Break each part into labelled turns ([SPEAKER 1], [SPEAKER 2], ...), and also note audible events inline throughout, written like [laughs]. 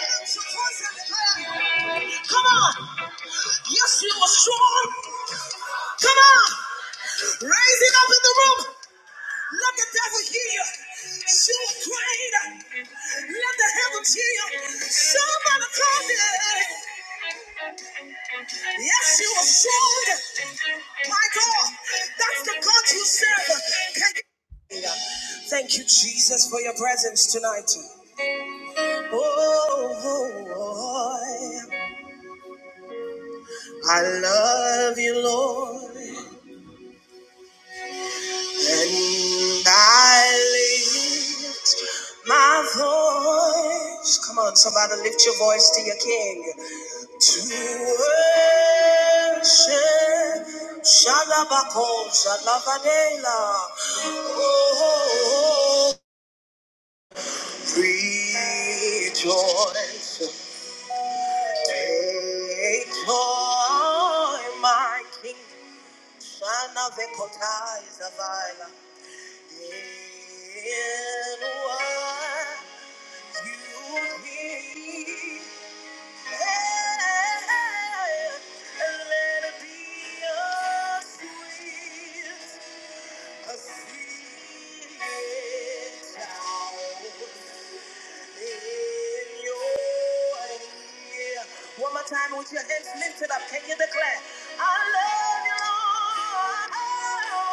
[SPEAKER 1] Come on. Yes, you are strong. Come on. Raise it up in the room. Let the devil hear you. You are great. Let the heavens hear you. Somebody call me. Yes, you are strong. My God, that's the God you serve. Can you- Thank you, Jesus, for your presence tonight. Oh, oh, oh. I love you, Lord, and I lift my voice. Come on, somebody lift your voice to your King. To worship, Shalabako, Shalabadela. Oh, rejoice, take joy, my King. Shana of the One more time with your hands lifted up, can you declare? I love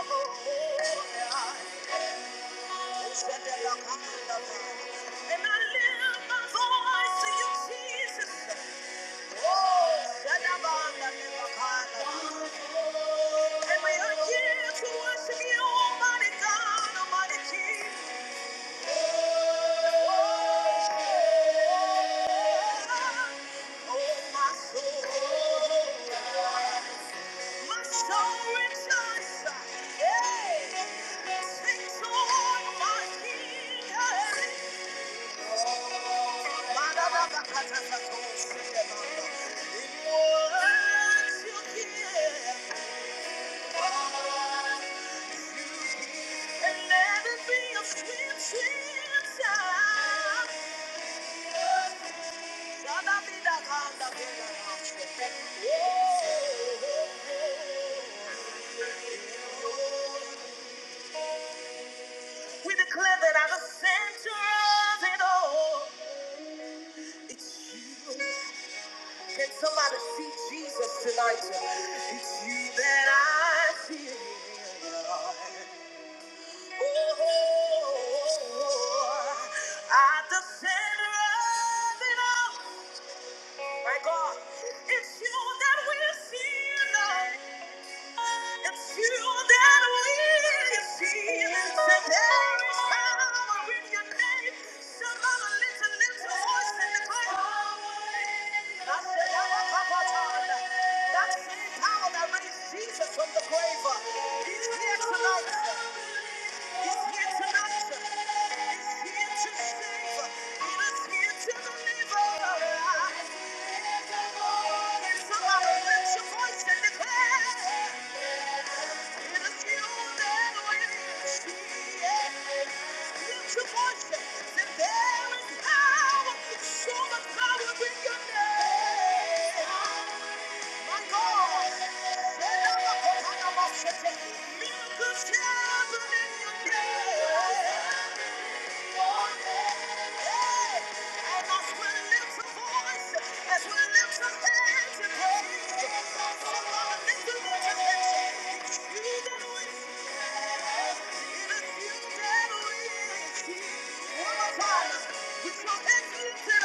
[SPEAKER 1] you, Lord. Hey! Sing to my King. We declare that I'm the center of it all. It's you. Can somebody see Jesus tonight? It's you that I see. Oh, at the center of it all. My God, it's you that we see. And feel that we see there is power in your name. Somebody lift a little voice and declare. I said, "Abba, That's the power that raised Jesus. He's here tonight. He's here tonight. He's here to save. uh, He is here to deliver. Can somebody your voice and declare? It is you that Lift your voice there is power. So much power in your name. One more time. Somebody mention it to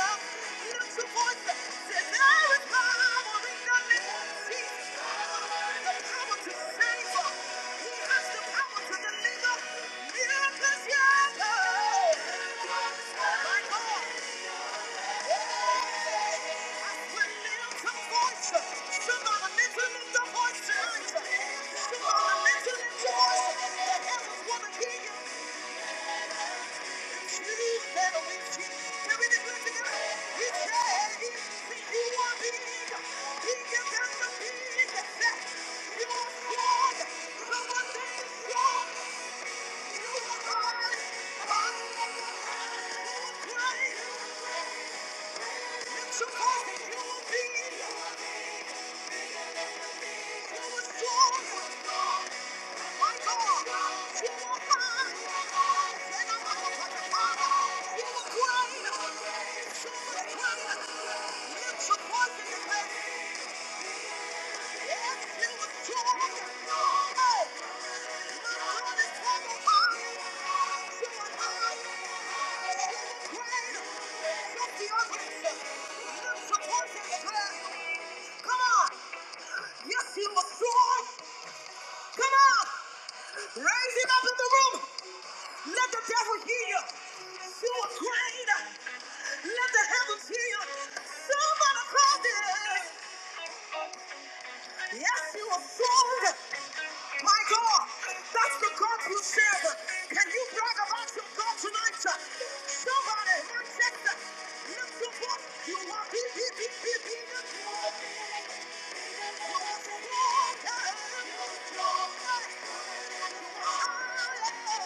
[SPEAKER 1] us. The heavens want to hear you. Supposed you will be, you were strong. Come on! Yes, he was strong! Come on! Raise him up in the room! Let the devil hear you. You were afraid. Let the heavens hear you. Somebody called it. Yes, you were fooled. My God, that's the God you serve. Can you brag about your God tonight? Somebody, my sister, lift your voice. You are be, be, be, be, be the Lord. You are the Lord. You are the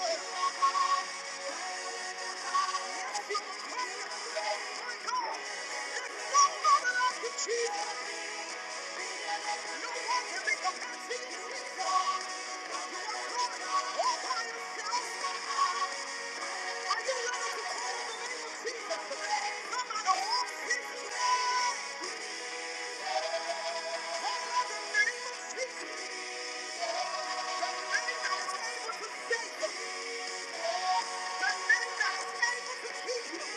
[SPEAKER 1] Lord. You to save you. the Thank you.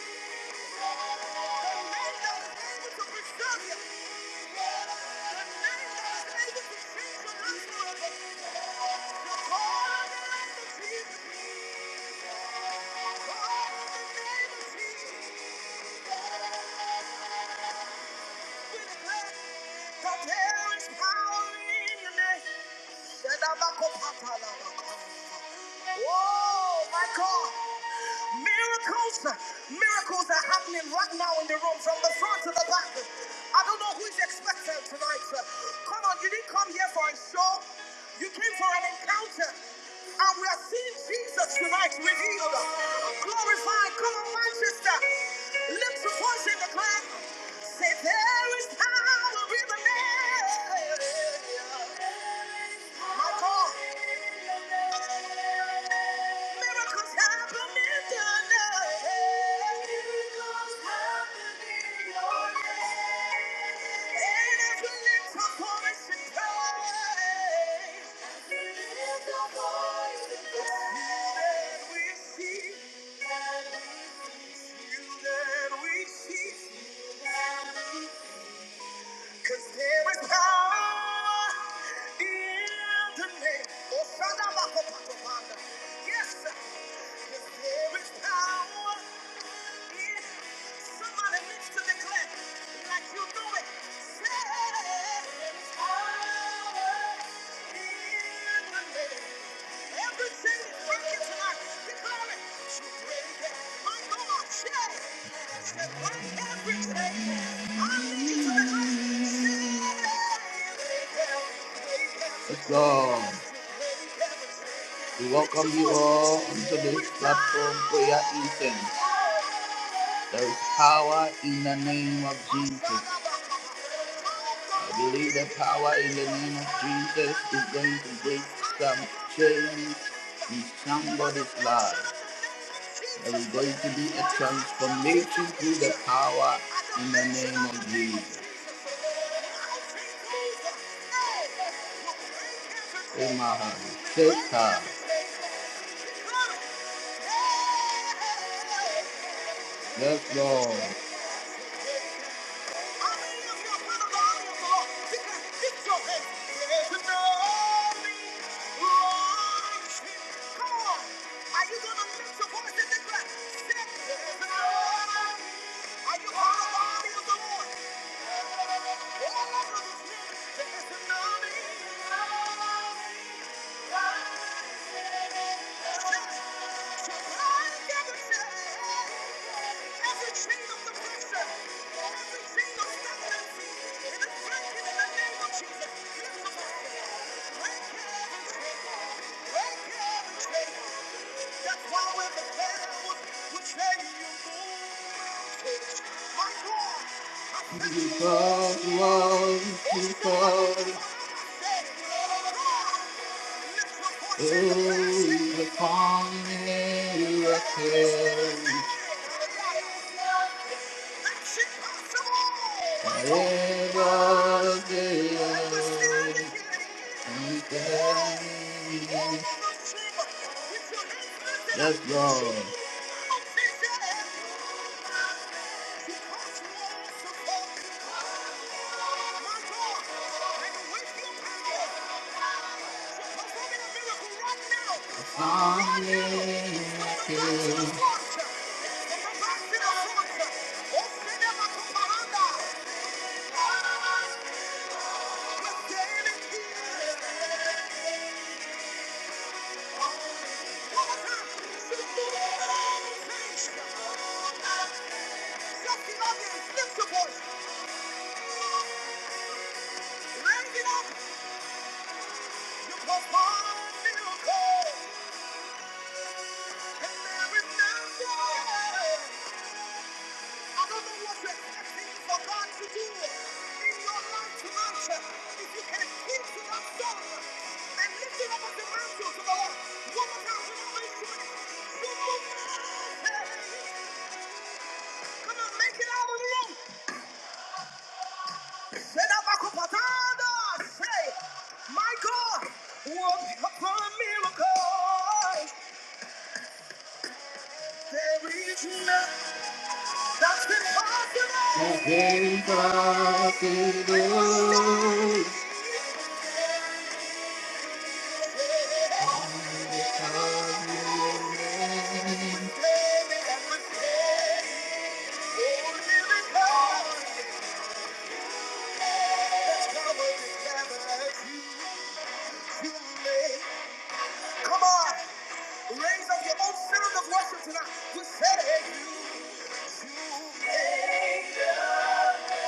[SPEAKER 1] There is power in your name. Oh my God! Miracles, miracles are happening right now in the room, from the front to the back. I don't know who is expecting tonight. Come on, you didn't come here for a show. You came for an encounter, and we are seeing Jesus tonight revealed, glorified. Come on, Manchester, lift your voice in the cloud. Say there is power in the name. My God. Miracles happen in your name. Miracles happen in your name. And as we lift in praise, as we lift our voice we see, that we see, then we see. Cause there is power in the name. Oh, Shanda Bako Pato Panda. Yes, sir. Cause there is power in somebody needs to declare like you know it. Say, there is power. Let's go. We welcome you all onto this platform prayer incense. There is power in the name of Jesus. I believe the power in the name of Jesus is going to break some change in somebody's life. There is going to be a transformation through the power in the name of Jesus. Oh my heart, take time. Yes, Lord. Thank you. That's why we're the cannibals who say you move. My God, I feel you. Because you are. Ooh, the calling again. Forever there. And then. Yes, Lord. Upon me. Upon Miracle, and there is no I do expecting for God to do in your life tonight. If you can keep to that song and lift it up as a mantle to the Lord, one more time, one Come on, make it out of the room. Say that back up, Patanda. Say, my God, work upon a miracle. There is nothing that's impossible. Nothing impossible. Come on, raise up your own spirit of worship tonight. You said it,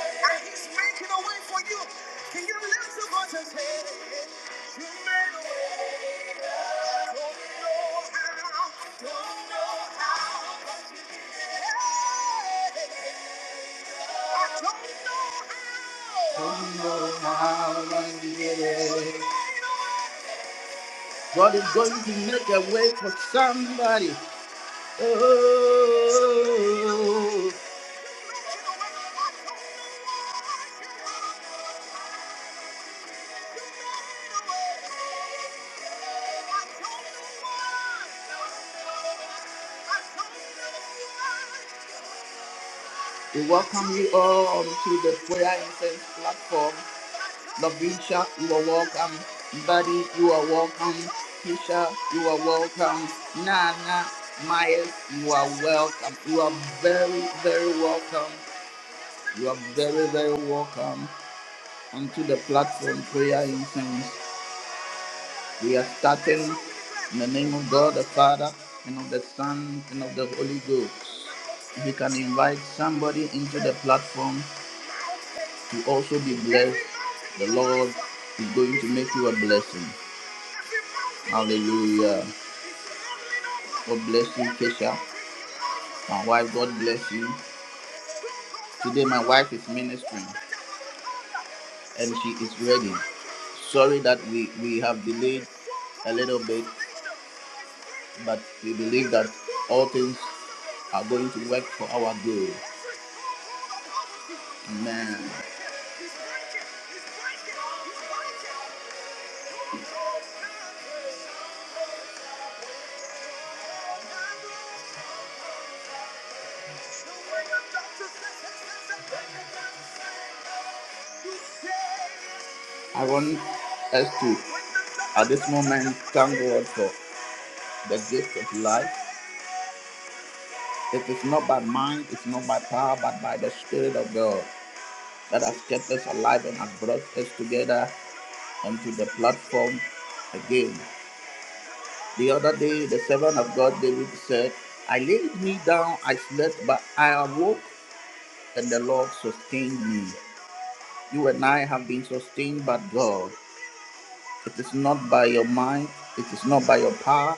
[SPEAKER 1] and He's making a way for you. Can you lift your voice and say, You made a way? I don't know how, don't know how, but you did it. Hey. Don't know how I did it. God is going to make a way for somebody. Oh. We welcome you all to the prayer incense platform. Lavisha, you are welcome. Buddy, you are welcome. Keisha, you are welcome. Nana, Myers, you are welcome. You are very, very welcome. You are very, very welcome onto the platform prayer incense. We are starting in the name of God the Father and of the Son and of the Holy Ghost. If you can invite somebody into the platform to also be blessed, the Lord is going to make you a blessing. Hallelujah. God bless you, Kesha. My wife, God bless you. Today, my wife is ministering and she is ready. Sorry that we, we have delayed a little bit, but we believe that all things are going to work for our good. Amen. I want us to, at this moment, thank God for the gift of life. It is not by mind, it's not by power, but by the Spirit of God that has kept us alive and has brought us together onto the platform again. The other day, the servant of God, David, said, I laid me down, I slept, but I awoke, and the Lord sustained me. You and I have been sustained by God. It is not by your mind, it is not by your power,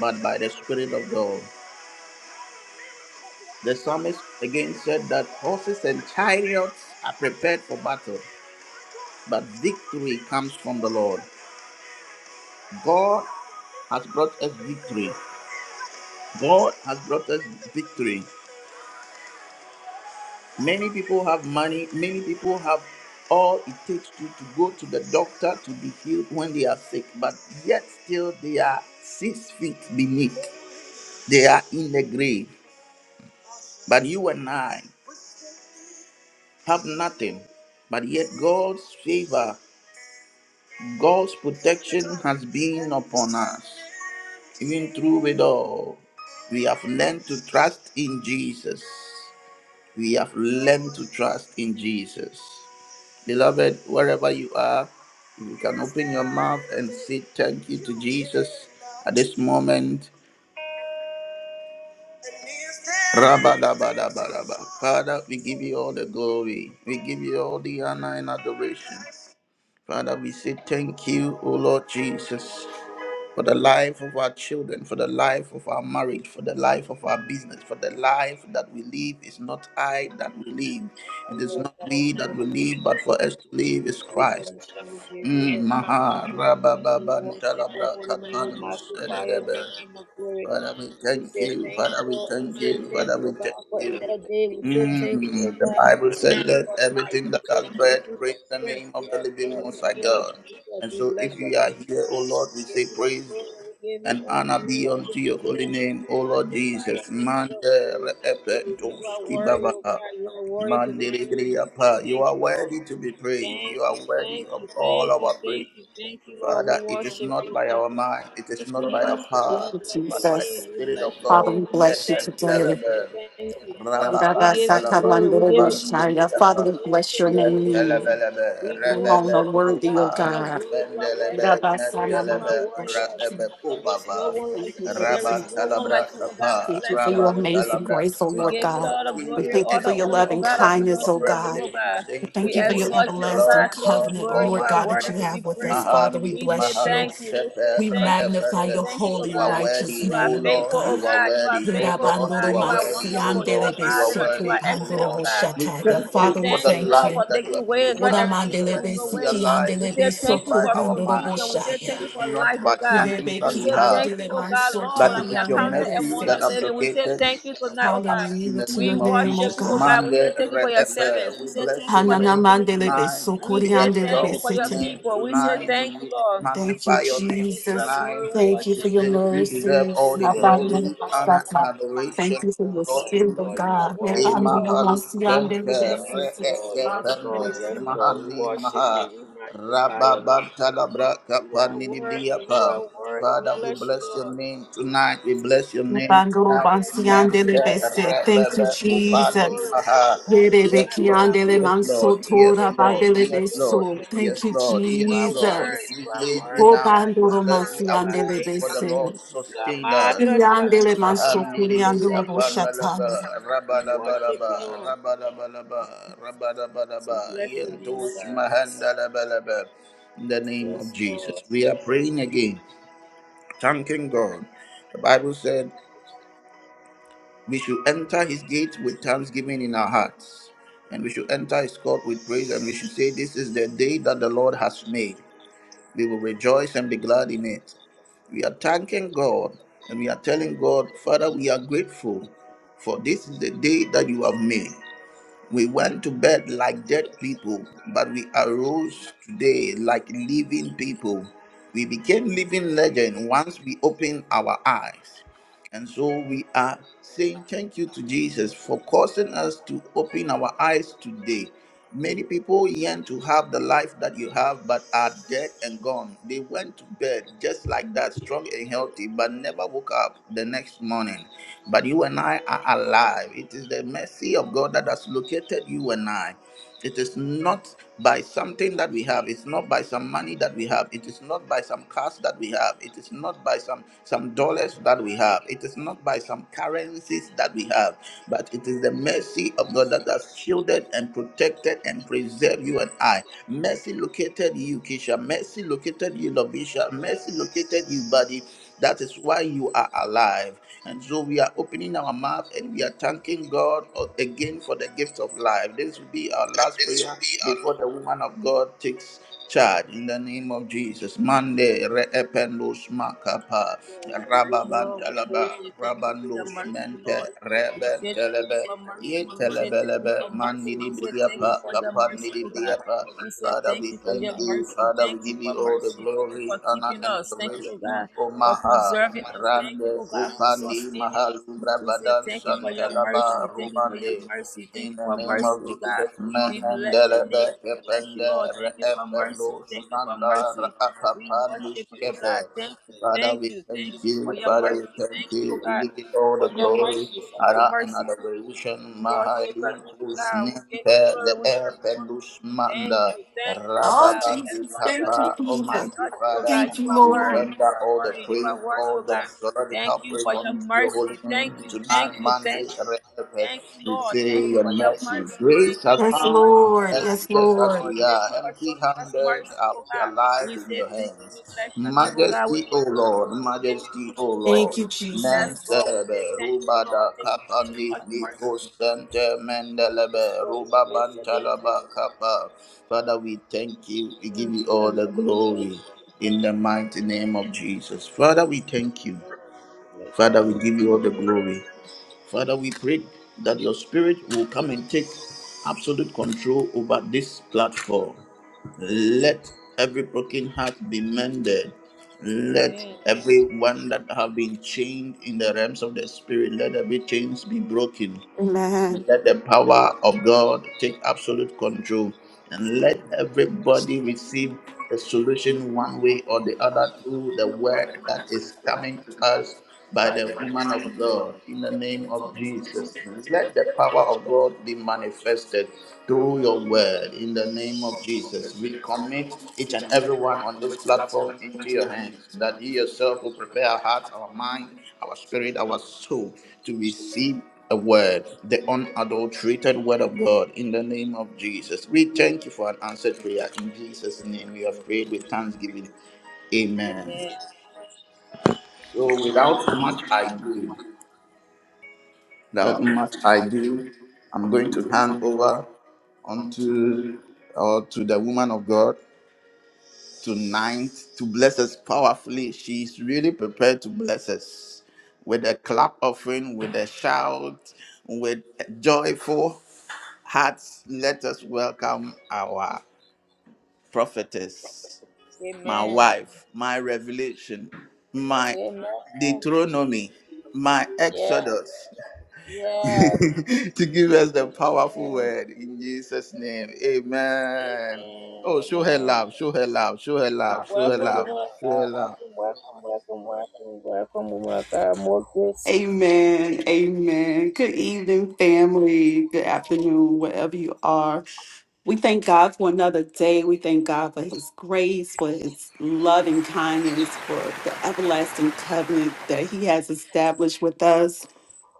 [SPEAKER 1] but by the Spirit of God. The psalmist again said that horses and chariots are prepared for battle, but victory comes from the Lord. God has brought us victory. God has brought us victory. Many people have money, many people have all it takes to, to go to the doctor to be healed when they are sick, but yet still they are six feet beneath. They are in the grave. But you and I have nothing, but yet God's favor, God's protection has been upon us. Even through it all, we have learned to trust in Jesus. We have learned to trust in Jesus. Beloved, wherever you are, you can open your mouth and say thank you to Jesus at this moment. Rabadabadabadaba. Father, we give you all the glory. We give you all the honor and adoration. Father, we say thank you, O Lord Jesus, for the life of our children, for the life of our marriage, for the life of our business, for the life that we live is not I that we live. It is not we that we live, but for us to live is Christ. Mm, Maha Rabababantalabrakatanus. Father, we thank you. Father, we thank you. Father, we thank you. Mm, The Bible said, Let everything that has breath praise the name of the living Most High God. And so, if you are here, O Lord, we say praise and honor be unto your holy name, O Lord Jesus. Mande re epe toski baba. Mande re You are worthy to be praised. You are worthy of all our praise. Father, it is not by our mind, it is not by our
[SPEAKER 2] Thank
[SPEAKER 1] power,
[SPEAKER 2] you,
[SPEAKER 1] but by the
[SPEAKER 2] Jesus.
[SPEAKER 1] Spirit of
[SPEAKER 2] Father,
[SPEAKER 1] God.
[SPEAKER 2] we bless you
[SPEAKER 1] Mehen
[SPEAKER 2] today.
[SPEAKER 1] telebe, rababa teleba,
[SPEAKER 2] Rabasakamandorubushaya. Father,
[SPEAKER 1] kapandiliapa,
[SPEAKER 2] we bless your
[SPEAKER 1] yen
[SPEAKER 2] name. You
[SPEAKER 1] telebelebe,
[SPEAKER 2] alone
[SPEAKER 1] rebebe,
[SPEAKER 2] are worthy, O
[SPEAKER 1] kupa,
[SPEAKER 2] God.
[SPEAKER 1] muspendelebe, netelebe, rabebe,
[SPEAKER 2] Rabasanamandorubushaya.
[SPEAKER 1] kubava,
[SPEAKER 2] Thank you for this
[SPEAKER 1] raban
[SPEAKER 2] night.
[SPEAKER 1] telebra, kapa,
[SPEAKER 2] Thank you for your
[SPEAKER 1] raban
[SPEAKER 2] amazing
[SPEAKER 1] telebra,
[SPEAKER 2] grace, O
[SPEAKER 1] kapa.
[SPEAKER 2] Lord
[SPEAKER 1] We
[SPEAKER 2] God.
[SPEAKER 1] agree
[SPEAKER 2] We
[SPEAKER 1] with the
[SPEAKER 2] thank you for your
[SPEAKER 1] angels
[SPEAKER 2] loving
[SPEAKER 1] in the book
[SPEAKER 2] kindness,
[SPEAKER 1] of
[SPEAKER 2] O God.
[SPEAKER 1] Revelation,
[SPEAKER 2] We
[SPEAKER 1] saying,
[SPEAKER 2] thank
[SPEAKER 1] Holy,
[SPEAKER 2] you for
[SPEAKER 1] holy
[SPEAKER 2] your
[SPEAKER 1] is the Lord
[SPEAKER 2] everlasting
[SPEAKER 1] God
[SPEAKER 2] covenant, O Lord
[SPEAKER 1] Almighty.
[SPEAKER 2] God, that you have with us. Father, we
[SPEAKER 1] Mahali
[SPEAKER 2] bless you.
[SPEAKER 1] Mahalo Sefer
[SPEAKER 2] We magnify
[SPEAKER 1] Epende.
[SPEAKER 2] your holy
[SPEAKER 1] You
[SPEAKER 2] and
[SPEAKER 1] are
[SPEAKER 2] righteous
[SPEAKER 1] worthy, O
[SPEAKER 2] name, O
[SPEAKER 1] Lord,
[SPEAKER 2] God.
[SPEAKER 1] you are worthy, O Lord,
[SPEAKER 2] Father,
[SPEAKER 1] you are worthy, O Lord, you are worthy, O Lord. We thank you
[SPEAKER 2] we
[SPEAKER 1] for the
[SPEAKER 2] thank
[SPEAKER 1] life
[SPEAKER 2] you.
[SPEAKER 1] that you are giving us. For us to be alive, it is not by our mind, it is not by something that we have, but it is your mercy that have located us in
[SPEAKER 2] Hallelujah
[SPEAKER 1] the
[SPEAKER 2] to your
[SPEAKER 1] name of
[SPEAKER 2] name, O
[SPEAKER 1] Jesus. Mande Reepe, we bless your name tonight. We exalt your
[SPEAKER 2] God.
[SPEAKER 1] name tonight. We
[SPEAKER 2] Thank you,
[SPEAKER 1] magnify your name
[SPEAKER 2] Jesus.
[SPEAKER 1] tonight.
[SPEAKER 2] Thank you
[SPEAKER 1] We
[SPEAKER 2] for your
[SPEAKER 1] say you deserve
[SPEAKER 2] mercies.
[SPEAKER 1] all the
[SPEAKER 2] How
[SPEAKER 1] glory, honor, and adoration,
[SPEAKER 2] Thank you for
[SPEAKER 1] oh
[SPEAKER 2] your
[SPEAKER 1] Lord
[SPEAKER 2] spirit of
[SPEAKER 1] Jesus.
[SPEAKER 2] God. Rebandoro
[SPEAKER 1] Imahaluskente
[SPEAKER 2] Father, thank
[SPEAKER 1] re'ekependus
[SPEAKER 2] you.
[SPEAKER 1] mahani maha rababantalabra kapaninibriyapa. Father, we bless your name tonight. We bless your name
[SPEAKER 2] Rebandoro
[SPEAKER 1] tonight. Mete
[SPEAKER 2] Thank you,
[SPEAKER 1] rebebe upani
[SPEAKER 2] Jesus.
[SPEAKER 1] maha. Yes, Lord.
[SPEAKER 2] Yerebekiandele
[SPEAKER 1] Yes, Lord. Yes, Lord. Yes, Lord. Yes,
[SPEAKER 2] Thank you,
[SPEAKER 1] Lord. Yes, Lord.
[SPEAKER 2] Jesus.
[SPEAKER 1] We laid we down. We
[SPEAKER 2] Obandoro
[SPEAKER 1] slept. We awoke.
[SPEAKER 2] Mansiandele
[SPEAKER 1] For the Lord sustained us. Mahandiri Apandalaba Rabalabalaba Rabalabalaba Rabalabalaba Yentos Mahandalabalaba in the name of Jesus. We are praying again, thanking God. The Bible said we should enter his gate with thanksgiving in our hearts. And we should enter his court with praise, and we should say, This is the day that the Lord has made. We will rejoice and be glad in it. We are thanking God and we are telling God, Father, we are grateful for this is the day that you have made. We went to bed like dead people, but we arose today like living people. We became living legend once we opened our eyes. And so we are saying thank you to Jesus for causing us to open our eyes today. Many people yearn to have the life that you have, but are dead and gone. They went to bed just like that, strong and healthy, but never woke up the next morning. But you and I are alive. It is the mercy of God that has located you and I. It is not by something that we have. It's not by some money that we have. It is not by some cars that we have. It is not by some, some dollars that we have. It is not by some currencies that we have. But it is the mercy of God that has shielded and protected and preserved you and I. Mercy located you, Kisha. Mercy located you, Lovisha. Mercy located you, buddy. That is why you are alive. And so we are opening our mouth and we are thanking God again for the gift of life. This will be our last prayer before the woman of God takes charge in the name of Jesus. Mande reependos makapa rababantalaba rabandos mente rebentelebe Yetelebelebe mandidibriyapa kapandidibriyapa. Father, we thank you. Father, we give you all the glory, honor, and adoration. O Maha, Rande, Upandi, Mahal, Bravadan, Santalaba, Rumande. In the name of Jesus, Menendelebe, Kepende, Reependo, Shmanda, Rakapandu, Skefe. Father, we thank you. Father, we thank you. We give you all the glory, honor, and adoration. Mahali kusnimpe le'er pelusmanda.
[SPEAKER 2] Oh,
[SPEAKER 1] Rababandi
[SPEAKER 2] Jesus. Thank you,
[SPEAKER 1] Papa,
[SPEAKER 2] Jesus.
[SPEAKER 1] Almighty Father,
[SPEAKER 2] Thank you,
[SPEAKER 1] we
[SPEAKER 2] Lord.
[SPEAKER 1] render all the praise, all the theological praise unto your holy name tonight, Monday, Reverend. We say your mercy, grace has
[SPEAKER 2] Yes,
[SPEAKER 1] found.
[SPEAKER 2] Lord.
[SPEAKER 1] Yes,
[SPEAKER 2] Yes,
[SPEAKER 1] just as
[SPEAKER 2] Lord.
[SPEAKER 1] we are, empty handed, are we alive in your hands? Majesty, O Lord, majesty, O
[SPEAKER 2] Thank
[SPEAKER 1] Lord.
[SPEAKER 2] you,
[SPEAKER 1] Men
[SPEAKER 2] Jesus.
[SPEAKER 1] serebe, rubada kapandi, niko sente mendelebe, rubabantalaba kapa. Father, we thank you. We give you all the glory in the mighty name of Jesus. Father, we thank you. Father, we give you all the glory. Father, we pray that your spirit will come and take absolute control over this platform. Let every broken heart be mended. Let everyone that have been chained in the realms of the spirit, let every chains be broken.
[SPEAKER 2] Amen.
[SPEAKER 1] Let the power of God take absolute control and let everybody receive the solution one way or the other through the word that is coming to us by the woman of God in the name of Jesus. Let the power of God be manifested through your word in the name of Jesus. We commit each and everyone on this platform into your hands that you yourself will prepare our hearts, our mind, our spirit, our soul to receive the word, the unadulterated word of God in the name of Jesus. We thank you for an answered prayer. In Jesus' name, we have prayed with thanksgiving. Amen. So, without much ado, without much ado, I'm going to hand over onto or to the woman of God tonight to bless us powerfully. She's really prepared to bless us with a clap offering, with a shout, with joyful. hearts, let us welcome our prophetess, my wife, my revelation, my Deuteronomy, my Exodus, [laughs] to give us the powerful word in Jesus' name. Amen. Oh, show her love, show her love, show her love, show her love, show her love.
[SPEAKER 2] Amen. Amen. Good evening, family. Good afternoon, wherever you are. We thank God for another day. We thank God for his grace, for his loving kindness, for the everlasting covenant that he has established with us.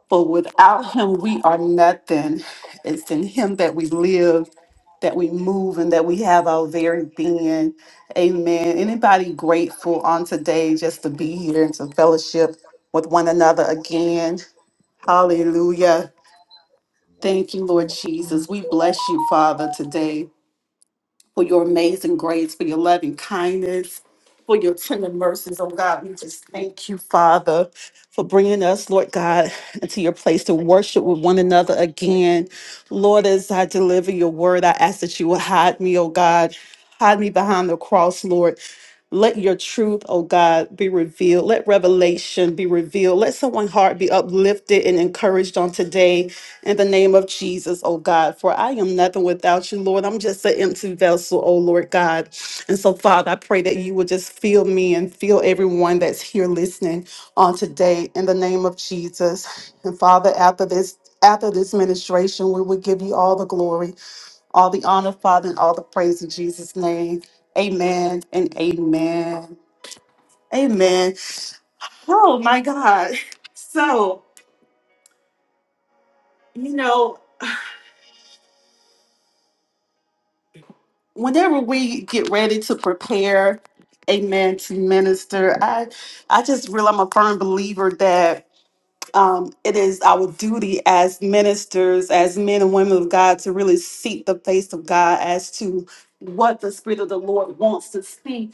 [SPEAKER 2] For without him, we are nothing. It's in him that we live, that we move, and that we have our very being. Amen. Anybody grateful on today just to be here and to fellowship with one another again? Hallelujah. Thank you, Lord Jesus. We bless you, Father, today for your amazing grace, for your loving kindness, for your tender mercies, oh God. We just thank you, Father, for bringing us, Lord God, into your place to worship with one another again. Lord, as I deliver your word, I ask that you will hide me, oh God. Hide me behind the cross, Lord. Let your truth, oh God, be revealed. Let revelation be revealed. Let someone's heart be uplifted and encouraged on today in the name of Jesus, oh God. For I am nothing without you, Lord. I'm just an empty vessel, oh Lord God. And so, Father, I pray that you will just fill me and fill everyone that's here listening on today in the name of Jesus. And Father, after this, after this ministration, we will give you all the glory. All the honor, Father, and all the praise in Jesus' name. Amen and amen. Amen. Oh my God. So, you know, whenever we get ready to prepare, amen, to minister, I I just really I'm a firm believer that um, it is our duty as ministers, as men and women of God, to really seek the face of God as to what the Spirit of the Lord wants to speak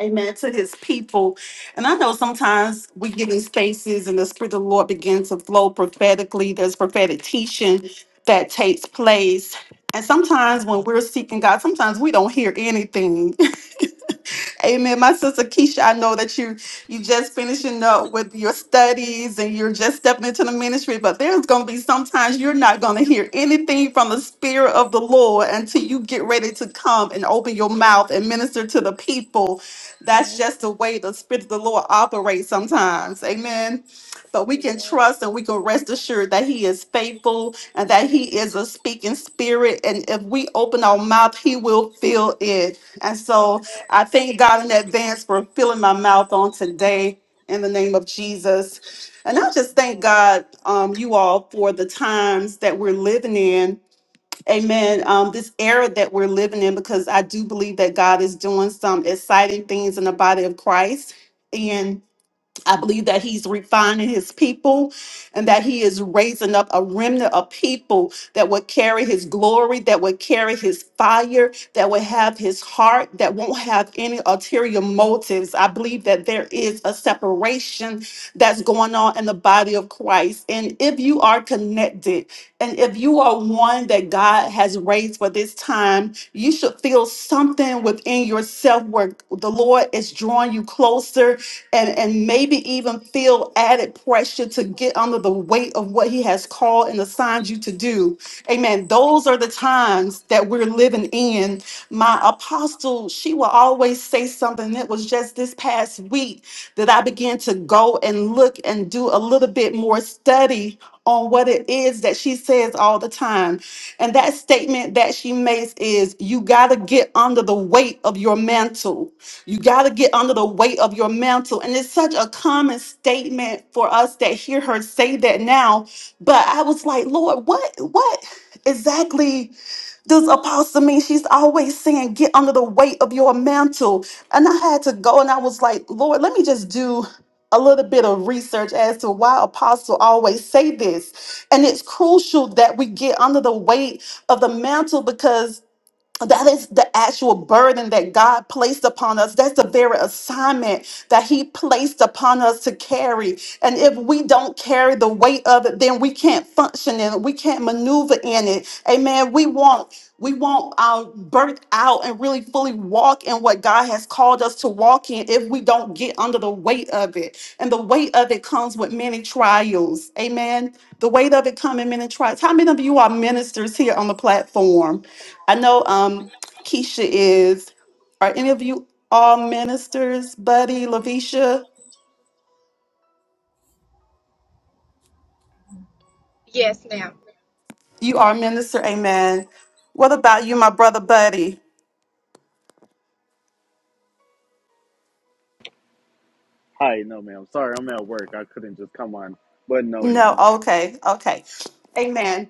[SPEAKER 2] Amen. To his people. And I know sometimes we get in spaces and the Spirit of the Lord begins to flow prophetically. There's prophetic teaching that takes place. And sometimes when we're seeking God, sometimes we don't hear anything. Amen. My sister Keisha, I know that you you just finishing up with your studies and you're just stepping into the ministry, but there's gonna be sometimes you're not gonna hear anything from the spirit of the Lord until you get ready to come and open your mouth and minister to the people. That's just the way the spirit of the Lord operates sometimes. Amen. But we can trust and we can rest assured that He is faithful and that He is a speaking spirit. And if we open our mouth, He will fill it. And so I thank God in advance for filling my mouth on today in the name of Jesus. And I just thank God, um, you all, for the times that we're living in. Amen. Um, this era that we're living in, because I do believe that God is doing some exciting things in the body of Christ. I believe that he's refining his people and that he is raising up a remnant of people that would carry his glory, that would carry his fire, that would have his heart, that won't have any ulterior motives. I believe that there is a separation that's going on in the body of Christ. And if you are connected and if you are one that God has raised for this time, you should feel something within yourself where the Lord is drawing you closer and and maybe even feel added pressure to get under the weight of what he has called and assigned you to do amen those are the times that we're living in my apostle she will always say something It was just this past week that i began to go and look and do a little bit more study on what it is that she says all the time and that statement that she makes is you got to get under the weight of your mantle you got to get under the weight of your mantle. And it's such a common statement for us that hear her say that now. But I was like, Lord, what, what exactly does apostle mean? She's always saying, get under the weight of your mantle. And I had to go and I was like, Lord, let me just do a little bit of research as to why apostle always say this and it's crucial that we get under the weight of the mantle because that is the actual burden that God placed upon us. That's the very assignment that He placed upon us to carry. And if we don't carry the weight of it, then we can't function in it. We can't maneuver in it. Amen. We want we want our birth out and really fully walk in what God has called us to walk in if we don't get under the weight of it. And the weight of it comes with many trials. Amen. The weight of it comes in many trials. How many of you are ministers here on the platform? I know um, Keisha is. Are any of you all ministers, Buddy, Lavisha?
[SPEAKER 3] Yes, ma'am.
[SPEAKER 2] You are a minister, amen. What about you, my brother, Buddy?
[SPEAKER 4] Hi, no, ma'am. Sorry, I'm at work. I couldn't just come on. But no,
[SPEAKER 2] No,
[SPEAKER 4] ma'am.
[SPEAKER 2] okay, okay. Amen.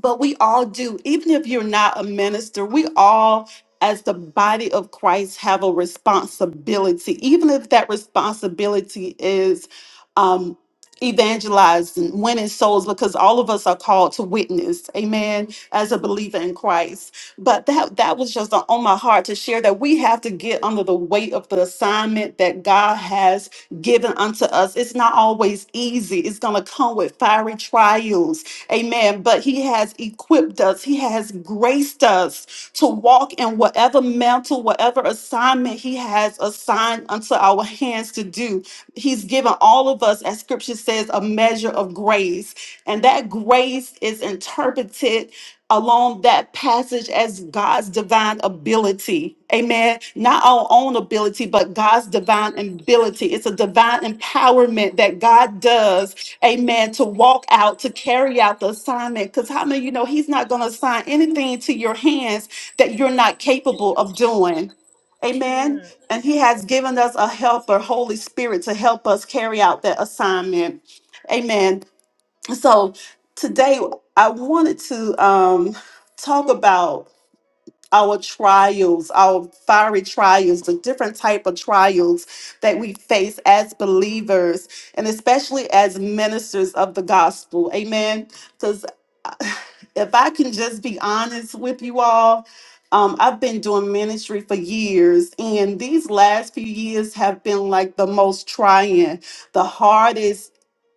[SPEAKER 2] but we all do even if you're not a minister we all as the body of christ have a responsibility even if that responsibility is um evangelizing winning souls because all of us are called to witness amen as a believer in christ but that that was just on my heart to share that we have to get under the weight of the assignment that god has given unto us it's not always easy it's going to come with fiery trials Amen. But He has equipped us, He has graced us to walk in whatever mantle, whatever assignment He has assigned unto our hands to do. He's given all of us, as scripture says, a measure of grace. And that grace is interpreted along that passage as God's divine ability. Amen. Not our own ability, but God's divine ability. It's a divine empowerment that God does amen, to walk out, to carry out the assignment. Because how many of you know he's not going to assign anything to your hands that you're not capable of doing? Amen. And he has given us a helper, Holy Spirit, to help us carry out that assignment. Amen. So today I wanted to um, talk about our trials, our fiery trials, the different type of trials that we face as believers and especially as ministers of the gospel. Amen. Cuz if I can just be honest with you all, um, I've been doing ministry for years, and these last few years have been like the most trying, the hardest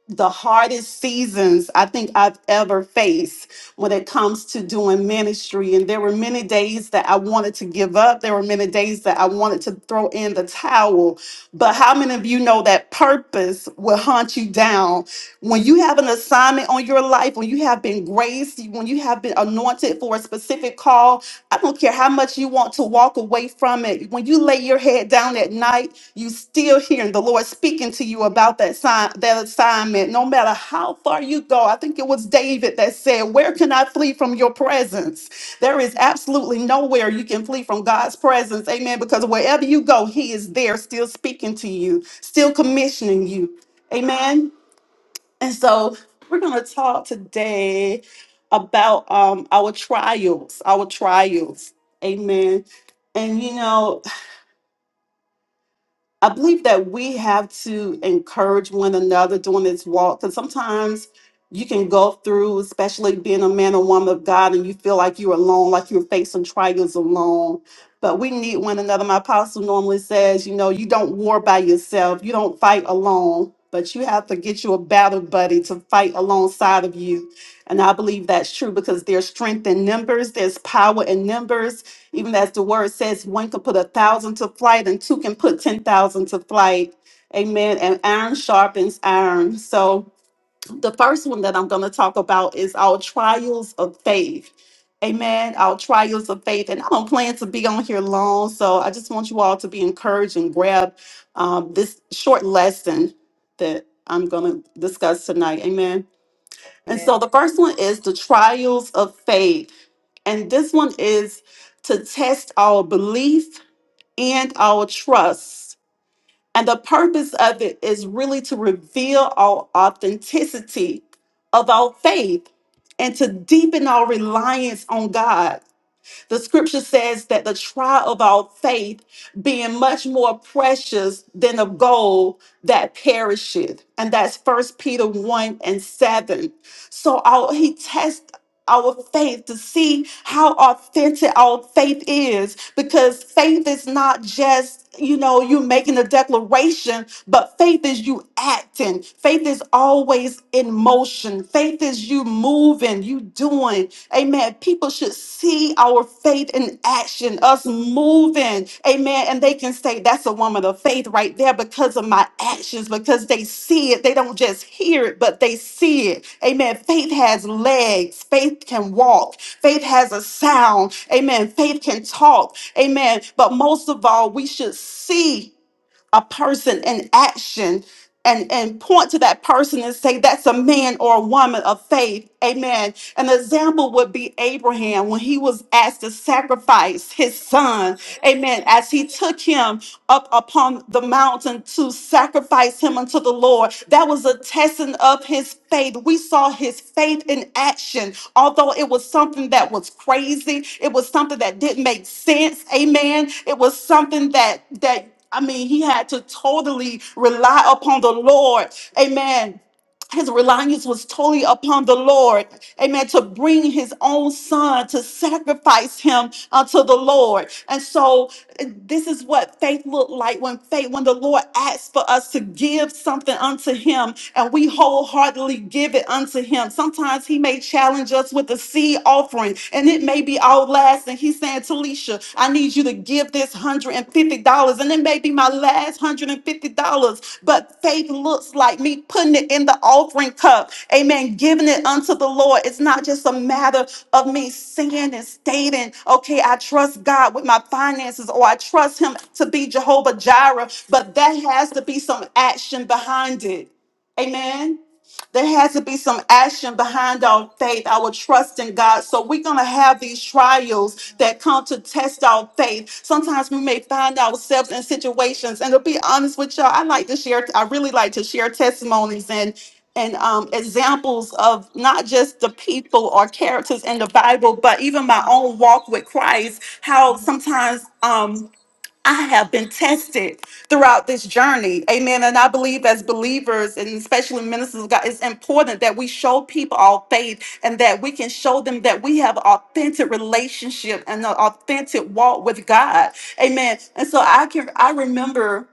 [SPEAKER 2] the hardest seasons I think I've ever faced when it comes to doing ministry. And there were many days that I wanted to give up. There were many days that I wanted to throw in the towel. But how many of you know that purpose will hunt you down? When you have an assignment on your life, when you have been graced, when you have been anointed for a specific call, I don't care how much you want to walk away from it. When you lay your head down at night, you still hearing the Lord speaking to you about that sign, that assignment, no matter how far you go. I think it was David that said, Where can I flee from your presence? There is absolutely nowhere you can flee from God's presence. Amen. Because wherever you go, He is there still speaking to you, still commissioning you. Amen. And so we're gonna talk today about um our trials, our trials. Amen. And you know, I believe that we have to encourage one another during this walk because sometimes you can go through, especially being a man or woman of God, and you feel like you're alone, like you're facing trials alone. But we need one another. My apostle normally says, you know, you don't war by yourself, you don't fight alone, but you have to get you a battle buddy to fight alongside of you. And I believe that's true because there's strength in numbers, there's power in numbers even as the word says, one can put a thousand to flight and two can put 10,000 to flight. Amen. And iron sharpens iron. So the first one that I'm going to talk about is our trials of faith. Amen. Our trials of faith. And I don't plan to be on here long. So I just want you all to be encouraged and grab um, this short lesson that I'm going to discuss tonight. Amen. And so the first one is the trials of faith. And this one is to test our belief and our trust. And the purpose of it is really to reveal our authenticity of our faith and to deepen our reliance on God. The scripture says that the trial of our faith being much more precious than of gold that perisheth. And that's first Peter 1 and 7. So our, he tests our faith to see how authentic our faith is because faith is not just you know you making a declaration but faith is you acting faith is always in motion faith is you moving you doing Amen. People should see our faith in action, us moving. Amen. And they can say, that's a woman of faith right there because of my actions, because they see it. They don't just hear it, but they see it. Amen. Faith has legs. Faith can walk. Faith has a sound. Amen. Faith can talk. Amen. But most of all, we should see a person in action and, and point to that person and say, that's a man or a woman of faith. Amen. An example would be Abraham when he was asked to sacrifice his son. Amen. As he took him up upon the mountain to sacrifice him unto the Lord, that was a testing of his faith. We saw his faith in action. Although it was something that was crazy, it was something that didn't make sense. Amen. It was something that that I mean, he had to totally rely upon the Lord. Amen his reliance was totally upon the Lord. Amen. To bring his own son to sacrifice him unto the Lord. And so uh, this is what faith looked like when faith, when the Lord asks for us to give something unto him and we wholeheartedly give it unto him. Sometimes he may challenge us with a seed offering and it may be our last. And he's saying, Talisha, I need you to give this $150. And it may be my last $150. But faith looks like me putting it in the offering cup. Amen. Giving it unto the Lord. It's not just a matter of me saying and stating, okay, I trust God with my finances or I trust Him to be Jehovah Jireh. But that has to be some action behind it. Amen. There has to be some action behind our faith, our trust in God. So we're going to have these trials that come to test our faith. Sometimes we may find ourselves in situations, and to be honest with y'all, I like to share, I really like to share testimonies and and um, examples of not just the people or characters in the Bible, but even my own walk with Christ. How sometimes. um, I have been tested throughout this journey. Amen. And I believe as believers and especially ministers of God, it's important that we show people our faith and that we can show them that we have authentic relationship and an authentic walk with God. Amen. And so I can I remember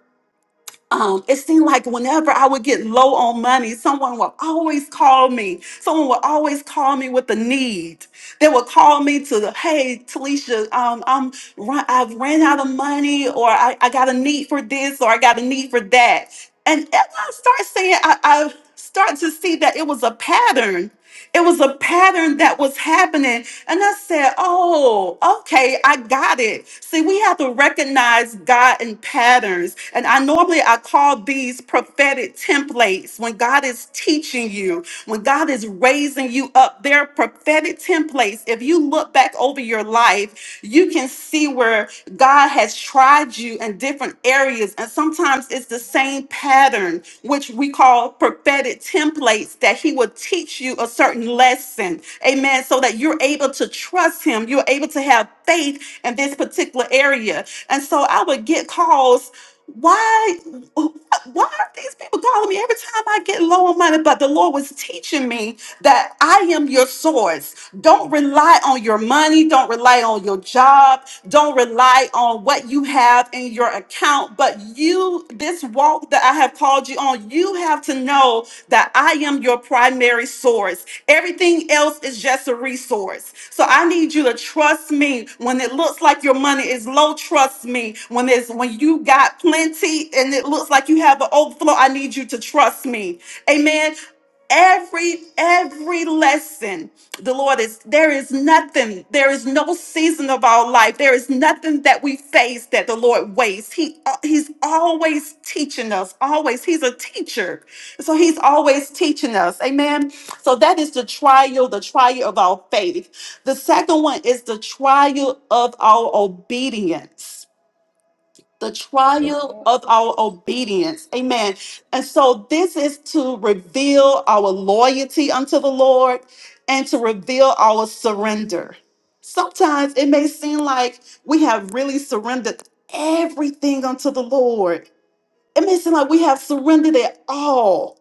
[SPEAKER 2] um, it seemed like whenever I would get low on money, someone would always call me. Someone would always call me with a need. They would call me to, hey, Talisha, um, I'm run, I've ran out of money, or I, I got a need for this, or I got a need for that. And as I start saying, I, I start to see that it was a pattern it was a pattern that was happening. And I said, Oh, okay, I got it. See, we have to recognize God in patterns. And I normally I call these prophetic templates. When God is teaching you, when God is raising you up, they are prophetic templates. If you look back over your life, you can see where God has tried you in different areas, and sometimes it's the same pattern, which we call prophetic templates, that He will teach you a certain lesson. Amen. So that you're able to trust Him, you're able to have faith in this particular area. And so I would get calls. Why, why are these people calling me every time I get low on money? But the Lord was teaching me that I am your source. Don't rely on your money. Don't rely on your job don't rely on what you have in your account, but you, this walk that I have called you on, you have to know that I am your primary source. Everything else is just a resource. So I need you to trust me when it looks like your money is low. Trust me when it's when you got plenty and it looks like you have an overflow. I need you to trust me. Amen every every lesson the Lord is there is nothing, there is no season of our life, there is nothing that we face that the Lord wastes. He uh, He's always teaching us, always. He's a teacher. So He's always teaching us. Amen. So that is the trial, the trial of our faith. The second one is the trial of our obedience the trial of our obedience. Amen. And so this is to reveal our loyalty unto the Lord and to reveal our surrender. Sometimes it may seem like we have really surrendered everything unto the Lord. It may seem like we have surrendered it all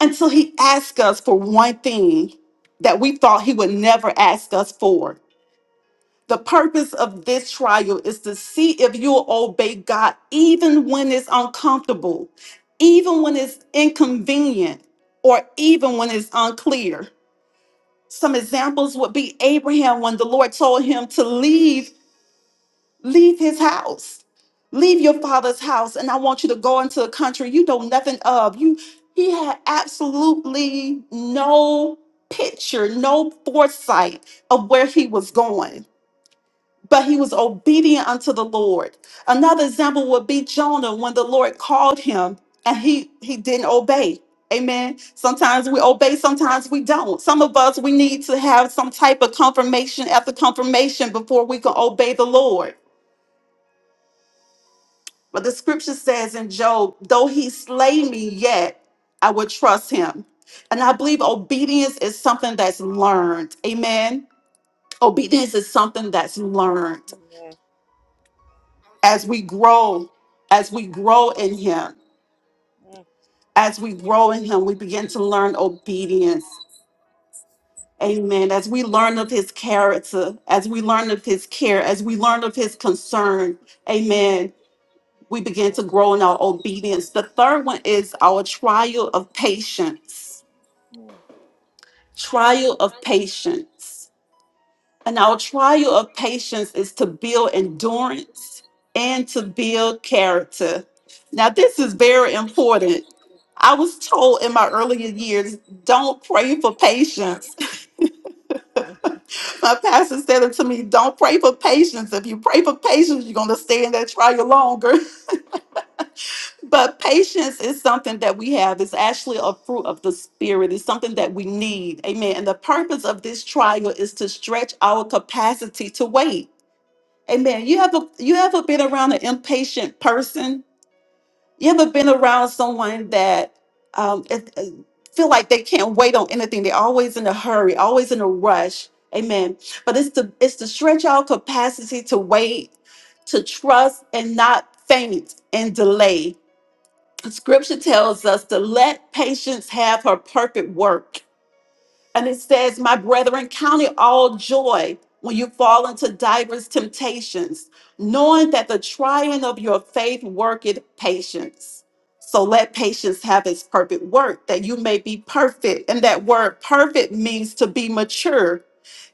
[SPEAKER 2] until He asks us for one thing that we thought He would never ask us for. The purpose of this trial is to see if you'll obey God even when it's uncomfortable, even when it's inconvenient, or even when it's unclear. Some examples would be Abraham when the Lord told him to leave, leave his house. Leave your father's house and I want you to go into a country you know nothing of. You he had absolutely no picture, no foresight of where he was going but he was obedient unto the Lord. Another example would be Jonah when the Lord called him and he he didn't obey. Amen. Sometimes we obey, sometimes we don't. Some of us we need to have some type of confirmation after confirmation before we can obey the Lord. But the scripture says in Job, though he slay me yet, I will trust him. And I believe obedience is something that's learned. Amen. Obedience is something that's learned. as we grow, as we grow in Him, as we grow in Him, we begin to learn obedience. Amen. As we learn of His character, as we learn of His care, as we learn of His concern, Amen. We begin to grow in our obedience. The third one is our trial of patience. Trial of patience. And our trial of patience is to build endurance and to build character. Now, this is very important. I was told in my earlier years, don't pray for patience. [laughs] My pastor said it to me, don't pray for patience. If you pray for patience, you're going to stay in that trial longer. [laughs] But patience is something that we have. It's actually a fruit of the Spirit, it's something that we need. Amen. And the purpose of this trial is to stretch our capacity to wait Amen. You ever you ever been around an impatient person? You ever been around someone that um, it- it- feel like they can't wait on anything? They're always in a hurry, always in a rush. Amen. But it's to it's to stretch our capacity to wait, to trust, and not faint and delay. Scripture tells us to let patience have her perfect work and it says, My brethren, count it all joy when you fall into diverse temptations, knowing that the trying of your faith worketh patience. So let patience have its perfect work, that you may be perfect. And that word perfect means to be mature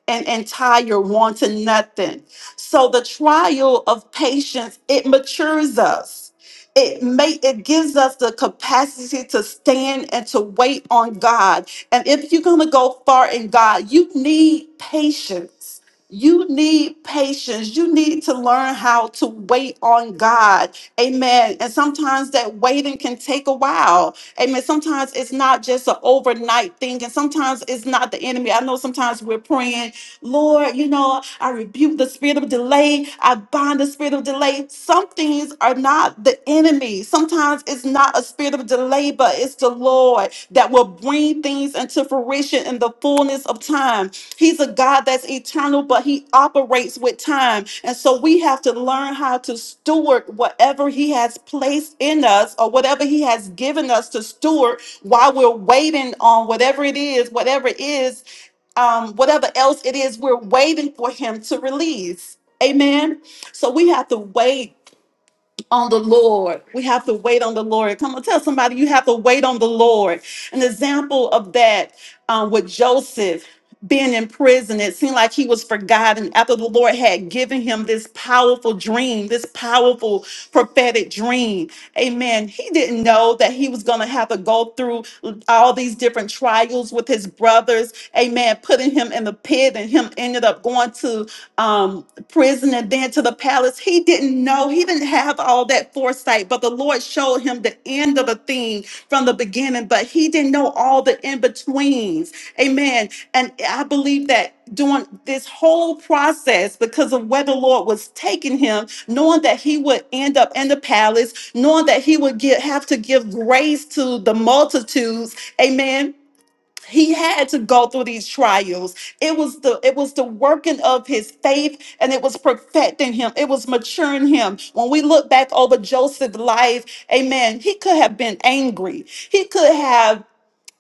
[SPEAKER 2] and entire want to nothing. So the trial of patience, it matures us. It may it gives us the capacity to stand and to wait on God. And if you're gonna go far in God, you need patience. You need patience. You need to learn how to wait on God. Amen. And sometimes that waiting can take a while. Amen. Sometimes it's not just an overnight thing, and sometimes it's not the enemy. I know sometimes we're praying. Lord, you know, I rebuke the spirit of delay. I bind the spirit of delay. Some things are not the enemy. Sometimes it's not a spirit of delay, but it's the Lord that will bring things into fruition in the fullness of time. He's a God that's eternal, but he operates with time. And so we have to learn how to steward whatever he has placed in us or whatever he has given us to steward while we're waiting on whatever it is, whatever it is um, whatever else it is we're waiting for him to release. Amen. So we have to wait on the Lord. We have to wait on the Lord. Come on, tell somebody you have to wait on the Lord. An example of that um, with Joseph being in prison, it seemed like he was forgotten after the Lord had given him this powerful dream, this powerful prophetic dream. Amen. He didn't know that he was going to have to go through all these different trials with his brothers. Amen. Putting him in the pit, and him ended up going to um, the prison and then to the palace. He didn't know. He didn't have all that foresight, but the Lord showed him the end of the thing from the beginning, but he didn't know all the in betweens. Amen. And I believe that during this whole process, because of where the Lord was taking him, knowing that he would end up in the palace, knowing that he would get, have to give grace to the multitudes. Amen he had to go through these trials it was the it was the working of his faith and it was perfecting him it was maturing him when we look back over joseph's life amen he could have been angry he could have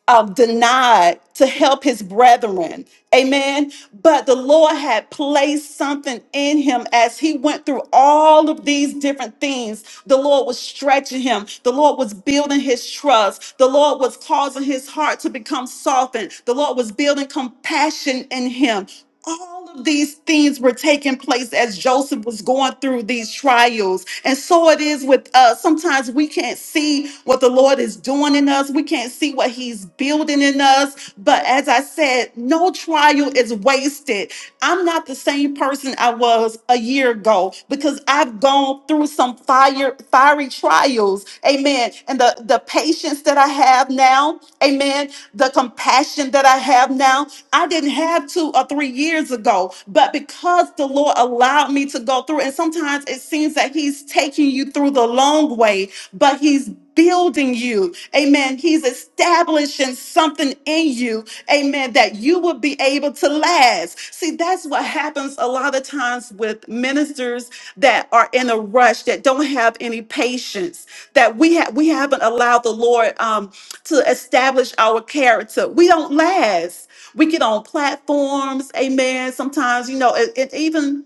[SPEAKER 2] um, denied to help his brethren. Amen. But the Lord had placed something in him as he went through all of these different things. The Lord was stretching him. The Lord was building his trust. The Lord was causing his heart to become softened. The Lord was building compassion in him all of these things were taking place as Joseph was going through these trials. And so it is with us. Sometimes we can't see what the Lord is doing in us, we can't see what He's building in us. But as I said, no trial is wasted. I'm not the same person I was a year ago because I've gone through some fire, fiery trials. Amen. And the, the patience that I have now, amen. The compassion that I have now, I didn't have two or three years ago, but because the Lord allowed me to go through, and sometimes it seems that He's taking you through the long way, but He's building you. Amen. He's establishing something in you. Amen. That you will be able to last. See, that's what happens a lot of times with ministers that are in a rush, that don't have any patience, that we have we haven't allowed the Lord um, to establish our character. We don't last we get on platforms amen sometimes you know and, and even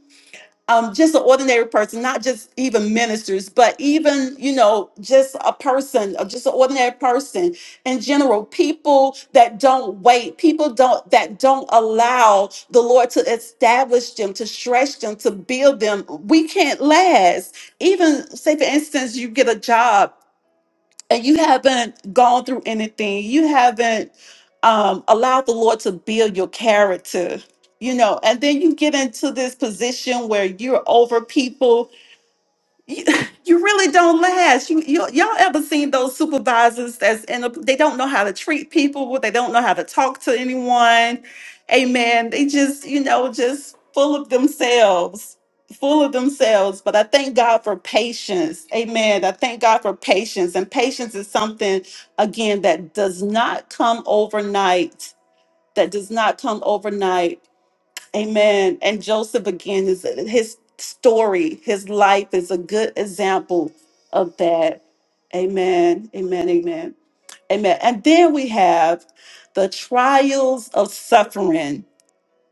[SPEAKER 2] um, just an ordinary person not just even ministers but even you know just a person uh, just an ordinary person in general people that don't wait people don't that don't allow the lord to establish them to stretch them to build them we can't last even say for instance you get a job and you haven't gone through anything, you haven't um, allowed the Lord to build your character, you know, and then you get into this position where you're over people you, [laughs] you really don't last. You, you y'all ever seen those supervisors that's in a, they don't know how to treat people, they don't know how to talk to anyone. Amen. They just, you know, just full of themselves. Full of themselves, but I thank God for patience. Amen. I thank God for patience. And patience is something, again, that does not come overnight. That does not come overnight Amen. And Joseph again, his his story, his life is a good example of that. Amen. Amen. Amen. Amen. And then we have the trials of suffering.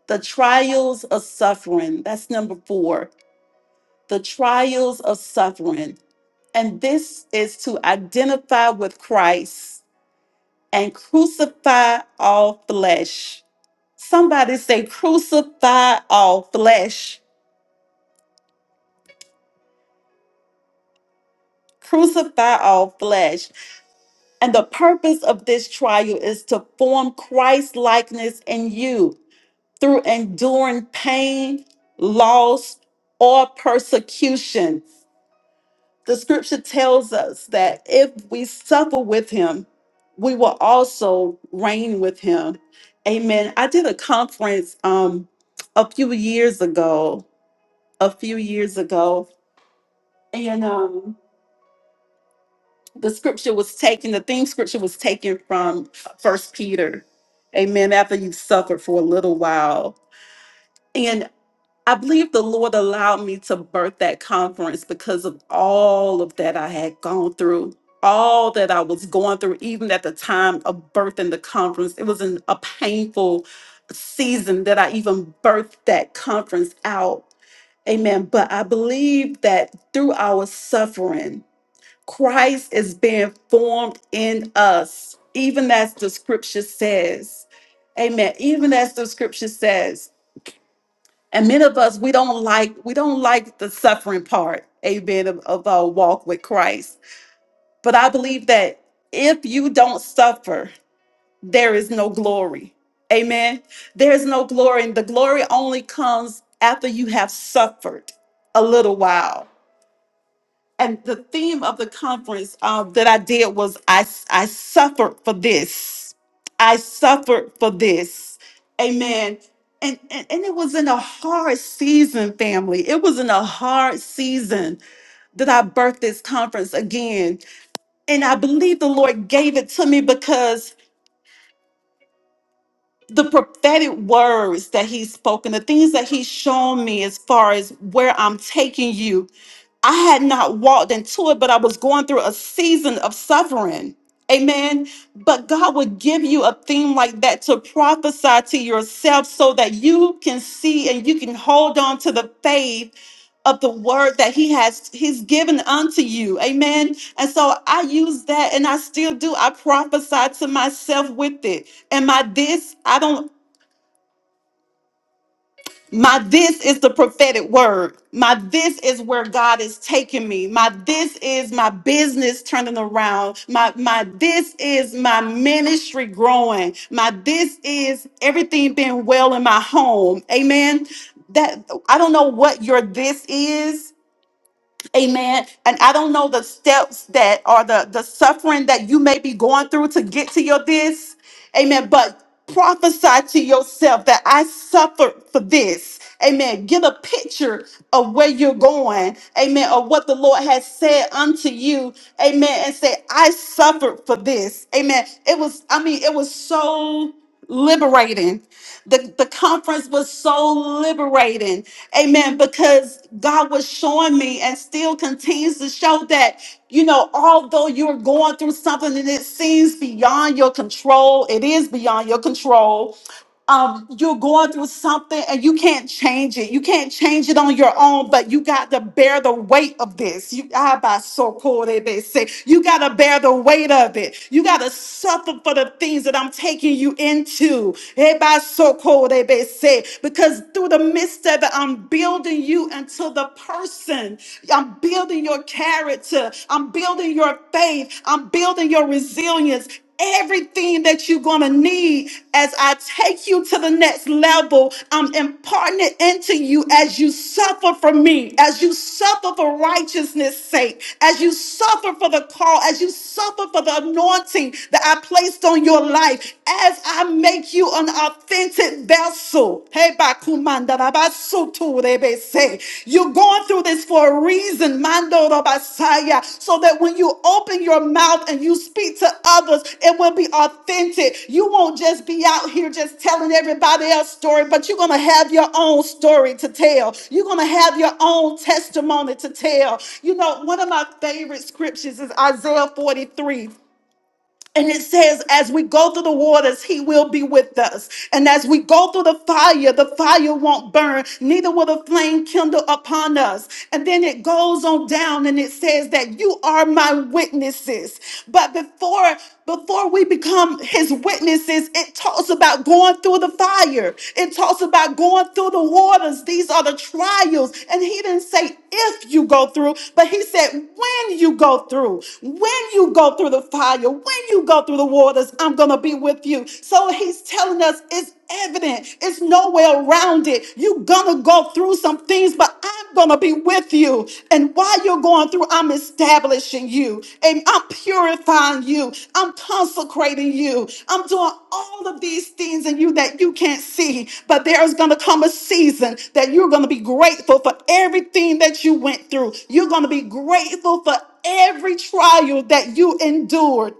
[SPEAKER 2] The trials of suffering. That's number four. The trials of suffering. And this is to identify with Christ and crucify all flesh. Somebody say, crucify all flesh crucify all flesh. And the purpose of this trial is to form Christ likeness in you through enduring pain, loss, or persecution. The scripture tells us that if we suffer with him, we will also reign with him. Amen. I did a conference um a few years ago, a few years ago, and um. the scripture was taken, the theme scripture was taken from First Peter. Amen. After you've suffered for a little while. And I believe the Lord allowed me to birth that conference because of all of that I had gone through, all that I was going through, even at the time of birthing the conference. It was an, a painful season that I even birthed that conference out. Amen. But I believe that through our suffering, Christ is being formed in us, even as the scripture says. Amen. Even as the scripture says. And many of us, we don't like, we don't like the suffering part, amen, of, of our walk with Christ. But I believe that if you don't suffer, there is no glory. Amen. There's no glory. And the glory only comes after you have suffered a little while. and the theme of the conference uh, that I did was I, I suffered for this. I suffered for this. Amen. And, and, and it was in a hard season, family. It was in a hard season that I birthed this conference again. And I believe the Lord gave it to me because the prophetic words that He's spoken, the things that He's shown me as far as where I'm taking you, I had not walked into it, but I was going through a season of suffering. Amen. But God would give you a theme like that to prophesy to yourself so that you can see and you can hold on to the faith of the word that he has he's given unto you amen and so i use that and i still do i prophesy to myself with it am i this i don't my this is the prophetic word. My this is where God is taking me. My this is my business turning around. My my this is my ministry growing. My this is everything being well in my home. Amen. That I don't know what your this is Amen. And I don't know the steps that are the, the suffering that you may be going through to get to your this. Amen. But prophesy to yourself that I suffered for this. Amen. Get a picture of where you're going. Amen. Of what the Lord has said unto you. Amen. And say, I suffered for this. Amen. It was, I mean, it was so liberating. The, the conference was so liberating. Amen. Because God was showing me and still continues to show that, you know, although you're going through something and it seems beyond your control, it is beyond your control um, you're going through something and you can't change it. You can't change it on your own, but you got to bear the weight of this. You ah, by so cold they they say you got to bear the weight of it. You got to suffer for the things that I'm taking you into. Eh, by so cold they they say because through the midst of it, I'm building you into the person. I'm building your character. I'm building your faith. I'm building your resilience everything that you're going to need as I take you to the next level. I'm imparting it into you as you suffer for me, as you suffer for righteousness' sake, as you suffer for the call, as you suffer for the anointing that I placed on your life, as I make you an authentic vessel. Hey, Bakumanda, say You're going through this for a reason, Mando Rabasaya, so that when you open your mouth and you speak to others, it will be authentic. You won't just be out here just telling everybody else's story, but you're going to have your own story to tell. You're going to have your own testimony to tell. You know, one of my favorite scriptures is Isaiah 43. And it says, as we go through the waters, he will be with us. And as we go through the fire, the fire won't burn, neither will the flame kindle upon us. And then it goes on down and it says that you are my witnesses. But before before we become his witnesses, it talks about going through the fire. It talks about going through the waters. These are the trials. And he didn't say if you go through, but he said when you go through, when you go through the fire, when when you go through the waters, I'm going to be with you. So he's telling us it's evident, it's nowhere around it. You're going to go through some things, but I'm going to be with you. And while you're going through, I'm establishing you and I'm purifying you. I'm consecrating you. I'm doing all of these things in you that you can't see. But there's going to come a season that you're going to be grateful for everything that you went through. You're going to be grateful for every trial that you endured.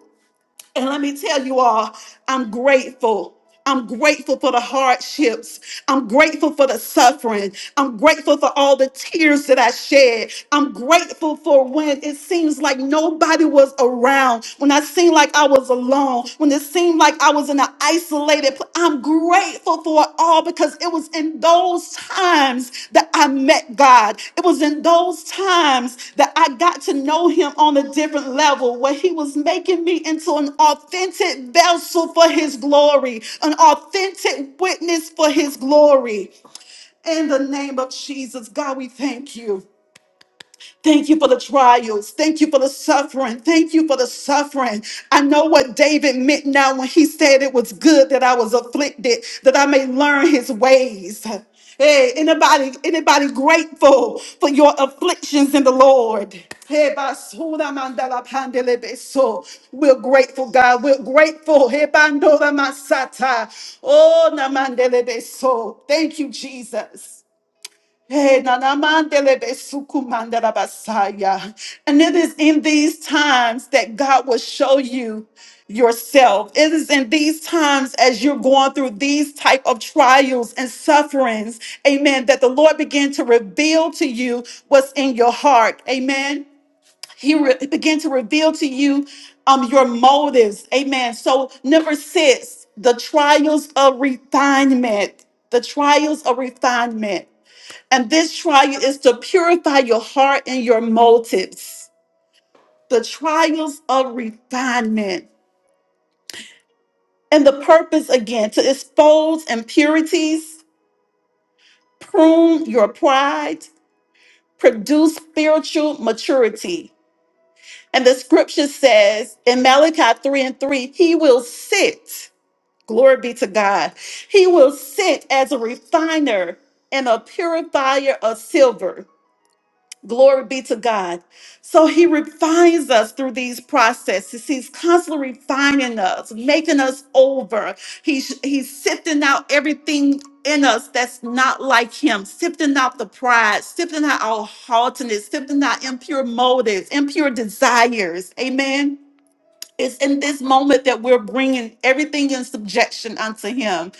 [SPEAKER 2] And let me tell you all, I'm grateful. I'm grateful for the hardships. I'm grateful for the suffering. I'm grateful for all the tears that I shed. I'm grateful for when it seems like nobody was around, when I seemed like I was alone, when it seemed like I was in an isolated I'm grateful for it all because it was in those times that I met God. It was in those times that I got to know Him on a different level, where He was making me into an authentic vessel for His glory, an authentic witness for His glory. In the name of Jesus, God, we thank you. Thank you for the trials. Thank you for the suffering. Thank you for the suffering. I know what David meant now when he said it was good that I was afflicted, that I may learn his ways. Hey, anybody, anybody grateful for your afflictions in the Lord? Hey, basura mandala pandele beso. We're grateful, God. We're grateful. Hey, bandora masata. Oh, namandele beso. Thank you, Jesus. Hey, na na mandele be suku mandela basaya. And it is in these times that God will show you yourself. It is in these times as you're going through these type of trials and sufferings, amen, that the Lord began to reveal to you what's in your heart. Amen. He re- began to reveal to you um, your motives. Amen. So number six, the trials of refinement. The trials of refinement. And this trial is to purify your heart and your motives, the trials of refinement. And the purpose again to expose impurities, prune your pride, produce spiritual maturity. And the scripture says in Malachi 3 and 3, he will sit, glory be to God, he will sit as a refiner and a purifier of silver Glory be to God. So he refines us through these processes. He's constantly refining us, making us over. He's, he's sifting out everything in us that's not like him, sifting out the pride, sifting out our haughtiness, sifting out impure motives, impure desires. Amen. It's in this moment that we're bringing everything in subjection unto Him.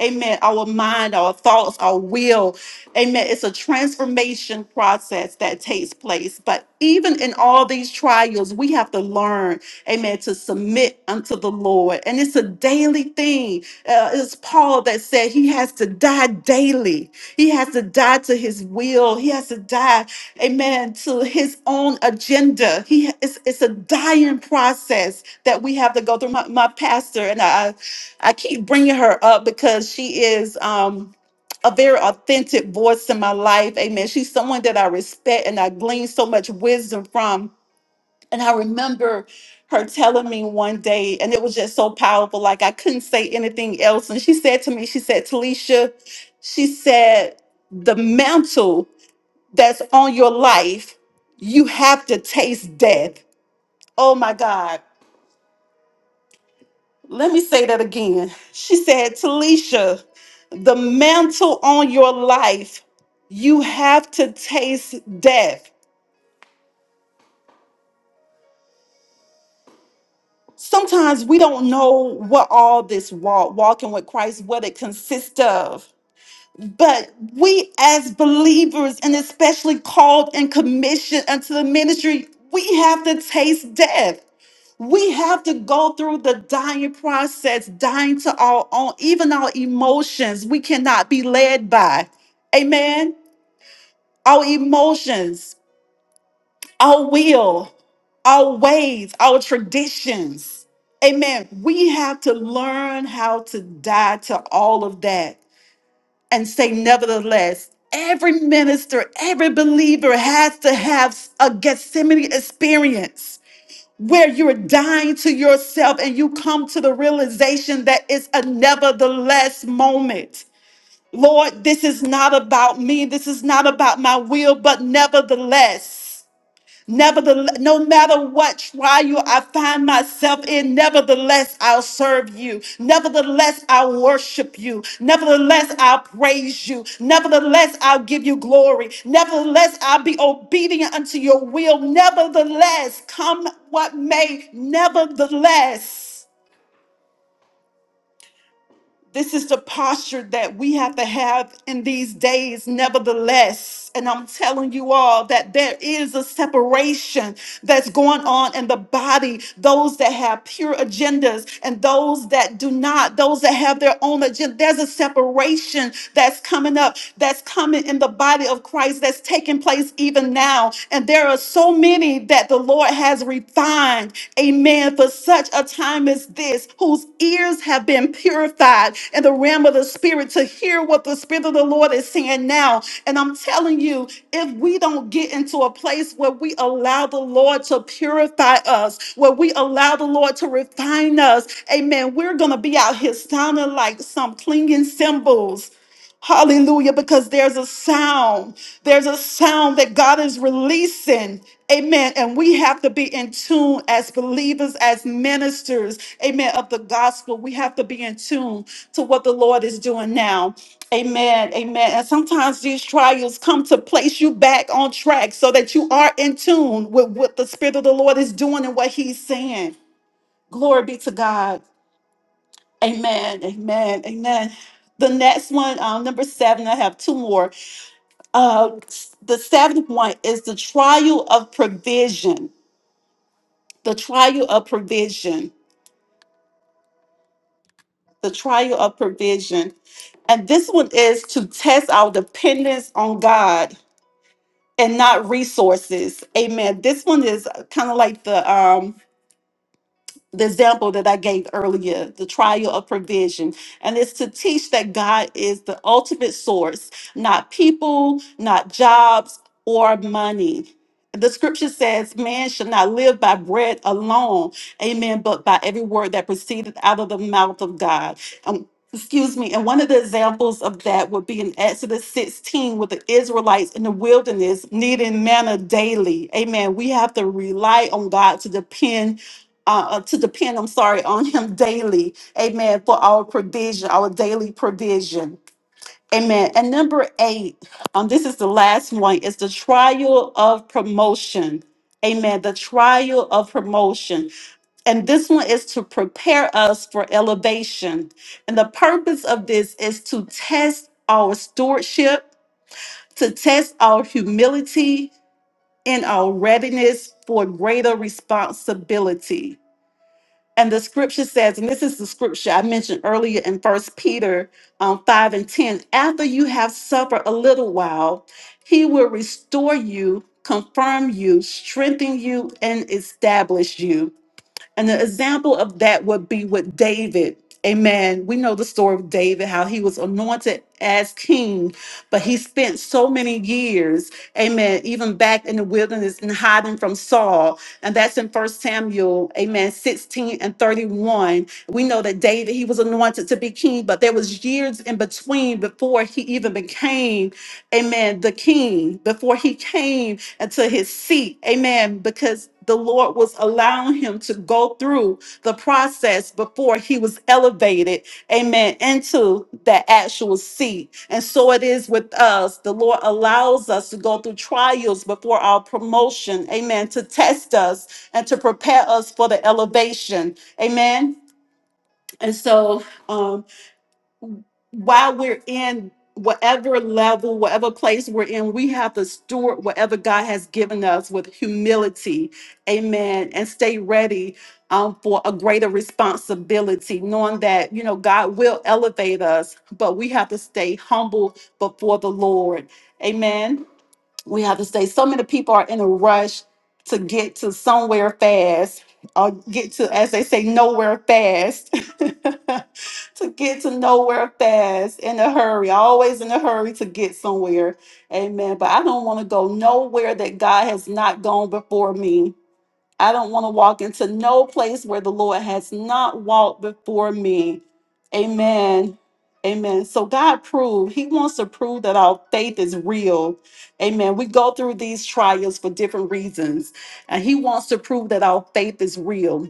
[SPEAKER 2] Amen. Our mind, our thoughts, our will. Amen. It's a transformation process that takes place. But even in all these trials, we have to learn, amen, to submit unto the Lord. And it's a daily thing. Uh, it's Paul that said he has to die daily. He has to die to his will. He has to die amen to his own agenda he it's, it's a dying process that we have to go through my, my pastor and I I keep bringing her up because she is um a very authentic voice in my life. Amen. She's someone that I respect and I glean so much wisdom from. And I remember her telling me one day, and it was just so powerful. Like I couldn't say anything else. And she said to me, she said, Talisha, she said, the mantle that's on your life, you have to taste death. Oh my God Let me say that again. She said, Talisha, the mantle on your life, you have to taste death. Sometimes we don't know what all this walk, walking with Christ, what it consists of. But we as believers, and especially called and commissioned unto the ministry, we have to taste death. We have to go through the dying process, dying to our own, even our emotions. We cannot be led by. Amen. Our emotions, our will, our ways, our traditions. Amen. We have to learn how to die to all of that and say, nevertheless, every minister, every believer has to have a Gethsemane experience where you're dying to yourself and you come to the realization that it's a nevertheless moment. Lord, this is not about me. This is not about my will, but nevertheless. Nevertheless, no matter what trial I find myself in, nevertheless, I'll serve you. Nevertheless, I'll worship you. Nevertheless, I'll praise you. Nevertheless, I'll give you glory. Nevertheless, I'll be obedient unto your will. Nevertheless, come what may, nevertheless. This is the posture that we have to have in these days, nevertheless. And I'm telling you all that there is a separation that's going on in the body. Those that have pure agendas and those that do not, those that have their own agenda, there's a separation that's coming up, that's coming in the body of Christ, that's taking place even now. And there are so many that the Lord has refined Amen. For such a time as this, whose ears have been purified in the realm of the Spirit to hear what the Spirit of the Lord is saying now. And I'm telling you, if we don't get into a place where we allow the Lord to purify us, where we allow the Lord to refine us, amen, we're going to be out here sounding like some clinging cymbals. Hallelujah, because there's a sound. There's a sound that God is releasing. Amen. And we have to be in tune as believers, as ministers, amen, of the gospel. We have to be in tune to what the Lord is doing now. Amen. Amen. And sometimes these trials come to place you back on track so that you are in tune with what the Spirit of the Lord is doing and what He's saying. Glory be to God. Amen. Amen. Amen. The next one, um, number seven, I have two more. Uh, the seventh one is the trial of provision the trial of provision the trial of provision and this one is to test our dependence on god and not resources amen this one is kind of like the um the example that I gave earlier, the trial of provision. And it's to teach that God is the ultimate source, not people, not jobs, or money. The scripture says, Man shall not live by bread alone, amen, but by every word that proceedeth out of the mouth of God. Um, excuse me. And one of the examples of that would be in Exodus 16 with the Israelites in the wilderness needing manna daily. Amen. We have to rely on God to depend uh, uh, to depend, I'm sorry, [laughs] on Him daily. Amen. For our provision, our daily provision. Amen. And number eight, um, this is the last one, is the trial of promotion. Amen. The trial of promotion. And this one is to prepare us for elevation. And the purpose of this is to test our stewardship, to test our humility, and our readiness for greater responsibility and the scripture says, and this is the scripture I mentioned earlier in First Peter um, 5 and 10 after you have suffered a little while, he will restore you, confirm you, strengthen you, and establish you. And the example of that would be with David. Amen. We know the story of David, how he was anointed as king, but he spent so many years, amen, even back in the wilderness and hiding from Saul. And that's in First Samuel, amen, 16 and 31. We know that David, he was anointed to be king, but there was years in between before he even became, amen, the king, before he came and to his seat. Amen. Because the Lord was allowing him to go through the process before he was elevated, amen, into that actual seat. And so it is with us. The Lord allows us to go through trials before our promotion, amen, to test us and to prepare us for the elevation, amen. And so, um, while we're in whatever level, whatever place we're in, we have to steward whatever God has given us with humility. Amen. And stay ready um, for a greater responsibility, knowing that, you know, God will elevate us, but we have to stay humble before the Lord. Amen we have to say so many people are in a rush to get to somewhere fast or get to as they say nowhere fast [laughs] to get to nowhere fast in a hurry always in a hurry to get somewhere amen but i don't want to go nowhere that god has not gone before me I don't want to walk into no place where the Lord has not walked before me. Amen. Amen. So God proved, He wants to prove that our faith is real. Amen. We go through these trials for different reasons, and He wants to prove that our faith is real.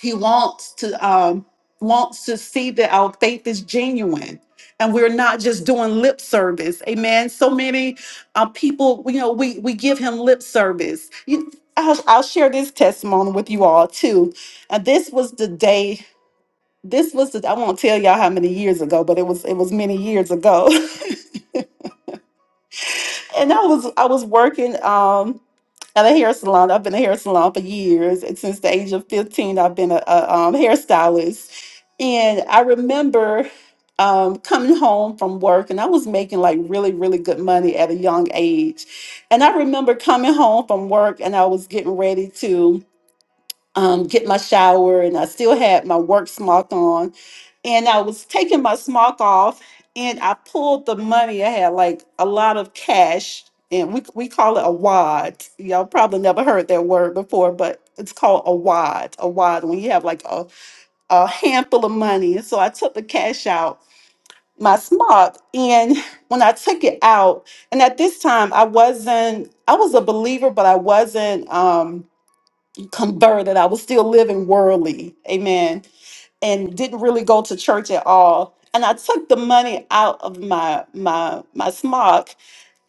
[SPEAKER 2] He wants to um, wants to see that our faith is genuine, and we're not just doing lip service. Amen. So many uh, people, you know, we we give him lip service. You, I'll, I'll share this testimony with you all too. And this was the day. This was the, I won't tell y'all how many years ago, but it was it was many years ago. [laughs] and I was I was working um at a hair salon. I've been a hair salon for years, and since the age of fifteen, I've been a, a um, hairstylist. And I remember um, coming home from work, and I was making like really really good money at a young age. And I remember coming home from work, and I was getting ready to um, get my shower, and I still had my work smock on. And I was taking my smock off, and I pulled the money. I had like a lot of cash, and we we call it a wad. Y'all probably never heard that word before, but it's called a wad. A wad when you have like a a handful of money. And so I took the cash out my smock, and when I took it out, and at this time I wasn't. I was a believer, but I wasn't. Um, converted. I was still living worldly. Amen. And didn't really go to church at all. And I took the money out of my my my smock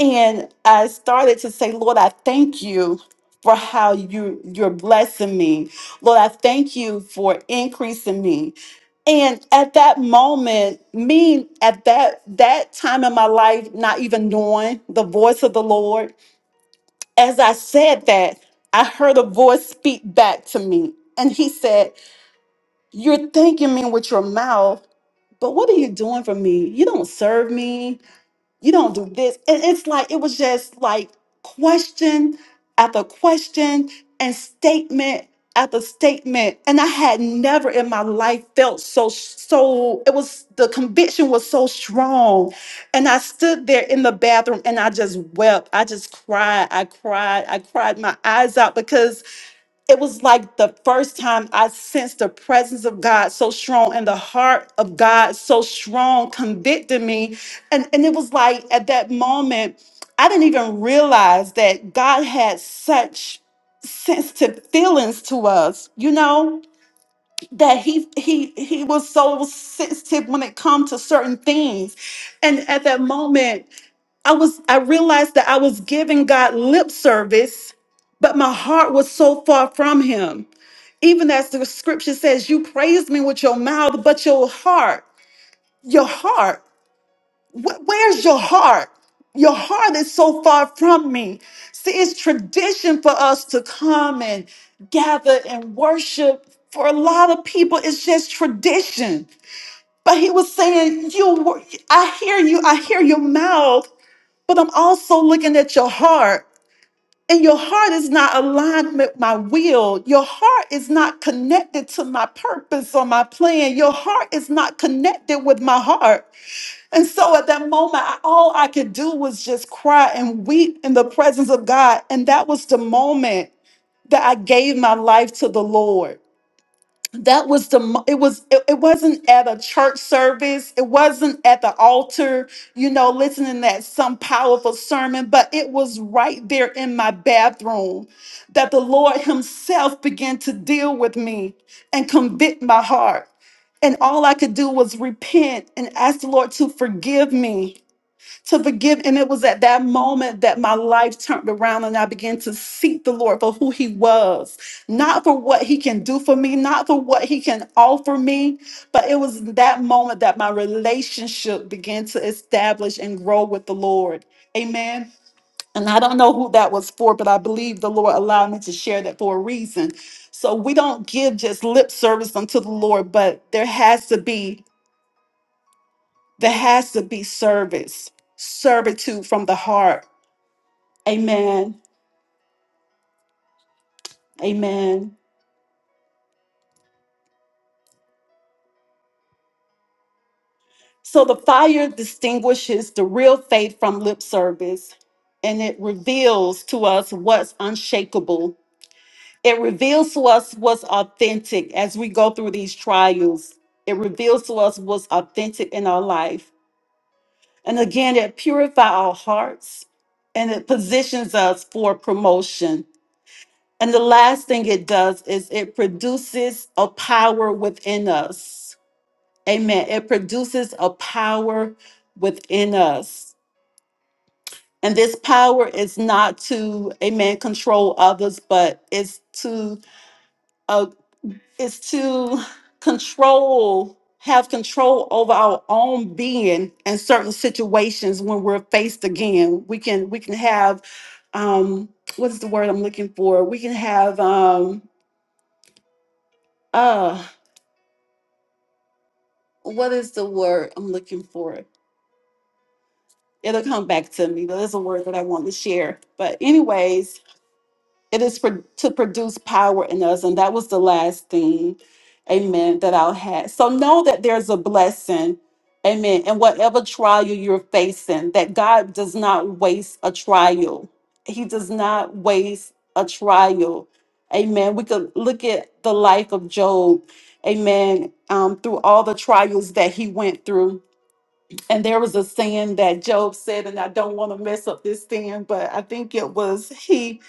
[SPEAKER 2] and I started to say, Lord, I thank you for how you you're blessing me. Lord, I thank you for increasing me. And at that moment, me at that that time in my life, not even knowing the voice of the Lord, as I said that, I heard a voice speak back to me, and he said, You're thanking me with your mouth, but what are you doing for me? You don't serve me you don't do this. And it's like, it was just like question after question and statement after statement. And I had never in my life felt so, so, it was the conviction was so strong. And I stood there in the bathroom and I just wept. I just cried. I cried. I cried my eyes out because it was like the first time I sensed the presence of God so strong and the heart of God so strong convicting me. And, and it was like at that moment, I didn't even realize that God had such sensitive feelings to us, you know, that he he he was so sensitive when it comes to certain things. And at that moment, I was I realized that I was giving God lip service, but my heart was so far from him even as the scripture says, you praise me with your mouth, but your heart, your heart, wh- where's your heart? Your heart is so far from me. See, it's tradition for us to come and gather and worship. For a lot of people, it's just tradition. But he was saying, "You, were- I hear you. I hear your mouth, but I'm also looking at your heart and your heart is not aligned with my will. Your heart is not connected to my purpose or my plan. Your heart is not connected with my heart. And so at that moment, I- all I could do was just cry and weep in the presence of God. And that was the moment that I gave my life to the Lord that was the mo- it was it, it wasn't at a church service it wasn't at the altar you know listening to some powerful sermon but it was right there in my bathroom that the lord himself began to deal with me and convict my heart and all i could do was repent and ask the lord to forgive me to forgive. And it was at that moment that my life turned around and I began to seek the Lord for who He was, not for what He can do for me, not for what He can offer me, but it was that moment that my relationship began to establish and grow with the Lord. Amen. And I don't know who that was for, but I believe the Lord allowed me to share that for a reason. So we don't give just lip service unto the Lord, but there has to be there has to be service, servitude from the heart Amen. Amen. So the fire distinguishes the real faith from lip service and it reveals to us what's unshakable. It reveals to us what's authentic as we go through these trials. It reveals to us what's authentic in our life. And again, it purifies our hearts and it positions us for promotion. And the last thing it does is it produces a power within us Amen. It produces a power within us. And this power is not to, amen, control others, but it's to uh it's to control, have control over our own being and certain situations when we're faced again. We can we can have um what is the word I'm looking for? We can have um uh what is the word I'm looking for? it'll come back to me. There's a word that I want to share. But, anyways, it is for, to produce power in us. And that was the last thing, amen, that I'll have. So, know that there's a blessing, amen, and whatever trial you're facing, that God does not waste a trial. He does not waste a trial. Amen. We could look at the life of Job, amen, um, through all the trials that he went through and there was a saying that Job said, and I don't want to mess up this thing, but I think it was he,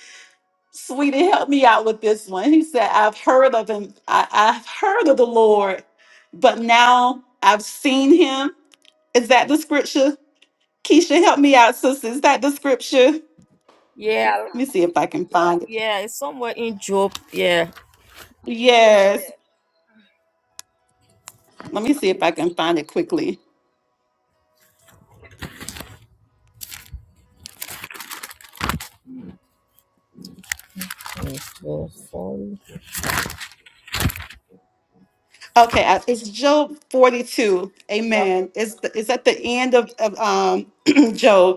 [SPEAKER 2] sweetie, help me out with this one. He said, I've heard of him, I, I've heard of the Lord, but now I've seen him. Is that the scripture? Keisha, help me out, sister. Is that the scripture? Let me see if I can find it. Yes. Let me see if I can find it quickly. Okay, I- it's Job 42. Amen. It's, the, it's at the end of, of um, [clears throat] Job.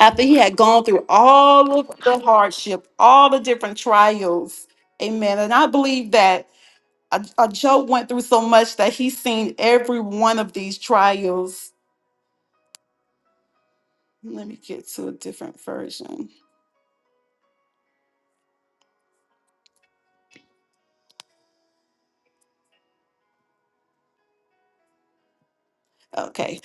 [SPEAKER 2] after he had gone through all of the hardship, all the different trials. Amen. And I believe that uh, uh, Job went through so much that he's seen every one of these trials. Let me get to a different version. Okay.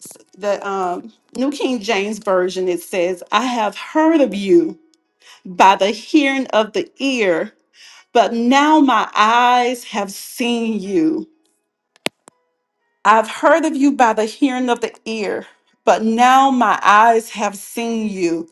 [SPEAKER 2] S- The um, New King James Version, it says, I have heard of you by the hearing of the ear, but now my eyes have seen you. I've heard of you by the hearing of the ear, but now my eyes have seen you.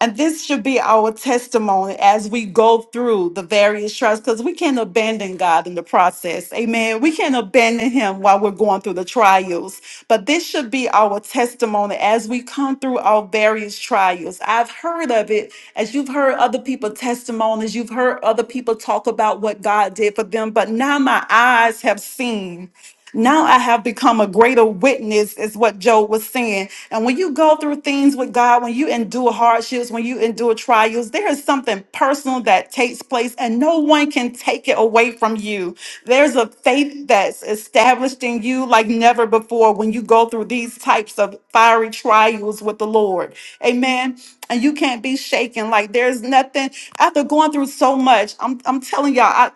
[SPEAKER 2] And this should be our testimony as we go through the various trials, because we can't abandon God in the process. Amen. We can't abandon Him while we're going through the trials. But this should be our testimony as we come through our various trials. I've heard of it as you've heard other people testimonies, you've heard other people talk about what God did for them, but now my eyes have seen. Now I have become a greater witness, is what Joe was saying. And when you go through things with God, when you endure hardships, when you endure trials, there is something personal that takes place, and no one can take it away from you. There's a faith that's established in you like never before when you go through these types of fiery trials with the Lord. Amen. And you can't be shaken. Like there's nothing after going through so much. I'm, I'm telling y'all, I,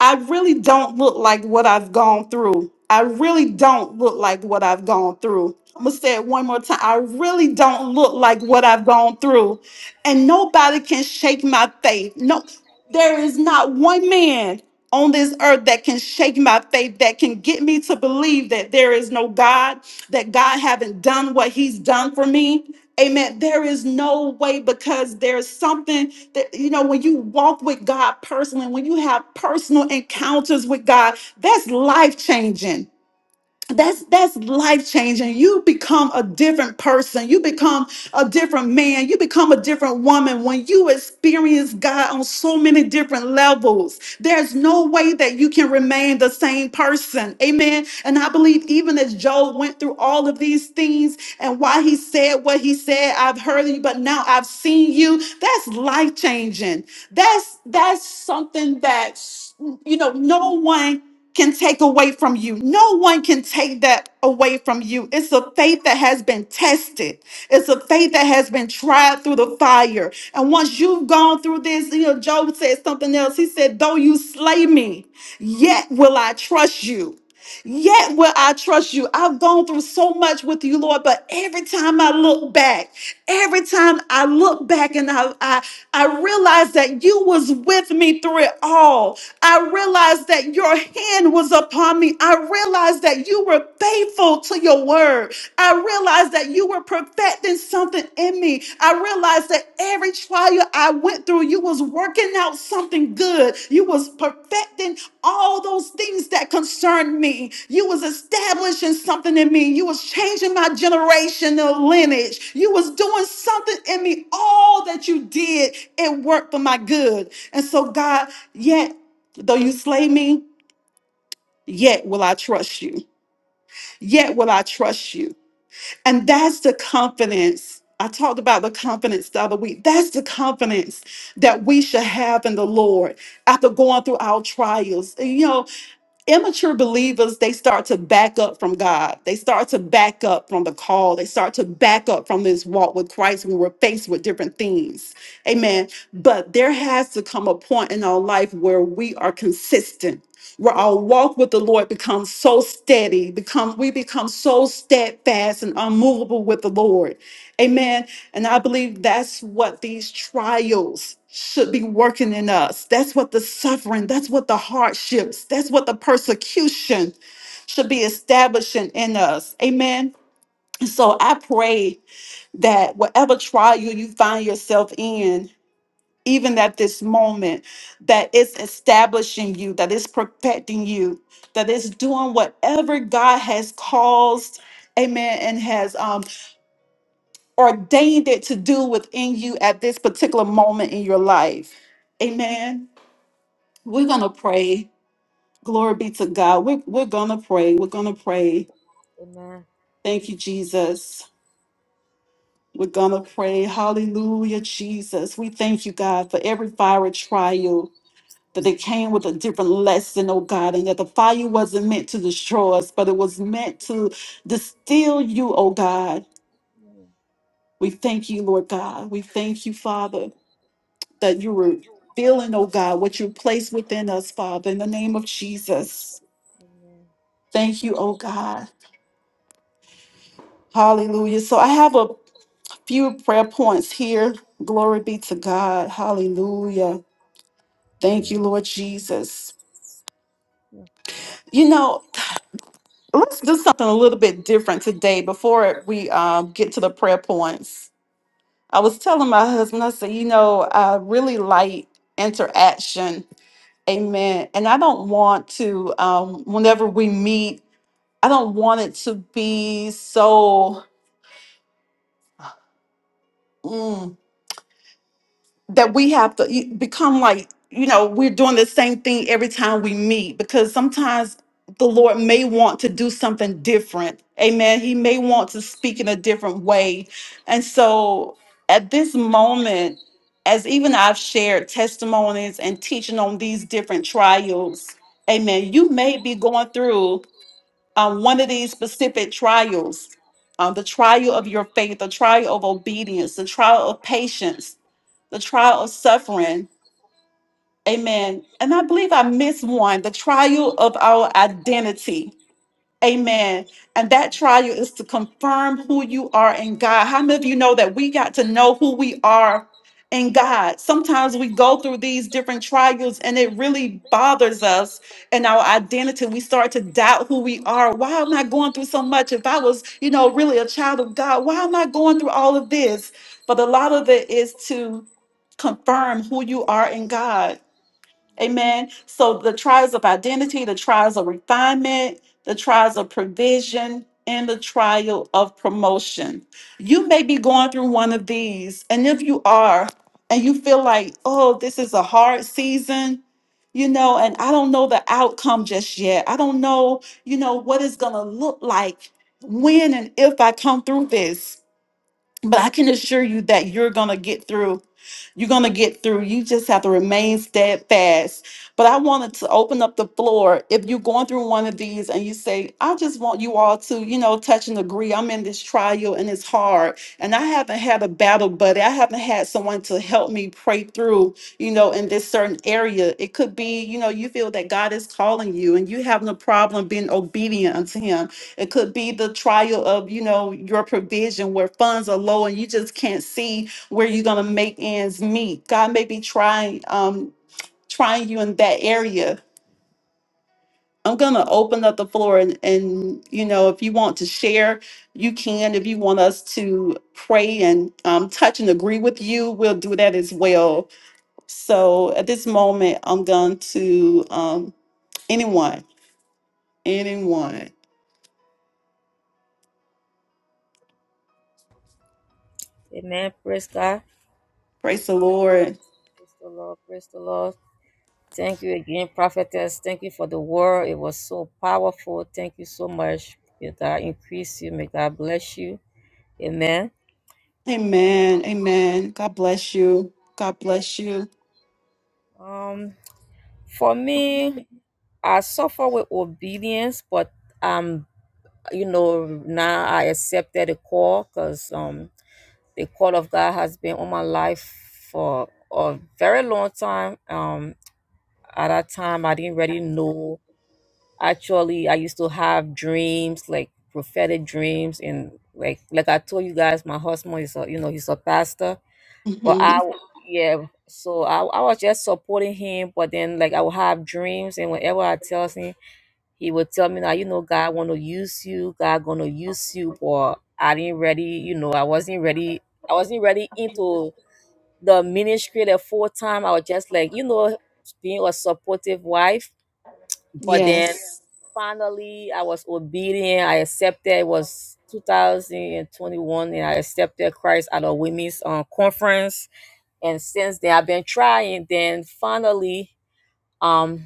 [SPEAKER 2] I really don't look like what I've gone through. I really don't look like what I've gone through. I'm gonna say it one more time. I really don't look like what I've gone through. And nobody can shake my faith. No, there is not one man on this earth that can shake my faith, that can get me to believe that there is no God, that God haven't done what he's done for me. Amen. There is no way because there's something that, you know, when you walk with God personally, when you have personal encounters with God, that's life changing that's that's life changing you become a different person you become a different man you become a different woman when you experience god on so many different levels there's no way that you can remain the same person amen and i believe even as job went through all of these things and why he said what he said i've heard you but now i've seen you that's life changing that's that's something that you know no one can take away from you. No one can take that away from you. It's a faith that has been tested. It's a faith that has been tried through the fire. And once you've gone through this, you know, Job said something else. He said, Though you slay me, yet will I trust you. Yet will I trust you. I've gone through so much with you, Lord, but every time I look back, Every time I look back and I, I, I realize that you was with me through it all. I realize that your hand was upon me. I realize that you were faithful to your word. I realize that you were perfecting something in me. I realize that every trial I went through, you was working out something good. You was perfecting all those things that concerned me. You was establishing something in me. You was changing my generational lineage. You was doing something in me. All that you did, it worked for my good. And so God, yet though you slay me, yet will I trust you. Yet will I trust you. And that's the confidence. I talked about the confidence the other week. That's the confidence that we should have in the Lord after going through our trials. You know immature believers they start to back up from god they start to back up from the call they start to back up from this walk with christ when we're faced with different things amen but there has to come a point in our life where we are consistent where our walk with the lord becomes so steady become we become so steadfast and unmovable with the lord amen and I believe that's what these trials should be working in us. That's what the suffering, that's what the hardships, that's what the persecution should be establishing in us. Amen. And So I pray that whatever trial you find yourself in, even at this moment, that it's establishing you, that it's perfecting you, that it's doing whatever God has caused, amen, and has um ordained it to do within you at this particular moment in your life. Amen. We're going to pray. Glory be to God. We're, we're going to pray. We're going to pray. Thank you, Jesus. We're going to pray. Hallelujah, Jesus. We thank you, God, for every fiery trial that they came with a different lesson, oh God, and that the fire wasn't meant to destroy us, but it was meant to distill you, oh God. We thank you, Lord God. We thank you, Father. that you were feeling, oh God, what you placed within us, Father, in the name of Jesus. Thank you, oh God. Hallelujah. So I have a few prayer points here. Glory be to God. Hallelujah. Thank you, Lord Jesus. You know, let's do something a little bit different today before we um, get to the prayer points. I was telling my husband, I said, you know, I really like interaction Amen. And I don't want to, um, whenever we meet I don't want it to be so mm, that we have to e- become like, you know, we're doing the same thing every time we meet because sometimes the Lord may want to do something different. Amen. He may want to speak in a different way. And so at this moment, as even I've shared testimonies and teaching on these different trials, amen, you may be going through um, one of these specific trials um, the trial of your faith, the trial of obedience, the trial of patience, the trial of suffering. Amen. And I believe I missed one the trial of our identity
[SPEAKER 5] Mm,
[SPEAKER 2] Amen. And that
[SPEAKER 5] goodness.
[SPEAKER 2] trial is to confirm who you are in God. How many of you know that we got to know who we are in God? Sometimes we go through these different trials and it really bothers us and our identity. We start to doubt who we are. Why am I going through so much? If I was, you know, really a child of God, why am I going through all of this? But a lot of it is to confirm who you are in God. Amen. So the trials of identity, the trials of refinement, the trials of provision, and the trial of promotion. You may be going through one of these. And if you are, and you feel like, oh, this is a hard season, you know, and I don't know the outcome just yet. I don't know, you know, what it's going to look like when and if I come through this. But I can assure you that you're going to get through. You're going to get through. You just have to remain steadfast. But I wanted to open up the floor. If you're going through one of these and you say, I just want you all to, you know, touch and agree. I'm in this trial and it's hard. And I haven't had a battle buddy. I haven't had someone to help me pray through, you know, in this certain area. It could be, you know, you feel that God is calling you and you having a problem being obedient unto Him it could be the trial of, you know, your provision where funds are low and you just can't see where you're gonna make ends meet. God may be trying, um, trying you in that area. I'm gonna open up the floor and, and you know, if you want to share, you can. If you want us to pray and um, touch and agree with you, we'll do that as well. So at this moment, I'm going to um, anyone, anyone.
[SPEAKER 5] Amen. Praise God.
[SPEAKER 2] Praise the Lord.
[SPEAKER 5] Praise the Lord. Praise the Lord. Thank you again, prophetess. Thank you for the word. It was so powerful. Thank you so much. May God increase you. May God bless you. Amen.
[SPEAKER 2] Amen. Amen. God bless you. God bless you.
[SPEAKER 5] Um, for me, I suffer with obedience, but um, you know, now I accepted the call because um. the call of God has been on my life for a very long time. Um, at that time, I didn't really know. Actually, I used to have dreams, like prophetic dreams, and like like I told you guys, my husband is a you know he's a pastor, but I,
[SPEAKER 2] hmm
[SPEAKER 5] yeah. So I, I was just supporting him, but then like I would have dreams, and whenever I tell him, he would tell me that you know, God want to use you, God gonna use you, but I didn't ready, you know, I wasn't ready, I wasn't ready into the ministry the full time i was just like you know being a supportive wife but then Yeah.
[SPEAKER 2] Yes.
[SPEAKER 5] finally i was obedient i accepted it was 2021 and i accepted christ at a women's um, conference and since then i've been trying then finally um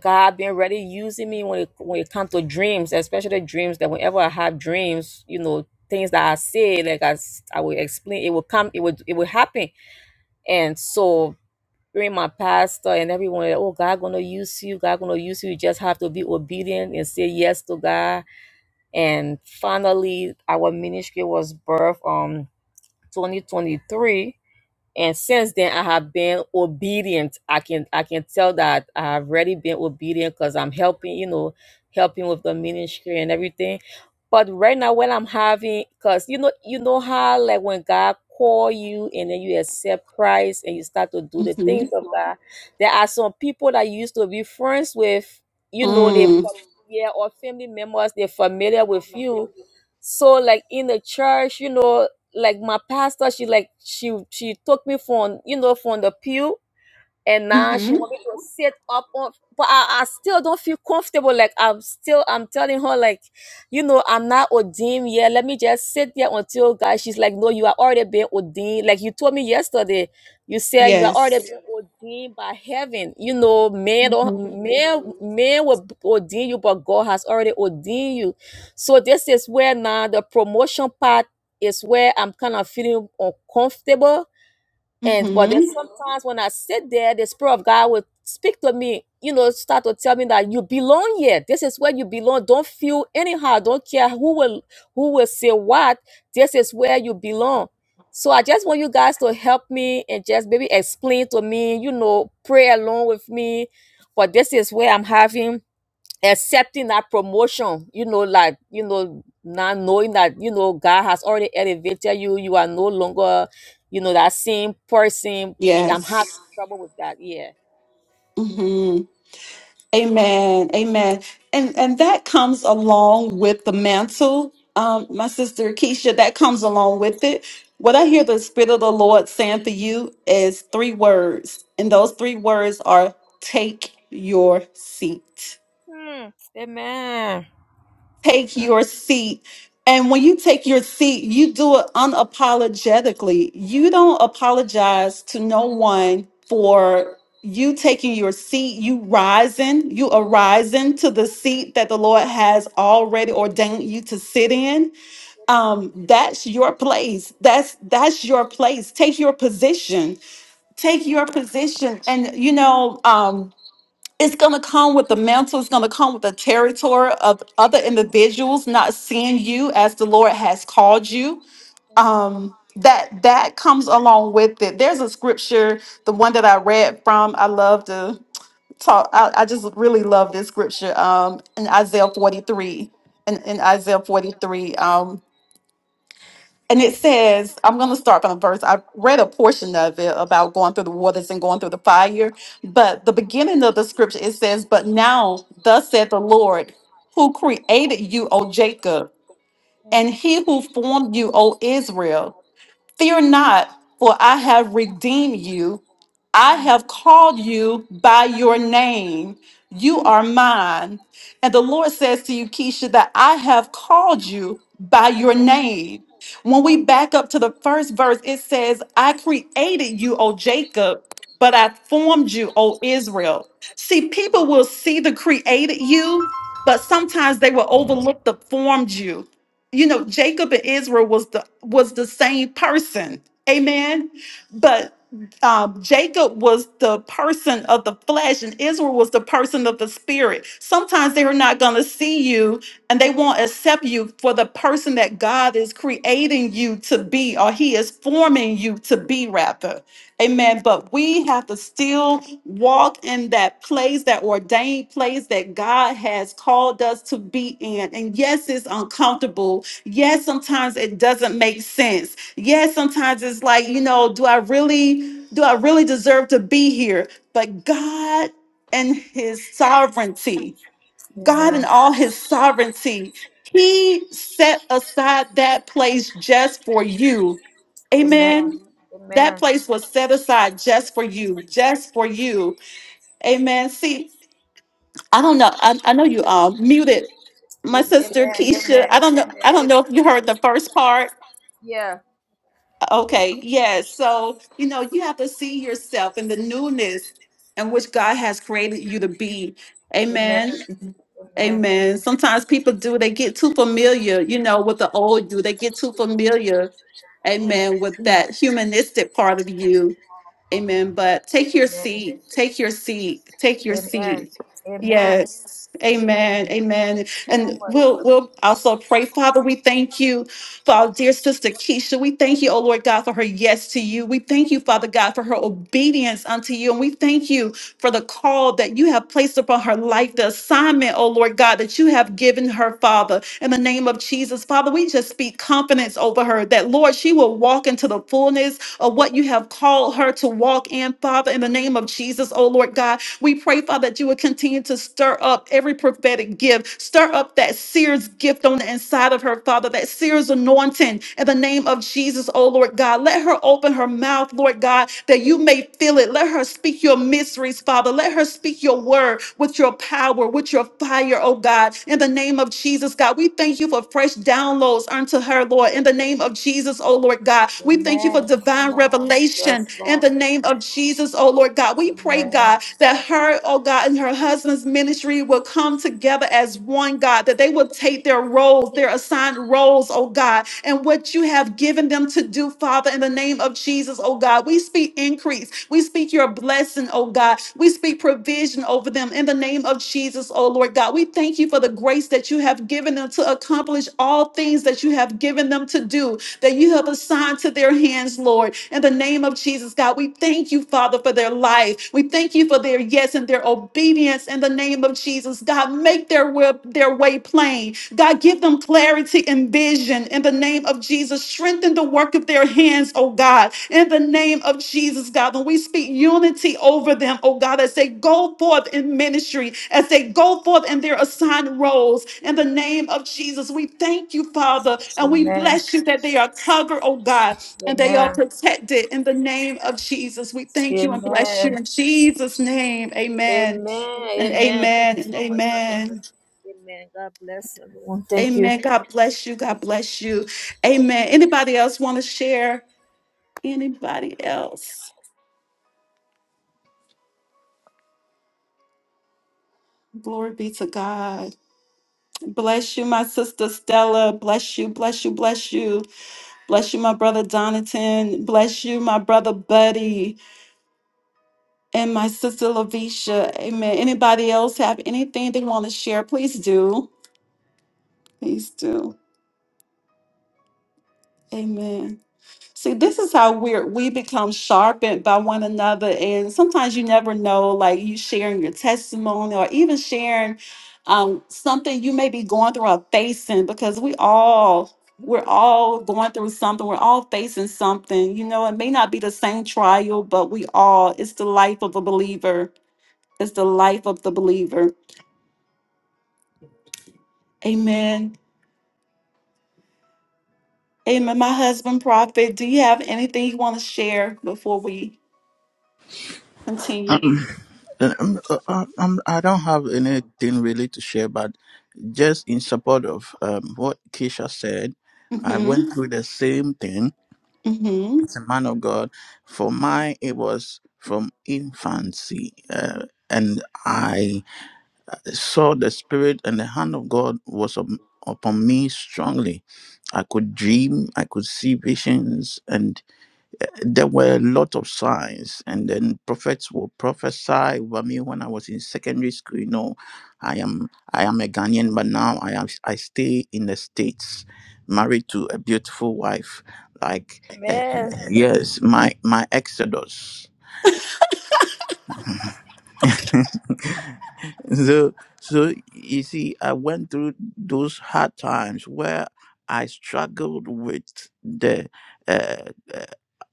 [SPEAKER 5] god been really using me when it when it comes to dreams especially dreams that whenever i have dreams you know things that i say like i s- i will explain it will come it would it will happen and so during my pastor and everyone that oh god gonna use you god gonna use you you just have to be obedient and say yes to god and finally our ministry was birthed on 2023 and since then i have been obedient i can i can tell that i've already been obedient because i'm helping you know helping with the ministry and everything but right now when i'm having because you know you know how like when god call you and then you accept christ and you start to do the
[SPEAKER 2] hmm
[SPEAKER 5] things of Mhm. god there are some people that you used to be friends with you know they fam-
[SPEAKER 2] Mm.
[SPEAKER 5] Mhm. yeah or family members they're familiar with you Mhm. so like in the church you know like my pastor she like she she took me from you know from the pew and now she
[SPEAKER 2] hmm
[SPEAKER 5] want me to sit up on but I, I still don't feel comfortable like i'm still i'm telling her like you know i'm not ordained yet let me just sit there until god she's like no you are already been ordained like you told me yesterday you said you are already
[SPEAKER 2] Yes.
[SPEAKER 5] been ordained by heaven you know man don't man man will ordain you but god has already ordained you so this is where now the promotion part is where i'm kind of feeling uncomfortable and but
[SPEAKER 2] hmm
[SPEAKER 5] there's sometimes when I sit there, the spirit of God will speak to me, you know, start to tell me that you belong here. This is where you belong. Don't feel anyhow. Don't care who will who will say what. This is where you belong. So I just want you guys to help me and just maybe explain to me, you know, pray along with me. But this is where I'm having accepting that promotion, you know, like, you know, not knowing that, you know, God has already elevated you. You are no longer, you know, that same person. I'm having
[SPEAKER 2] Yes.
[SPEAKER 5] trouble with that. Yeah.
[SPEAKER 2] hmm Amen. Amen. And and that comes along with the mantle. Um, my sister Keisha, that comes along with it. What I hear the Spirit of the Lord saying for you is three words, and those three words are take your seat take your seat. And when you take your seat, you do it unapologetically. You don't apologize to no one for you taking your seat, you rising, you arising to the seat that the Lord has already ordained you to sit in. Um, that's your place. That's that's your place. Take your position. Take your position. And you know, um, it's going to come with the mantle it's going to come with the territory of other individuals not seeing you as the lord has called you um that that comes along with it there's a scripture the one that i read from i love to talk i, I just really love this scripture um in isaiah 43 in, in isaiah 43 um and it says, I'm going to start from the verse. I read a portion of it about going through the waters and going through the fire, but the beginning of the scripture it says, But now, thus said the Lord, who created you, O Jacob, and he who formed you, O Israel. Fear not, for I have redeemed you. I have called you by your name. You are mine. And the Lord says to you, Keisha, that I have called you by your name. When we back up to the first verse, it says, I created you, O Jacob, but I formed you, O Israel. See, people will see the created you, but sometimes they will overlook the formed you you know jacob and israel was the was the same person amen but um, jacob was the person of the flesh and israel was the person of the spirit sometimes they are not going to see you and they won't accept you for the person that god is creating you to be or he is forming you to be rather Amen. But we have to still walk in that place, that ordained place that God has called us to be in. And yes, it's uncomfortable. Yes, sometimes it doesn't make sense. Yes, sometimes it's like, you know, do I really do I really deserve to be here? But God and his sovereignty. God, in all his sovereignty, he set aside that place just for you. Amen. That place was set aside just for you, just for you. Amen. See, I don't know. I, I know you um muted my sister Keisha. I don't know. I don't know if you heard the first part Okay, yes. So, you know, you have to see yourself in the newness in which God has created you to be. Amen. Amen. Sometimes people do, they get too familiar, you know, with the old you. They get too familiar, amen, with that humanistic part of you. Amen. But take your seat. Take your seat. Take your seat. Yes. Amen. Amen. And we'll we'll also pray. Father, we thank you for our dear sister Keisha. We thank you, oh Lord God, for her yes to you. We thank you, Father God, for her obedience unto you. And we thank you for the call that you have placed upon her life, the assignment, oh Lord God, that you have given her, Father. In the name of Jesus, Father, we just speak confidence over her that, Lord, she will walk into the fullness of what you have called her to walk in, Father. In the name of Jesus, oh Lord God, we pray, Father, that you would continue to stir up every prophetic gift, stir up that seer's gift on the inside of her, Father, that seer's anointing anointing in the name of Jesus, oh Lord God. Let her open her mouth, Lord God, that you may feel it. Let her speak your mysteries, Father. Let her speak your word with your power, with your fire, oh God. In the name of Jesus, God, we thank you for fresh downloads unto her, Lord. In the name of Jesus, oh Lord God, we thank you for divine revelation. In the name of Jesus, oh Lord God, we pray, God, that her her, oh God, and her husband's ministry will come together as one, God, that they will take their roles, their assigned roles, oh God, and what you have given them to do, Father, in the name of Jesus, oh God. We speak increase. We speak your blessing, oh God. We speak provision over them in the name of Jesus, oh Lord God. We thank you for the grace that you have given them to accomplish all things that you have given them to do that you have assigned to their hands, Lord. In the name of Jesus, God, we thank you, Father, for their life. We thank you for their yes and their obedience in the name of Jesus. God, make their will, their way plain. God, give them clarity and vision in the name of Jesus. Strengthen the work of their hands, oh God, in the name of Jesus, God. When we speak unity over them, oh God, as they go forth in ministry, as they go forth in their assigned roles, in the name of Jesus, we thank you, Father, and we bless you that they are covered, oh God, and they are protected in the name of Jesus. We thank you and bless you in Jesus' name. Amen. And amen. And amen. Amen. God bless you. God bless you. Amen. Anybody else want to share? Anybody else? Glory be to God. Bless you, my sister Stella. Bless you, bless you, bless you. Bless you, my brother Donaton. Bless you, my brother Buddy. And my sister Lavisha. Amen. Anybody else have anything they want to share? Please do. Please do. Amen. See, this is how we're we become sharpened by one another, and sometimes you never know, like you sharing your testimony or even sharing um, something you may be going through or facing, because we all we're all going through something. We're all facing something. You know, it may not be the same trial, but we all it's the life of a believer. It's the life of the believer. Amen. Amen. My husband, prophet, do you have anything you want to share before we continue?
[SPEAKER 1] Um, um, um, I don't have anything really to share, but just in support of um, what Keisha said, I
[SPEAKER 2] Mm-hmm.
[SPEAKER 1] went through the same thing
[SPEAKER 2] Mm-hmm.
[SPEAKER 1] as a man of God, for mine it was from infancy, uh, and I saw the spirit and the hand of God was up, upon me strongly. I could dream, I could see visions, and there were a lot of signs and then prophets will prophesy over me when i was in secondary school you know i am i am a ghanaian but now i am i stay in the states married to a beautiful wife like uh, uh, yes my my exodus [laughs] so so you see i went through those hard times where i struggled with the uh, uh,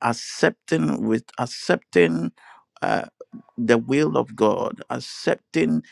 [SPEAKER 1] accepting with accepting uh, the will of god accepting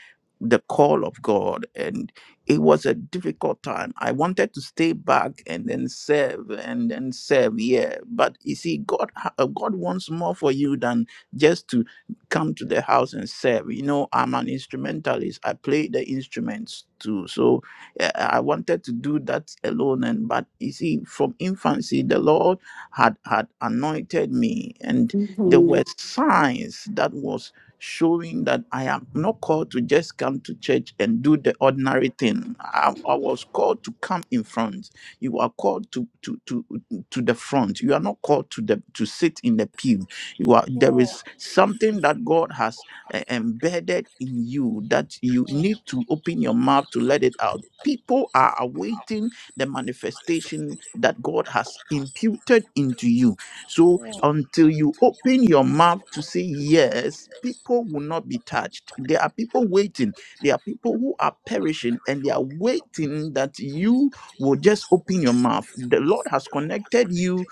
[SPEAKER 1] the call of god and it was a difficult time i wanted to stay back and then serve and then serve yeah but you see god ha- uh, god wants more for you than just to come to the house and said, you know, I'm an instrumentalist. I play the instruments too. So eh, I wanted to do that alone. And but you see, from infancy, the Lord had had anointed me, and there were
[SPEAKER 2] Mhm.
[SPEAKER 1] signs that was showing that I am not called to just come to church and do the ordinary thing. I, I was called to come in front. You are called to to to to the front. You are not called to the to sit in the pew you are, there is something that God has eh, embedded in you that you need to open your mouth to let it out. People are awaiting the manifestation that God has imputed into you. So until you open your mouth to say yes, people will not be touched. There are people waiting. There are people who are perishing and they are waiting that you will just open your mouth. The Lord has connected you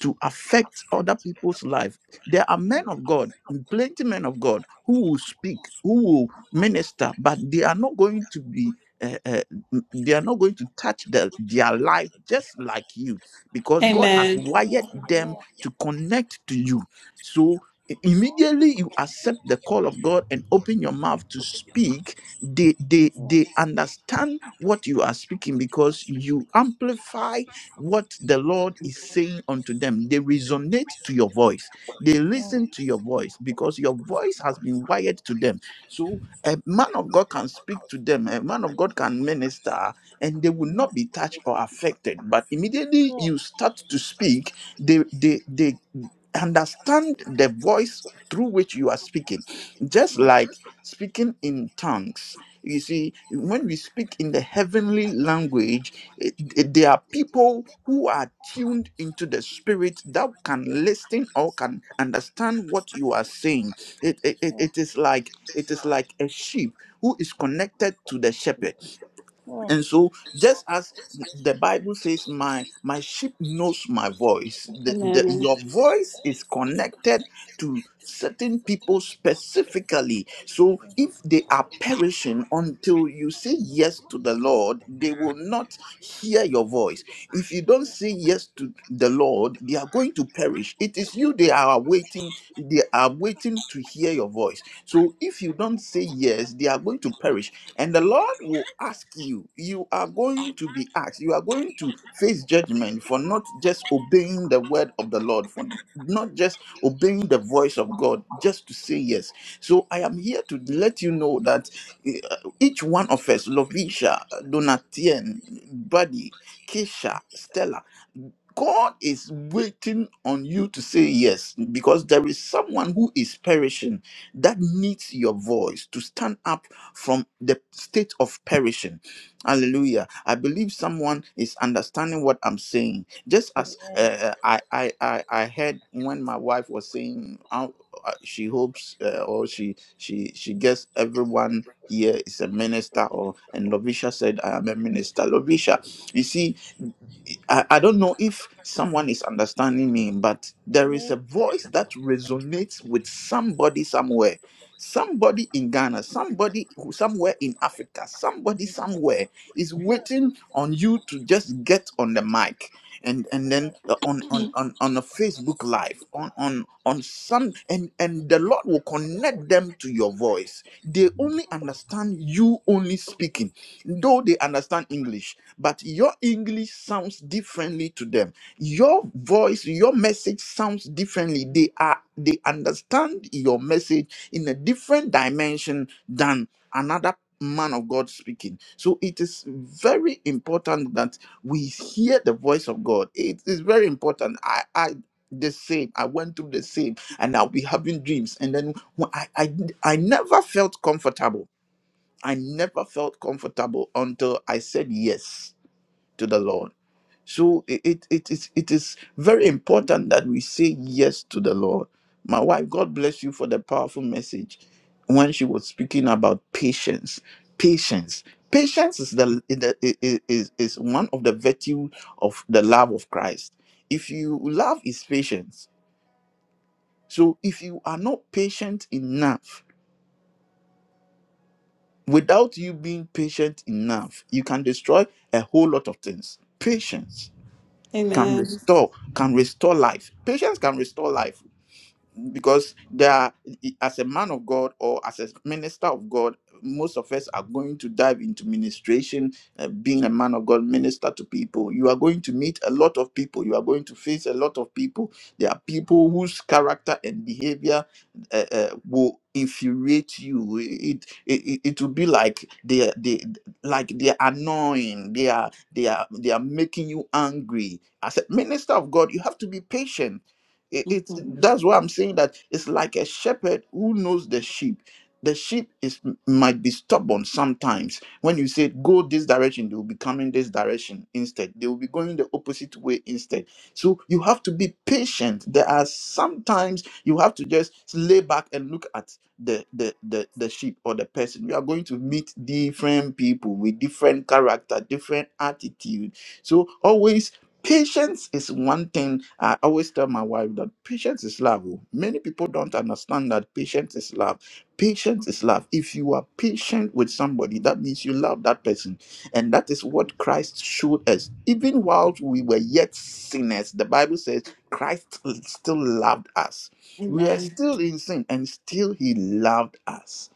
[SPEAKER 1] to affect other people's life. There are men of God, plenty men of God, who will speak, who will minister, but they are not going to be. Uh, uh, they are not going to touch the, their life just like you because God has
[SPEAKER 2] Amen.
[SPEAKER 1] wired them to connect to you. So i- immediately you accept the call of God and open your mouth to speak they they they understand what you are speaking because you amplify what the lord is saying unto them they resonate to your voice they listen to your voice because your voice has been wired to them so a man of god can speak to them a man of god can minister and they will not be touched or affected but immediately you start to speak they they they understand the voice through which you are speaking just like speaking in tongues you see when we speak in the heavenly language it- it- there are people who are tuned into the spirit that can listen or can understand what you are saying it, it, it it is like it is like a sheep who is connected to the shepherd and so just as the bible says my my sheep knows my voice the, the,
[SPEAKER 2] Amen.
[SPEAKER 1] your voice is connected to certain people specifically so if they are perishing until you say yes to the lord they will not hear your voice if you don't say yes to the lord Lord, they are going to perish. It is you they are waiting, they are waiting to hear your voice. So if you don't say yes, they are going to perish. And the Lord will ask you, you are going to be asked, you are going to face judgment for not just obeying the word of the Lord, for not just obeying the voice of God, just to say yes. So I am here to let you know that eh, each one of us, Lovisha, Donatien, Buddy, Keisha, Stella, God is waiting on you to say yes because there is someone who is perishing that needs your voice to stand up from the state of perishing. Hallelujah. I believe someone is understanding what I'm saying. Just as uh, uh, I, I I I heard when my wife was saying how uh, she hopes uh, or she she she gets everyone here is a minister or and Lovisha said I am a minister. Lovisha, you see I, I don't know if someone is understanding me, but there is a voice that resonates with somebody somewhere. Somebody in Ghana, somebody who- somewhere in Africa, somebody somewhere is waiting on you to just get on the mic and and then uh, on on on, on a Facebook live on on on some and and the Lord will connect them to your voice. They only understand you only speaking, though they understand English but your English sounds differently to them. Your voice, your message sounds differently. They are they understand your message in a different dimension than another man of God speaking. So it is very important that we hear the voice of God. It is very important. I I the same i went through the same and i'll be having dreams and then when I, I i never felt comfortable i never felt comfortable until i said yes to the Lord. So it, it, it, is, it is very important that we say yes to the Lord. My wife, God bless you for the powerful message when she was speaking about patience. Patience. Patience is the the- i- i- is, is one of the virtues of the love of Christ. If you love is patience. So if you are not patient enough, without you being patient enough, you can destroy a whole lot of things. Patience can
[SPEAKER 2] Amen.
[SPEAKER 1] restore, can restore life. Patience can restore life because there are, as a man of god or as a minister of god most of us are going to dive into ministration uh, being a man of god minister to people you are going to meet a lot of people you are going to face a lot of people there are people whose character and behavior uh, uh, will infuriate you it, it it it will be like they they like they are annoying they are they are they are making you angry as a minister of god you have to be patient it, it's
[SPEAKER 2] Mhm.
[SPEAKER 1] that's why I'm saying that it's like a shepherd who knows the sheep. The sheep is might be stubborn sometimes. When you say go this direction, they will be coming this direction instead. They will be going the opposite way instead. So you have to be patient. There are sometimes you have to just lay back and look at the the the, the sheep or the person. You are going to meet different people with different character, different attitude. So always Patience is one thing I always tell my wife that patience is love. oh. Many people don't understand that patience is love. Patience is love. If you are patient with somebody, that means you love that person. And that is what Christ showed us. Even while we were yet sinners, the Bible says Christ still loved us. We were
[SPEAKER 2] Amen.
[SPEAKER 1] still in sin and still he loved us.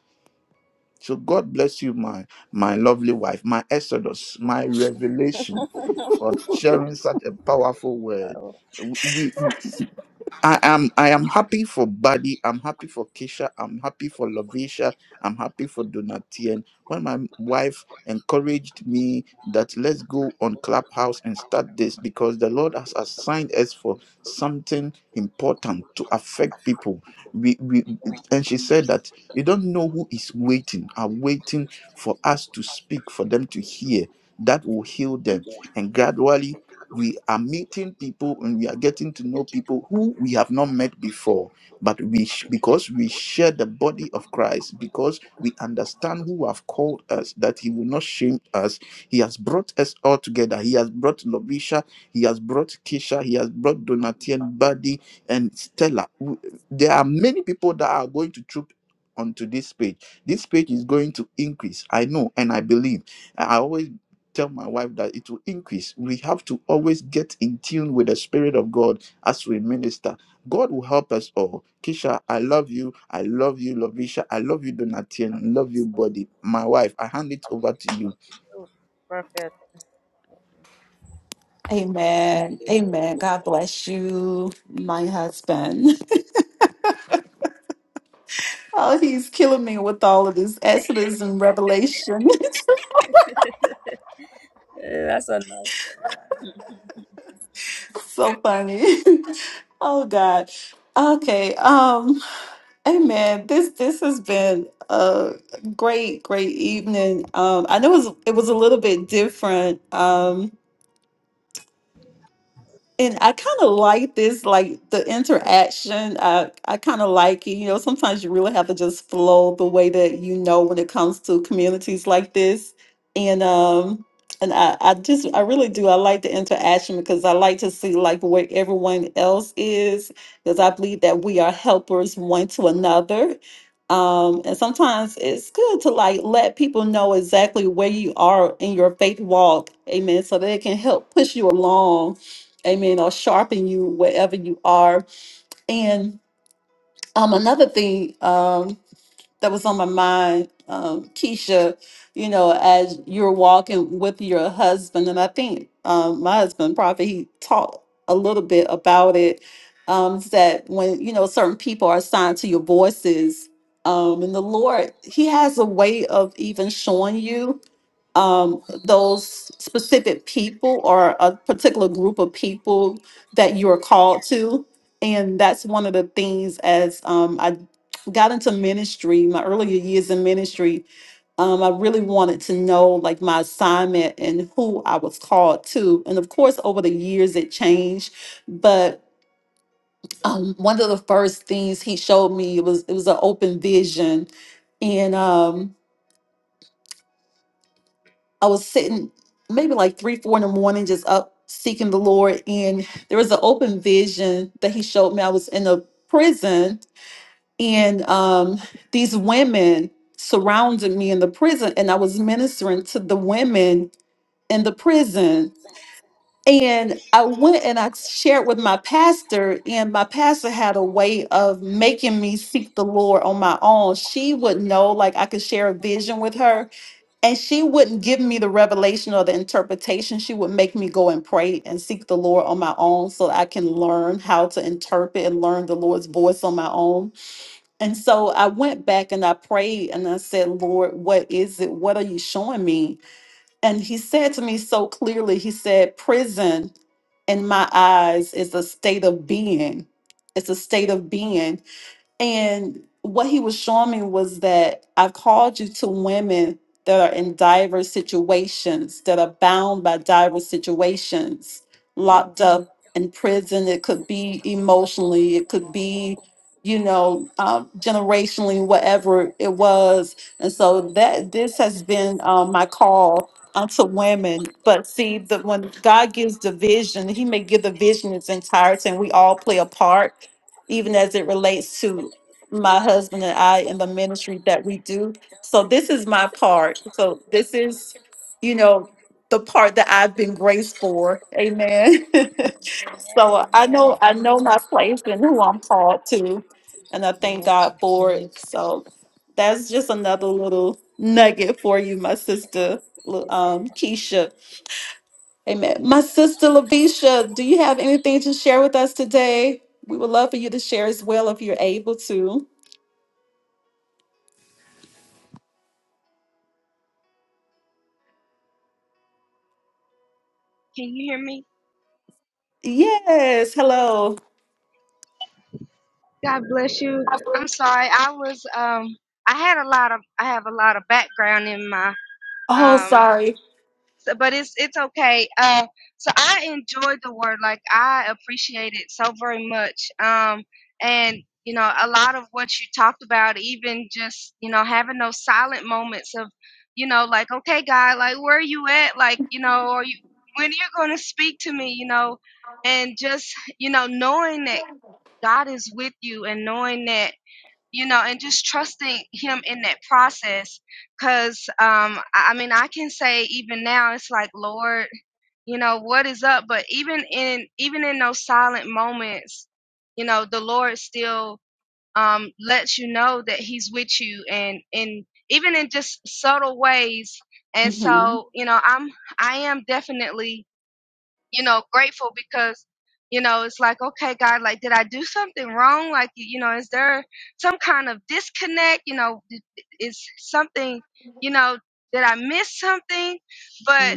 [SPEAKER 1] So God bless you, my my lovely wife, my Exodus, my revelation for sharing such a powerful word. We. I am I am happy for Buddy. I'm happy for Keisha. I'm happy for Lovisha. I'm happy for Donatien. When my wife encouraged me that let's go on Clubhouse and start this because the Lord has assigned us for something important to affect people. We, we and she said that you don't know who is waiting, are waiting for us to speak, for them to hear. That will heal them. And gradually we are meeting people and we are getting to know people who we have not met before but we sh- because we share the body of christ because we understand who have called us that he will not shame us he has brought us all together he has brought lovisha he has brought kisha he has brought donatien buddy and stella W- there are many people that are going to troop onto this page this page is going to increase i know and i believe i always tell my wife that it will increase. We have to always get in tune with the Spirit of God as we minister. God will help us all. Kisha, I love you. I love you, Lovisha. I love you, Donatien. Love you, body. My wife, I hand it over to you.
[SPEAKER 2] Amen. Amen. God bless you, my husband. [laughs] Oh, he's killing me with all of this Exodus and Revelation. [laughs] so funny. [laughs] Oh God. Okay. Um. Amen. This this has been a great great evening. Um. I know it was it was a little bit different. Um And I kind of like this, like the interaction. I, I kind of like it. You know, sometimes you really have to just flow the way that you know when it comes to communities like this. And um, and I, I just I really do. I like the interaction because I like to see like where everyone else is because I believe that we are helpers one to another. Um, and sometimes it's good to like let people know exactly where you are in your faith walk, amen, so they can help push you along amen, or sharpen you wherever you are. And um, another thing um, that was on my mind, um, Keisha, you know, as you're walking with your husband, and I think um, my husband, Prophet, he talked a little bit about it, um, is that when, you know, certain people are assigned to your voices, um, and the Lord, He has a way of even showing you um, those specific people or a particular group of people that you are called to. And that's one of the things as um, I got into ministry, my earlier years in ministry, um, I really wanted to know like my assignment and who I was called to. And of course, over the years it changed, but um, one of the first things he showed me was it was an open vision, and um, I was sitting maybe like three, four in the morning, just up seeking the Lord. And there was an open vision that he showed me. I was in a prison, and um, these women surrounded me in the prison, and I was ministering to the women in the prison. And I went and I shared with my pastor, and my pastor had a way of making me seek the Lord on my own. She would know, like, I could share a vision with her and she wouldn't give me the revelation or the interpretation she would make me go and pray and seek the lord on my own so that i can learn how to interpret and learn the lord's voice on my own and so i went back and i prayed and i said lord what is it what are you showing me and he said to me so clearly he said prison in my eyes is a state of being it's a state of being and what he was showing me was that I've called you to women that are in diverse situations, that are bound by diverse situations,
[SPEAKER 5] Mm,
[SPEAKER 2] locked up in prison. It could be emotionally, it could be, you know, um, generationally, whatever it was. And so that this has been um, my call unto women. But see, that when God gives the vision, He may give the vision in its entirety, and we all play a part even as it relates to my husband and I and the ministry that we do. So this is my part. So this is, you know, the part that I've been graced for. Amen. [laughs] so
[SPEAKER 5] Amen.
[SPEAKER 2] uh, I
[SPEAKER 5] Amen.
[SPEAKER 2] know I know my place and who I'm called to, and I thank
[SPEAKER 5] Amen.
[SPEAKER 2] God for it. So that's just another little nugget for you, my sister, Lu-
[SPEAKER 5] Amen.
[SPEAKER 2] um, Keisha. Amen. My sister Lavisha, do you have anything to share with us today? We would love for you to share as well if you're able to.
[SPEAKER 3] Can you hear me?
[SPEAKER 2] Yes. Hello.
[SPEAKER 3] God bless you. I'm sorry. I was um I had a lot of I have a lot of background in my
[SPEAKER 2] Oh,
[SPEAKER 3] um
[SPEAKER 2] sorry.
[SPEAKER 3] so, but it's it's okay. Uh so I enjoyed the word. Like I appreciate it so very much. Um and you know, a lot of what you talked about, even just, you know, having those silent moments of, you know, like, okay, God, like where are you at? Like, you know, are you when are you gonna speak to me, you know? And just, you know, knowing that. God is with you and knowing that, you know, and just trusting Him in that process. Cause, um, I I mean, I can say even now, it's like, Lord, you know, what is up? But even in, even in those silent moments, you know, the Lord still, um, lets you know that He's with you and, and even in just subtle ways. And
[SPEAKER 2] hmm
[SPEAKER 3] so, you know, I'm, I am definitely you know, grateful because, you know, it's like, okay, God, like, did I do something wrong? Like, you know, is there some kind of disconnect? You know, is something, you know, did I miss something? But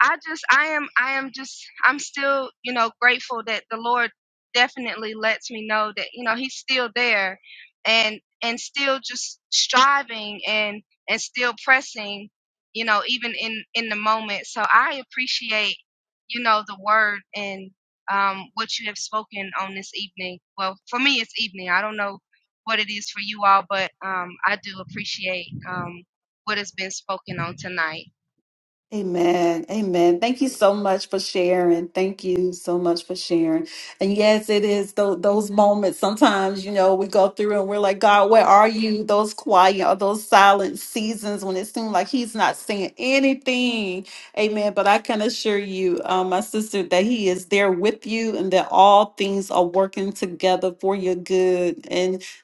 [SPEAKER 3] I just, I am, I am just, I'm still, you know, grateful that the Lord definitely lets me know that, you know, He's still there and, and still just striving and, and still pressing, you know, even in, in the moment. So I appreciate you know, the word and um, what you have spoken on this evening. Well, for me, it's evening. I don't know what it is for you all, but um, I do appreciate um, what has been spoken on tonight.
[SPEAKER 2] Amen. Amen. Thank you so much for sharing. Thank you so much for sharing. And yes, it is tho- those moments. Sometimes, you know, we go through and we're like, God, where are you? Those quiet or those silent seasons when it seems like He's not saying anything. Amen. But I can assure you, um, my sister, that He is there with you and that all things are working together for your good.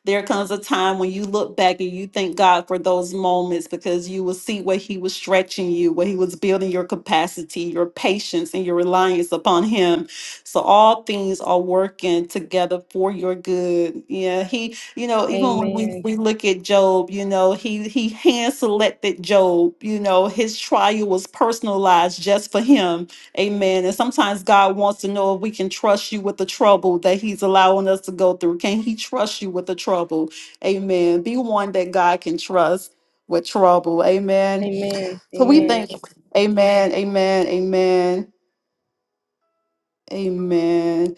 [SPEAKER 2] There comes a time when you look back and you thank God for those moments because you will see where He was stretching you, where He was building your capacity, your patience, and your reliance upon Him. So all things are working together for your good. Yeah, He, you know, even when we,
[SPEAKER 3] Amen.
[SPEAKER 2] we look at Job, you know, He He hand selected Job. You know, his trial was personalized just for him Amen. And sometimes God wants to know if we can trust you with the trouble that He's allowing us to go through. Can He trust you with the trouble? Amen. Be one that God can trust with trouble. Amen.
[SPEAKER 3] Amen.
[SPEAKER 2] So we
[SPEAKER 3] Amen.
[SPEAKER 2] thank. Amen. Amen. Amen. Amen.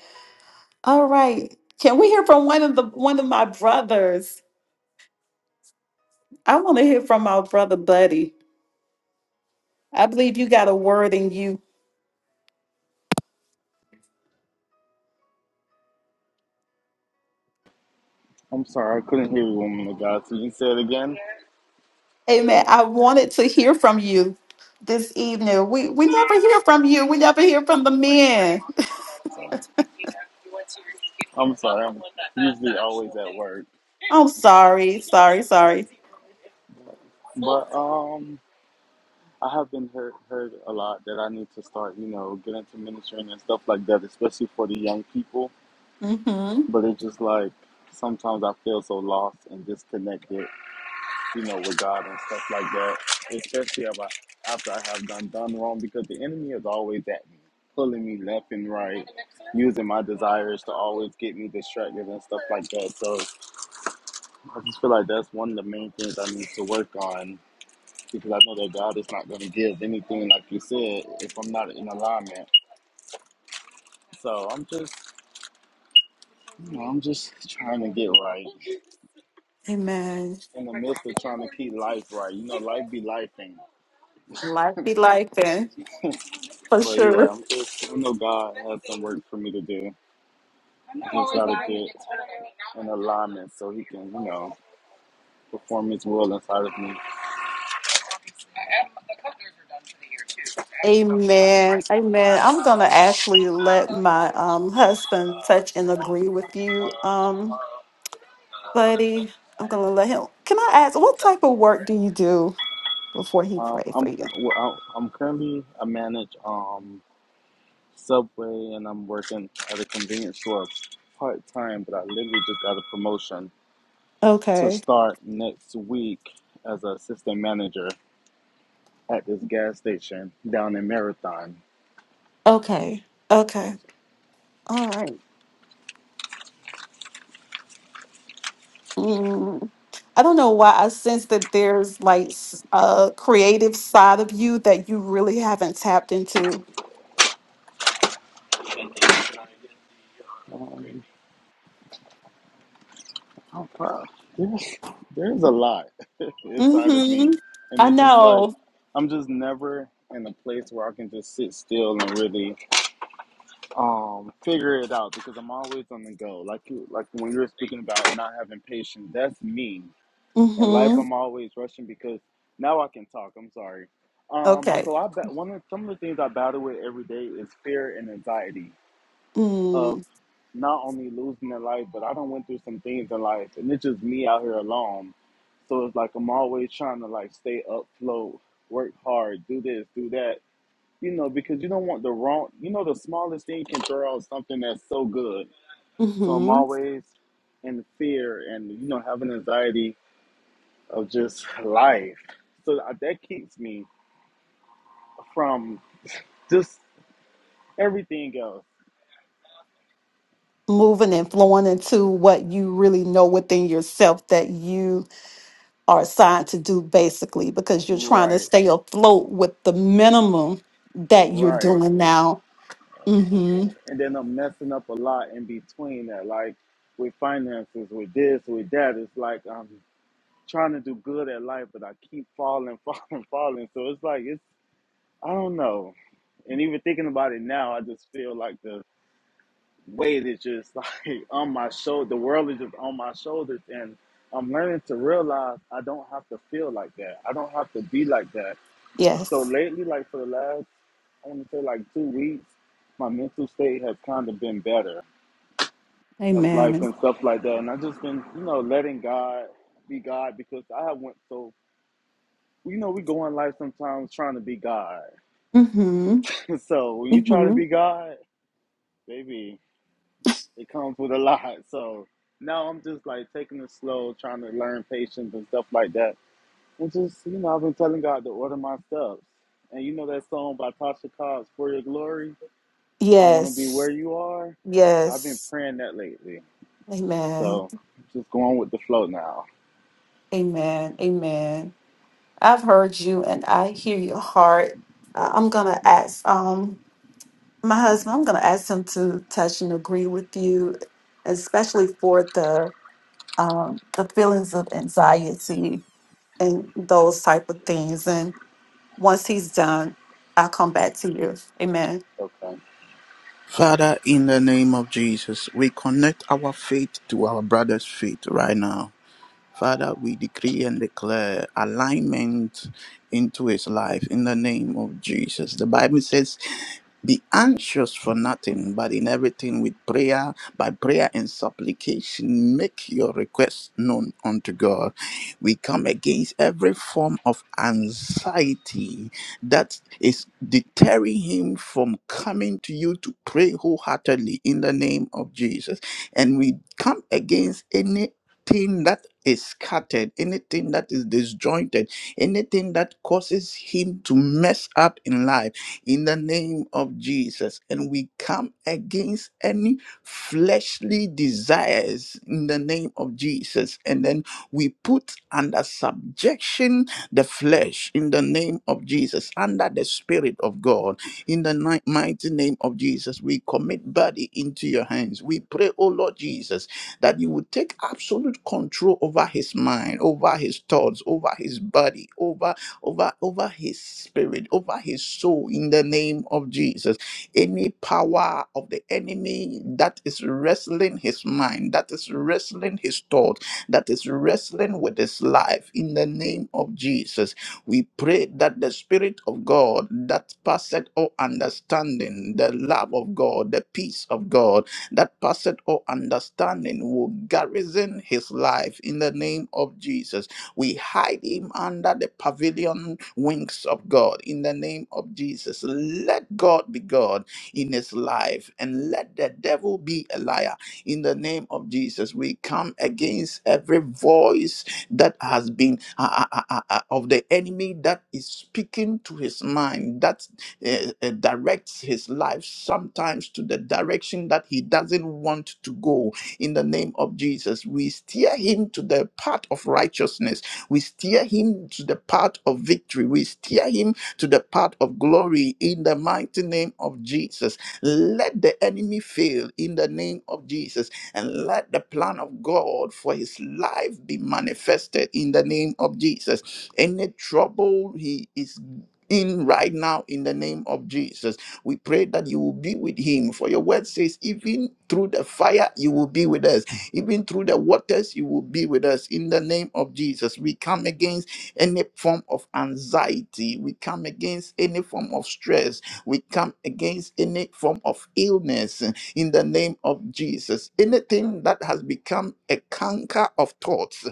[SPEAKER 2] All right. Can we hear from one of the one of my brothers? I want to hear from our brother Buddy. I believe you got a word in you
[SPEAKER 4] I'm sorry. I couldn't hear you, woman of God. So you say it again?
[SPEAKER 2] Amen. I wanted to hear from you this evening. We we never hear from you. We never hear from the men.
[SPEAKER 4] I'm sorry. I'm usually always at work.
[SPEAKER 2] [laughs] I'm sorry, sorry, sorry.
[SPEAKER 4] But um, I have been heard, heard a lot that I need to start, you know, get into ministering and stuff like that, especially for the young people.
[SPEAKER 2] Mm-hmm.
[SPEAKER 4] But it's just like sometimes I feel so lost and disconnected you know, with God and stuff like that, especially if I, after I have done done wrong, because the enemy is always at me, pulling me left and right, using my desires to always get me distracted and stuff like that. So I just feel like that's one of the main things I need to work on because I know that God is not going to give anything, like you said, if I'm not in alignment. So I'm just, you know, I'm just trying to get right
[SPEAKER 2] Amen.
[SPEAKER 4] in the midst of trying to keep life right. You know, life be lifing.
[SPEAKER 2] Life be life, and for
[SPEAKER 4] But yeah,
[SPEAKER 2] sure.
[SPEAKER 4] I'm just, I know God has some work for me to do. and try to get in alignment so he can, you know, perform his will inside of me.
[SPEAKER 2] Amen. Amen. I'm gonna actually let my um husband touch and agree with you, um, buddy. I'm gonna let him. Can I ask what type of work do you do before he
[SPEAKER 4] Um,
[SPEAKER 2] pray for
[SPEAKER 4] I'm
[SPEAKER 2] you?
[SPEAKER 4] well, I'm currently I manage um Subway and I'm working at a convenience store part time, but I literally just got a promotion to
[SPEAKER 2] Okay.
[SPEAKER 4] start next week as an assistant manager at this gas station down in Marathon.
[SPEAKER 2] Okay. Okay. All right. Mm, I don't know why I sense that there's like s- a creative side of you that you really haven't tapped into.
[SPEAKER 4] Um, Oh, bro, there's there's a lot [laughs] inside of me,
[SPEAKER 2] Mm-hmm.
[SPEAKER 4] and
[SPEAKER 2] I
[SPEAKER 4] it's just like
[SPEAKER 2] know.
[SPEAKER 4] I'm just never in a place where I can just sit still and really um figure it out because I'm always on the go. Like you, like when you were speaking about not having patience, that's me. In life,
[SPEAKER 2] Mm-hmm.
[SPEAKER 4] I'm always rushing because now I can talk. I'm sorry. Um,
[SPEAKER 2] Okay.
[SPEAKER 4] so I bet one of some of the things I battle with every day is fear and anxiety of
[SPEAKER 2] Mm,
[SPEAKER 4] not only losing their life, but I don't went through some things in life, and it's just me out here alone. So it's like I'm always trying to like stay afloat, work hard, do this, do that, you know, because you don't want the wrong, you know, the smallest thing can throw out something that's so good. So I'm
[SPEAKER 2] hmm
[SPEAKER 4] always in fear and you know having anxiety of just life. So I- that keeps me from just everything else.
[SPEAKER 2] Moving and flowing into what you really know within yourself that you are assigned to do, basically, because you're trying to
[SPEAKER 4] Right,
[SPEAKER 2] stay afloat with the minimum that you're
[SPEAKER 4] right.
[SPEAKER 2] doing now. Mm-hmm.
[SPEAKER 4] and then I'm messing up a lot in between that, like with finances, with this, with that. It's like I'm trying to do good at life, but I keep falling, [laughs] falling, falling. So it's like it's I don't know. And even thinking about it now, I just feel like the weight is just [laughs] like on my shoulder. The world is just on my shoulders, and I'm learning to realize I don't have to feel like that. I don't have to be like that. So
[SPEAKER 2] Yes.
[SPEAKER 4] lately, like for the last I want to say like two weeks, my mental state has kind of been better. of life
[SPEAKER 2] Amen.
[SPEAKER 4] and stuff like that. And I've just been, you know, letting God be God because I have went so you know, we go in life sometimes trying to be God.
[SPEAKER 2] Mm-hmm.
[SPEAKER 4] [laughs] so when you try to be God, baby, it comes with a lot. So now I'm just like taking it slow, trying to learn patience and stuff like that. And just, you know, I've been telling God to order my steps. And you know that song by Tasha Cobbs, For Your Glory? I want to be where
[SPEAKER 2] Yes.
[SPEAKER 4] you are. I've been
[SPEAKER 2] Yes.
[SPEAKER 4] praying that lately.
[SPEAKER 2] Amen.
[SPEAKER 4] So just going with the flow now.
[SPEAKER 2] Amen. Amen. I've heard you and I hear your heart. Uh, I'm going to ask um my husband, I'm going to ask him to touch and agree with you, especially for the um the feelings of anxiety and those type of things. And once he's done, I'll come back to you. Amen.
[SPEAKER 4] Okay.
[SPEAKER 1] Father, in the name of Jesus, we connect our faith to our brother's faith right now. Father, we decree and declare alignment into his life in the name of Jesus. The Bible says, be anxious for nothing, but in everything with prayer, by prayer and supplication, make your requests known unto God. We come against every form of anxiety that is deterring him from coming to you to pray wholeheartedly in the name of Jesus. And we come against any anything that is scattered, anything that is disjointed, anything that causes him to mess up in life, in the name of Jesus. And we come against any fleshly desires in the name of Jesus. And then we put under subjection the flesh in the name of Jesus, under the Spirit of God. In the ni- mighty name of Jesus, we commit body into your hands. We pray, oh Lord Jesus, that you would take absolute control over his mind, over his thoughts, over his body, over over over his spirit, over his soul in the name of Jesus. Any power of the enemy that is wrestling his mind, that is wrestling his thoughts, that is wrestling with his life in the name of Jesus. We pray that the Spirit of God that passeth all understanding, the love of God, the peace of God, that passeth all understanding will garrison his life in the name of Jesus. We hide him under the pavilion wings of God in the name of Jesus. Let God be God in his life and let the devil be a liar in the name of Jesus. We come against every voice that has been uh, uh, uh, uh, uh, of the enemy that is speaking to his mind, that eh, eh, directs his life sometimes to the direction that he doesn't want to go. In the name of Jesus, we steer him to the path of righteousness. We steer him to the path of victory. We steer him to the path of glory in the mighty name of Jesus. Let the enemy fail in the name of Jesus and let the plan of God for his life be manifested in the name of Jesus. Any trouble he is in right now in the name of Jesus. We pray that you will be with him. For your word says, even through the fire, you will be with us. Even through the waters, you will be with us in the name of Jesus. We come against any form of anxiety. We come against any form of stress. We come against any form of illness in the name of Jesus. Anything that has become a canker of thoughts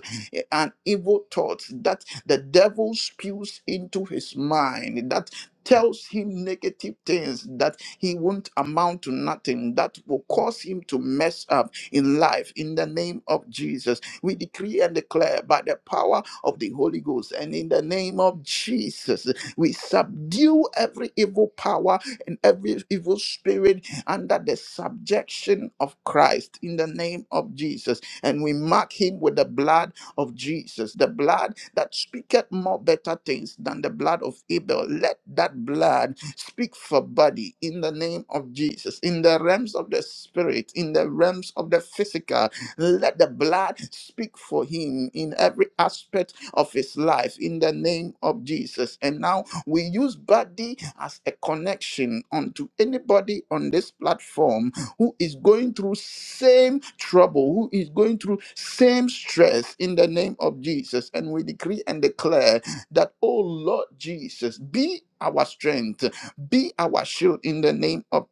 [SPEAKER 1] and evil thoughts that the devil spews into his mind that tells him negative things that he won't amount to nothing that will cause him to mess up in life in the name of jesus we decree and declare by the power of the holy ghost and in the name of jesus we subdue every evil power and every evil spirit under the subjection of christ in the name of jesus and we mark him with the blood of Jesus, the blood that speaketh more better things than the blood of Abel. Let that blood speak for body in the name of Jesus, in the realms of the spirit, in the realms of the physical. Let the blood speak for him in every aspect of his life in the name of Jesus. And now we use body as a connection onto anybody on this platform who is going through same trouble, who is going through same stress in the name of Jesus. And we decree and declare that, oh Lord Jesus, be our strength, be our shield in the name of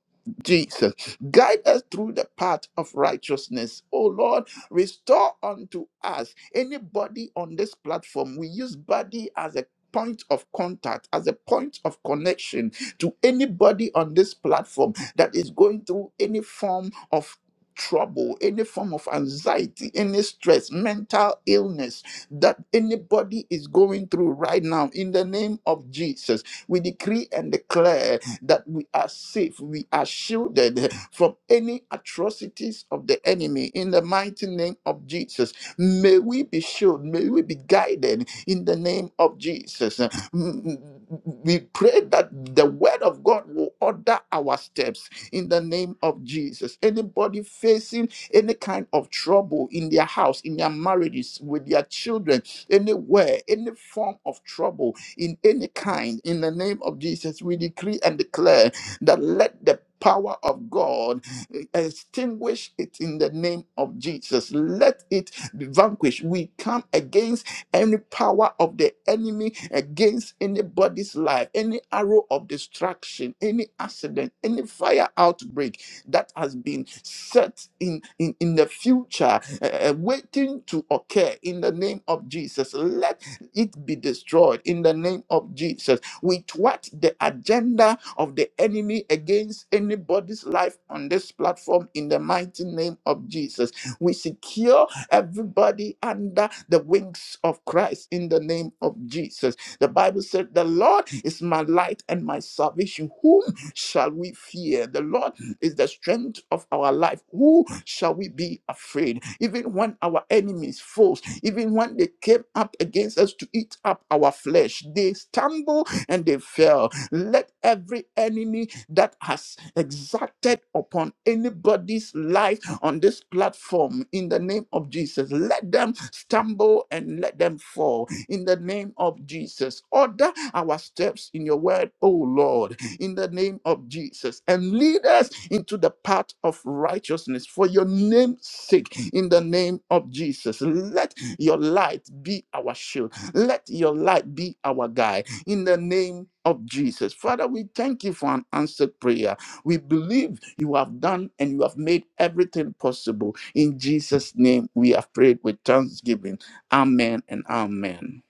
[SPEAKER 1] Jesus, guide us through the path of righteousness. Oh Lord, restore unto us anybody on this platform. We use body as a point of contact, as a point of connection to anybody on this platform that is going through any form of trouble any form of anxiety any stress mental illness that anybody is going through right now in the name of jesus we decree and declare that we are safe we are shielded from any atrocities of the enemy in the mighty name of jesus may we be shielded may we be guided in the name of jesus we pray that the word of God will order our steps in the name of Jesus. Anybody facing any kind of trouble in their house, in their marriages, with their children, anywhere, any form of trouble in any kind, in the name of Jesus, we decree and declare that let the power of God eh, extinguish it in the name of Jesus. Let it be vanquished. We come against any power of the enemy against anybody's life, any arrow of destruction, any accident, any fire outbreak that has been set in, in, in the future, uh, uh, waiting to occur in the name of Jesus. Let it be destroyed in the name of Jesus. With what the agenda of the enemy against anybody's life on this platform in the mighty name of Jesus. We secure everybody under the wings of Christ in the name of Jesus. The Bible said, The Lord is my light and my salvation. Whom shall we fear? The Lord is the strength of our life. Who shall we be afraid? Even when our enemies foes, even when they came up against us to eat up our flesh, they stumbled and they fell let every enemy that has exacted upon anybody's life on this platform in the name of Jesus, let them stumble and let them fall in the name of Jesus. Order our steps in your word, O Lord, in the name of Jesus, and lead us into the path of righteousness for your name's sake in the name of Jesus. Let your light be our shield. Let your light be our guide in the name of Jesus. Father, we thank you for an answered prayer. We believe you have done and you have made everything possible. In Jesus' name, we have prayed with thanksgiving. Amen and amen.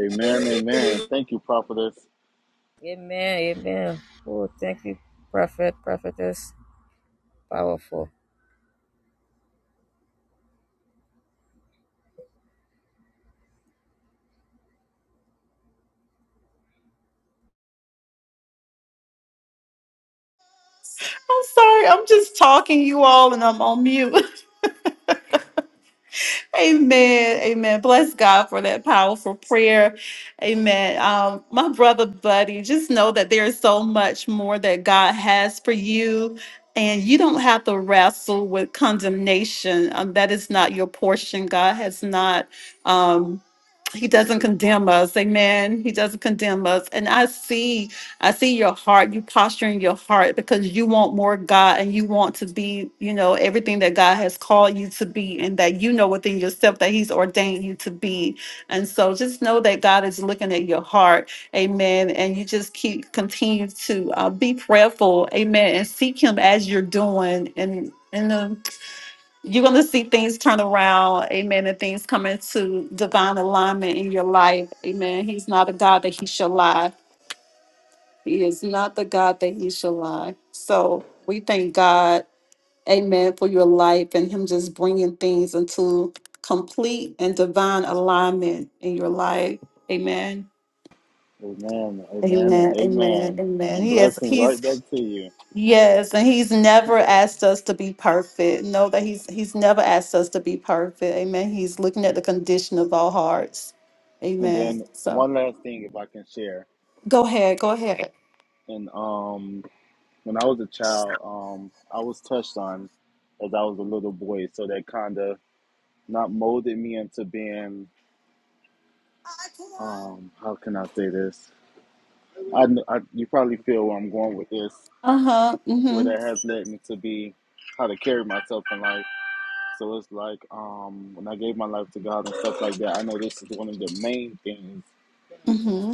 [SPEAKER 4] Amen, amen. Thank you, prophetess.
[SPEAKER 5] Amen. amen. Oh, thank you, Prophet, Prophetess.
[SPEAKER 2] I'm sorry. I'm just talking you all and I'm on mute. Amen. Amen. Bless God for that powerful prayer. Amen. Um, my brother, buddy, just know that there is so much more that God has for you. And you don't have to wrestle with condemnation. Um, that is not your portion. God has not, um, He doesn't condemn us. Amen. He doesn't condemn us. And I see I see your heart, you posturing your heart because you want more God and you want to be, you know, everything that God has called you to be and that you know within yourself that He's ordained you to be. And so just know that God is looking at your heart. Amen. And you just keep, continue to uh, be prayerful. Amen. And seek Him as you're doing. And, and, um, you're going to see things turn around. Amen. And things come into divine alignment in your life. Amen. He's not a God that He shall lie he is not the God that he shall lie. So we thank God, amen, for your life and him just bringing things into complete and divine alignment in your life. Amen.
[SPEAKER 4] Amen, amen, and
[SPEAKER 2] Amen. Amen.
[SPEAKER 4] amen.
[SPEAKER 2] Amen.
[SPEAKER 4] And
[SPEAKER 2] He is
[SPEAKER 4] blessings right
[SPEAKER 2] he's
[SPEAKER 4] back to you.
[SPEAKER 2] yes, and he's never asked us to be perfect. Know that he's he's never asked us to be perfect. Amen. He's looking at the condition of our hearts.
[SPEAKER 4] And
[SPEAKER 2] Amen.
[SPEAKER 4] then
[SPEAKER 2] So
[SPEAKER 4] one last thing, if I can share.
[SPEAKER 2] go ahead, go ahead.
[SPEAKER 4] And um, when I was a child, um, I was touched on as I was a little boy, so that kind of not molded me into being. Um, how can I say this? I, kn- I you probably feel where I'm going with this,
[SPEAKER 2] Uh-huh.
[SPEAKER 4] where
[SPEAKER 2] Mm-hmm.
[SPEAKER 4] that has led me to be how to carry myself in life. So it's like um, when I gave my life to God and stuff like that, I know this is one of the main things
[SPEAKER 2] mm-hmm.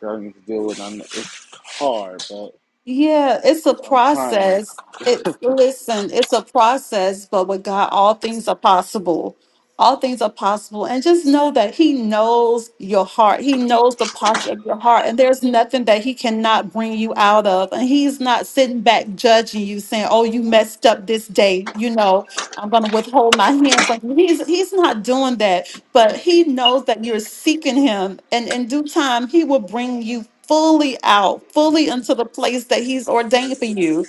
[SPEAKER 4] that I need to deal with. I'm, it's hard, but
[SPEAKER 2] Yeah, it's a
[SPEAKER 4] I'm trying.
[SPEAKER 2] process. It's listen, it's a process, but with God, all things are possible. All things are possible. And just know that He knows your heart. He knows the posture of your heart. And there's nothing that He cannot bring you out of. And He's not sitting back judging you, saying, Oh, you messed up this day. You know, I'm gonna withhold my hand from you. He's he's not doing that but he knows that you're seeking him and in due time he will bring you fully out fully into the place that he's ordained for you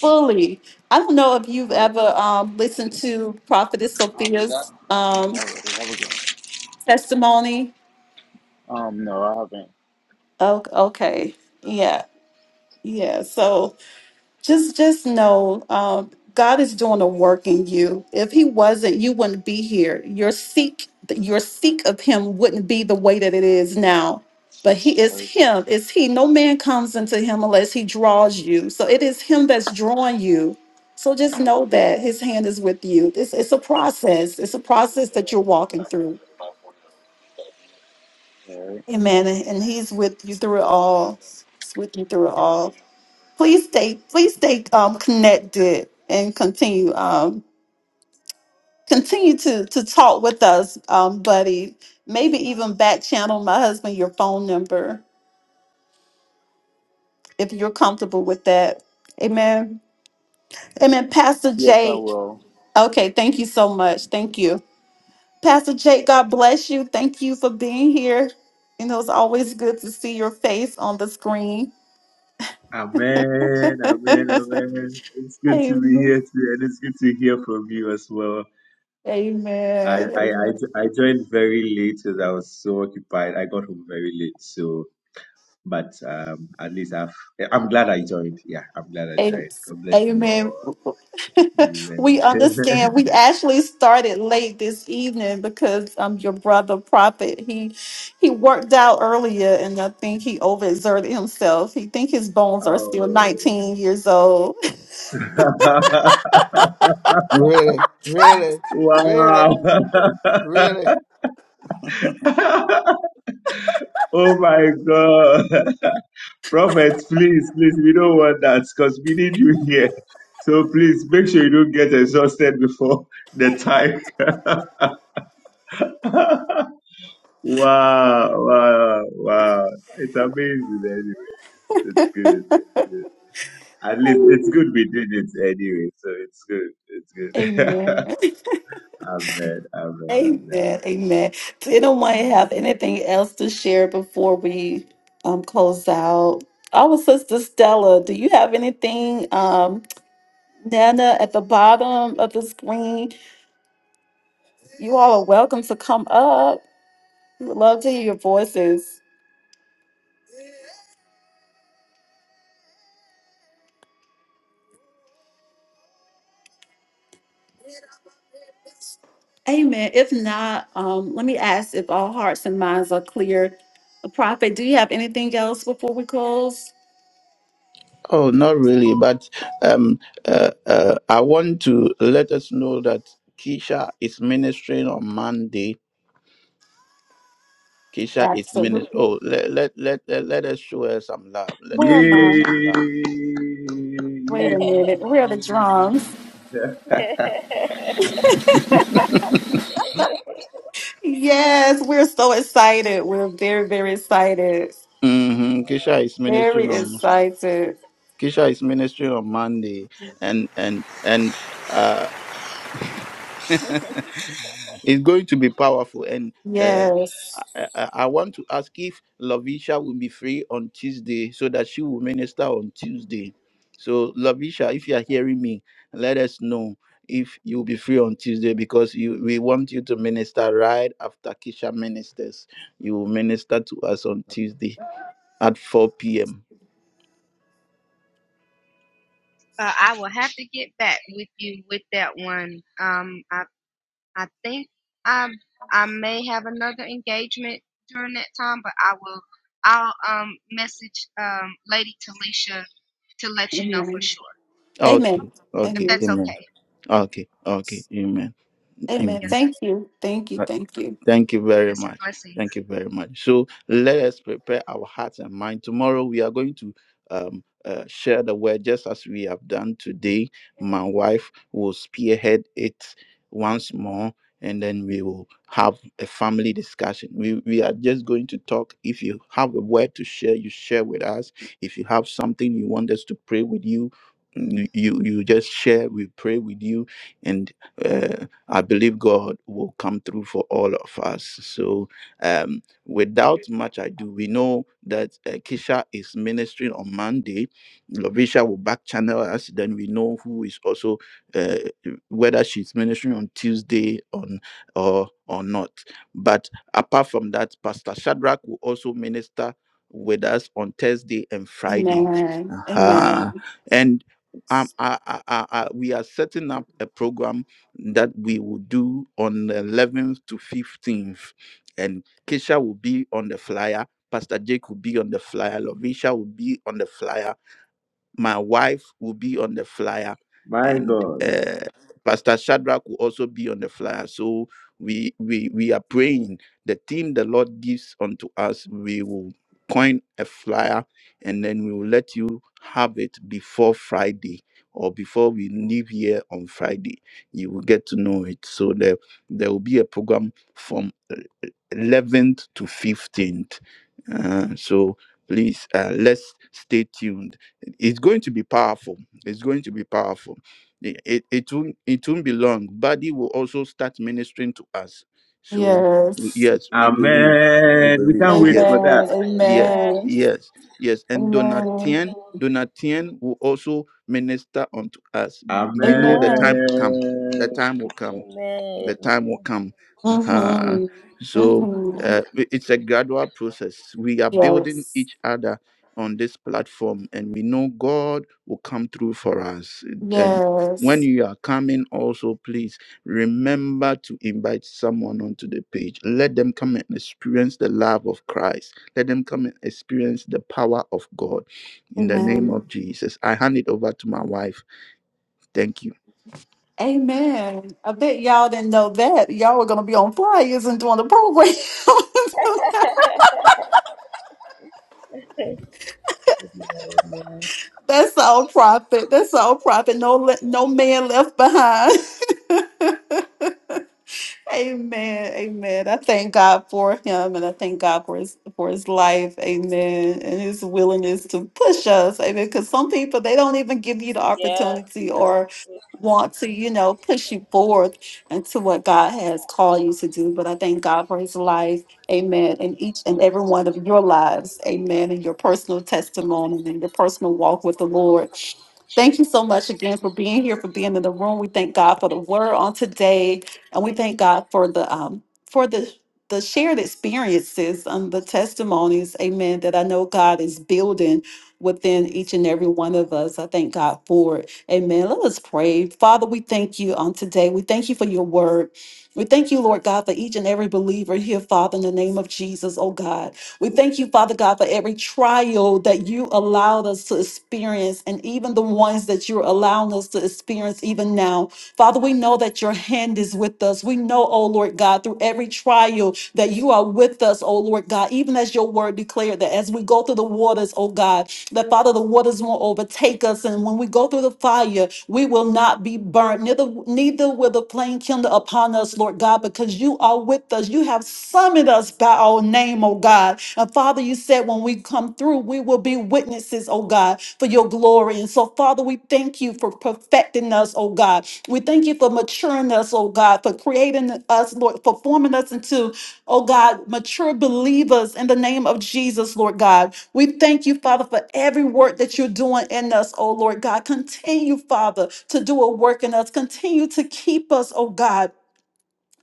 [SPEAKER 2] fully i don't know if you've
[SPEAKER 4] But
[SPEAKER 2] ever um, listened to prophetess sophia's
[SPEAKER 4] I
[SPEAKER 2] um,
[SPEAKER 4] already have a gun.
[SPEAKER 2] testimony
[SPEAKER 4] Um, no, I haven't.
[SPEAKER 2] oh, okay yeah yeah so just just know um, god is doing a work in you if he wasn't you wouldn't be here your seek your seek of him wouldn't be the way that it is now but he
[SPEAKER 4] All
[SPEAKER 2] is
[SPEAKER 4] Right,
[SPEAKER 2] him it's he no man comes into him unless he draws you so it is him that's drawing you so just know that his hand is with you it's, it's a process it's a process that you're walking through
[SPEAKER 4] All right.
[SPEAKER 2] amen and he's with you through it all he's with you through it all please stay please stay um, connected and continue um, continue to to talk with us um, buddy maybe even back channel my husband your phone number if you're comfortable with that amen amen pastor
[SPEAKER 4] Yes, I
[SPEAKER 2] jake
[SPEAKER 4] will.
[SPEAKER 2] okay thank you so much thank you pastor jake god bless you thank you for being here you know it's always good to see your face on the screen
[SPEAKER 6] Amen,
[SPEAKER 2] [laughs]
[SPEAKER 6] amen, amen. It's good to be
[SPEAKER 2] amen
[SPEAKER 6] here too, and it's good to hear from you as well. I,
[SPEAKER 2] amen
[SPEAKER 6] I, I,
[SPEAKER 2] amen
[SPEAKER 6] I joined very late because I was so occupied. I got home very late, so but um, at least I've. I'm glad I joined. Yeah, I'm glad I
[SPEAKER 2] Am-
[SPEAKER 6] joined. God bless you
[SPEAKER 2] Amen. [laughs] we understand. We actually started late this evening because um your brother Prophet he he worked out earlier and I think he overexerted himself. He think his bones are
[SPEAKER 6] all.
[SPEAKER 2] still 19 years old. [laughs]
[SPEAKER 6] Amen. [laughs] oh, [laughs] wow. [laughs] oh my God. [laughs] Prophet, please, please, we don't want that because we need you here. So please make sure you don't get exhausted before the time. [laughs] wow, wow, wow. It's amazing anyways. It's good. At least it's good we did it anyway, so it's good. It's good. [laughs]
[SPEAKER 2] Amen.
[SPEAKER 6] amen, amen,
[SPEAKER 2] Amen. Amen. Does anyone
[SPEAKER 6] amen.
[SPEAKER 2] have anything else to share before we um close out? Our sister Stella, do you have anything? Um, Nana at the bottom of the screen. You all are welcome to come up. We would love to hear your voices. Amen. If not, um, let me ask if all hearts and minds are clear. Prophet, do you have anything else before we close?
[SPEAKER 1] Oh, not really, but um, uh, uh, I want to let us know that Keisha is ministering on Monday. Keisha is ministering.
[SPEAKER 2] Absolutely.
[SPEAKER 1] Oh, let, let let let let us show her some love. Let
[SPEAKER 2] Where
[SPEAKER 1] us
[SPEAKER 2] am
[SPEAKER 1] show her
[SPEAKER 2] I?
[SPEAKER 6] Yay!
[SPEAKER 1] some love.
[SPEAKER 2] Wait
[SPEAKER 6] Yay!
[SPEAKER 2] a minute. Where are the drums? [laughs]
[SPEAKER 6] [laughs]
[SPEAKER 2] Yes, we're so excited. We're very, very excited.
[SPEAKER 1] hmm Keisha is
[SPEAKER 2] Very
[SPEAKER 1] ministering on.
[SPEAKER 2] excited.
[SPEAKER 1] Keisha is ministering on Monday, and and and uh, [laughs] it's going to be powerful. And uh,
[SPEAKER 2] Yes.
[SPEAKER 1] I, I I want to ask if Lavisha will be free on Tuesday, so that she will minister on Tuesday. So Lavisha, if you are hearing me, let us know if you'll be free on Tuesday because you, we want you to minister right after Keisha ministers. You will minister to us on Tuesday at 4 p.m.
[SPEAKER 3] Uh, I will have to get back with you with that one. Um, I. I think I I may have another engagement during that time, but I will I'll um message um Lady Talisha to let you know for
[SPEAKER 2] Amen.
[SPEAKER 3] sure
[SPEAKER 1] Okay.
[SPEAKER 2] Amen.
[SPEAKER 3] if
[SPEAKER 1] Okay.
[SPEAKER 2] Amen.
[SPEAKER 3] that's
[SPEAKER 1] Amen.
[SPEAKER 3] okay.
[SPEAKER 1] Okay. Okay. Amen.
[SPEAKER 2] Amen.
[SPEAKER 3] Yes, sir.
[SPEAKER 1] Amen.
[SPEAKER 2] Thank you. Thank you. Thank you.
[SPEAKER 1] Thank you very
[SPEAKER 3] Yes, sir.
[SPEAKER 1] much.
[SPEAKER 3] Blessings.
[SPEAKER 1] Thank you very much. So let us prepare our hearts and mind. Tomorrow we are going to um, uh, share the word just as we have done today. My wife will spearhead it once more, and then we will have a family discussion. We we are just going to talk. If you have a word to share, you share with us. If you have something you want us to pray with you. You you you just share. We pray with you, and uh, I believe God will come through for all of us. So, um, without much ado, we know that uh, Kisha is ministering on Monday. Lovisha will back channel us. Then we know who is also uh, whether she's ministering on Tuesday on or or not. But apart from that, Pastor Shadrach will also minister with us on Thursday and Friday.
[SPEAKER 2] Amen.
[SPEAKER 1] Uh-huh.
[SPEAKER 2] Amen.
[SPEAKER 1] And um, I, I, I, I- we are setting up a program that we will do on the 11th to 15th. And Keisha will be on the flyer. Pastor Jake will be on the flyer. Lovisha will be on the flyer my wife will be on the flyer
[SPEAKER 6] My
[SPEAKER 1] and
[SPEAKER 6] God.
[SPEAKER 1] uh, pastor shadrach will also be on the flyer so we we we are praying the team the lord gives unto us we will coin a flyer and then we will let you have it before friday or before we leave here on friday you will get to know it so there there will be a program from. 11th to 15th. Uh, so please, uh, let's stay tuned. It's going to be powerful. It's going to be powerful. It, it, it, won't, it won't be long. Buddy will also start ministering to us. So, w-
[SPEAKER 2] Yes.
[SPEAKER 1] yes, we believe. We
[SPEAKER 6] Amen. We
[SPEAKER 1] believe.
[SPEAKER 6] can't wait
[SPEAKER 1] Yes,
[SPEAKER 6] for that.
[SPEAKER 2] Amen.
[SPEAKER 1] yes,
[SPEAKER 2] Amen.
[SPEAKER 1] yes, yes. And
[SPEAKER 2] Amen.
[SPEAKER 1] Donatien, Donatien will also minister unto us. We know the
[SPEAKER 2] Amen.
[SPEAKER 1] time will come. The
[SPEAKER 6] Amen.
[SPEAKER 1] time will come the time will come. Uh-huh.
[SPEAKER 2] Mm-hmm.
[SPEAKER 1] So
[SPEAKER 2] Mm-hmm.
[SPEAKER 1] uh, i- it's a gradual process. We are building
[SPEAKER 2] Yes.
[SPEAKER 1] each other on this platform, and we know God will come through for us. And when
[SPEAKER 2] Yes.
[SPEAKER 1] you are coming, also please remember to invite someone onto the page. Let them come and experience the love of Christ. Let them come and experience the power of God. In the name
[SPEAKER 2] Amen.
[SPEAKER 1] of Jesus, I hand it over to my wife. Thank you.
[SPEAKER 2] Amen. I bet y'all didn't know that. Y'all were gonna be on flyers and doing the program. [laughs] That's all profit. That's all profit. No le- no man left behind. [laughs] Amen. Amen. I thank God for him and I thank God for his for his life. Amen. And his willingness to push us. Amen. Because some people they don't even give you the opportunity or want to, you know, push you forward into what God has called you to do. But I thank God for his life. Amen. And each and every one of your lives. Amen. And your personal testimony and your personal walk with the Lord. Thank you so much again for being here, for being in the room. We thank God for the word on today. And we thank God for the um for the the shared experiences and the testimonies, amen, that I know God is building within each and every one of us. I thank God for it. Amen. Let us pray. Father, we thank you on today. We thank you for your word. We thank you, Lord God, for each and every believer here, Father, in the name of Jesus, oh God. We thank you, Father God, for every trial that you allowed us to experience and even the ones that you're allowing us to experience even now. Father, we know that your hand is with us. We know, oh Lord God, through every trial that you are with us, oh Lord God, even as your word declared that as we go through the waters, oh God, that Father, the waters won't overtake us. And when we go through the fire, we will not be burnt. Neither, neither will the flame kindle upon us upon us, Lord God, because you are with us. You have summoned us by our name, oh God. And Father, you said when we come through, we will be witnesses, oh God, for your glory. And so, Father, we thank you for perfecting us, oh God. We thank you for maturing us, oh God, for creating us, Lord, for forming us into, oh God, mature believers in the name of Jesus, Lord God. We thank you, Father, for every work that you're doing in us, oh Lord God. Continue, Father, to do a work in us. Continue to keep us, oh God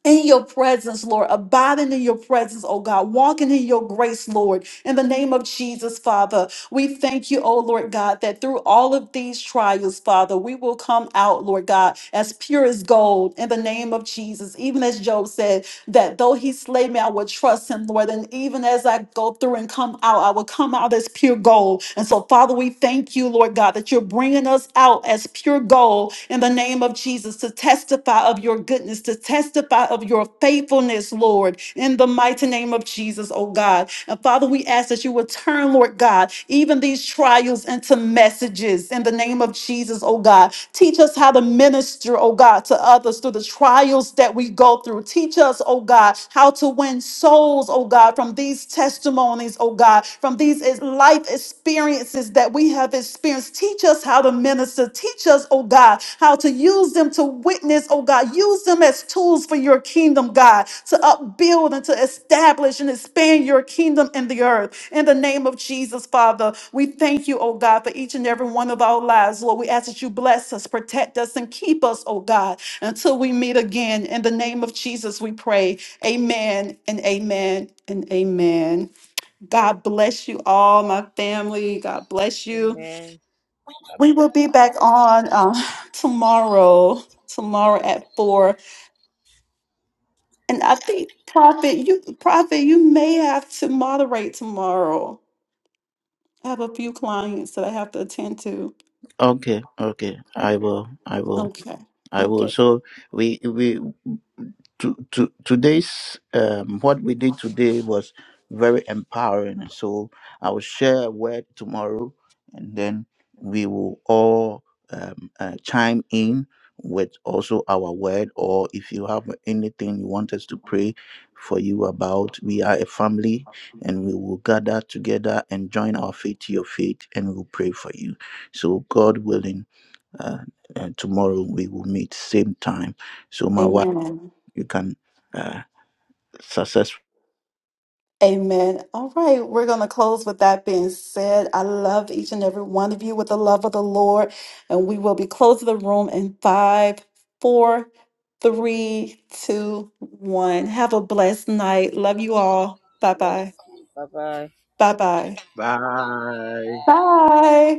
[SPEAKER 2] in your presence, Lord, abiding in your presence, oh God, walking in your grace, Lord, in the name of Jesus, Father. We thank you, oh Lord God, that through all of these trials, Father, we will come out, Lord God, as pure as gold in the name of Jesus. Even as Job said, that though he slay me, I will trust him, Lord. And even as I go through and come out, I will come out as pure gold. And so, Father, we thank you, Lord God, that you're bringing us out as pure gold in the name of Jesus to testify of your goodness, to testify of your faithfulness, Lord, in the mighty name of Jesus, oh God. And Father, we ask that you would turn, Lord God, even these trials into messages in the name of Jesus, oh God. Teach us how to minister, oh God, to others through the trials struggles that we go through. Teach us, oh God, how to win souls, oh God, from these testimonies, oh God, from these is- life experiences that we have experienced. Teach us how to minister. Teach us, oh God, how to use them to witness, oh God. Use them as tools for your kingdom, God, to upbuild and to establish and expand your kingdom in the earth. In the name of Jesus, Father, we thank you, oh God, for each and every one of our lives, Lord. We ask that you bless us, protect us, and keep us, oh God. Until we meet again, in the name of Jesus, we pray. Amen and amen and amen. God bless you all, my family. God bless you. We will be back on uh, tomorrow, tomorrow at four. And I think Prophet, you Prophet, you may have to moderate tomorrow. I have a few clients that I have to attend to.
[SPEAKER 1] Okay, okay, I will. I will.
[SPEAKER 2] Okay.
[SPEAKER 1] I will.
[SPEAKER 2] Okay.
[SPEAKER 1] So we we to, to today's um, what we did today was very empowering. So I will share a word tomorrow, and then we will all um, uh, chime in with also our word. Or if you have anything you want us to pray for you about, we are a family, and we will gather together and join our faith to your faith, and we will pray for you. So God willing, uh, uh, tomorrow we will meet same time. So my wife
[SPEAKER 2] Amen.
[SPEAKER 1] you can uh, successfully
[SPEAKER 2] Amen. All right, we're going to close with that being said. I love each and every one of you with the love of the Lord, and we will be closing the room in five, four, three, two, one. Have a blessed night. Love you all. Bye bye. Bye bye.
[SPEAKER 6] Bye.
[SPEAKER 2] Bye.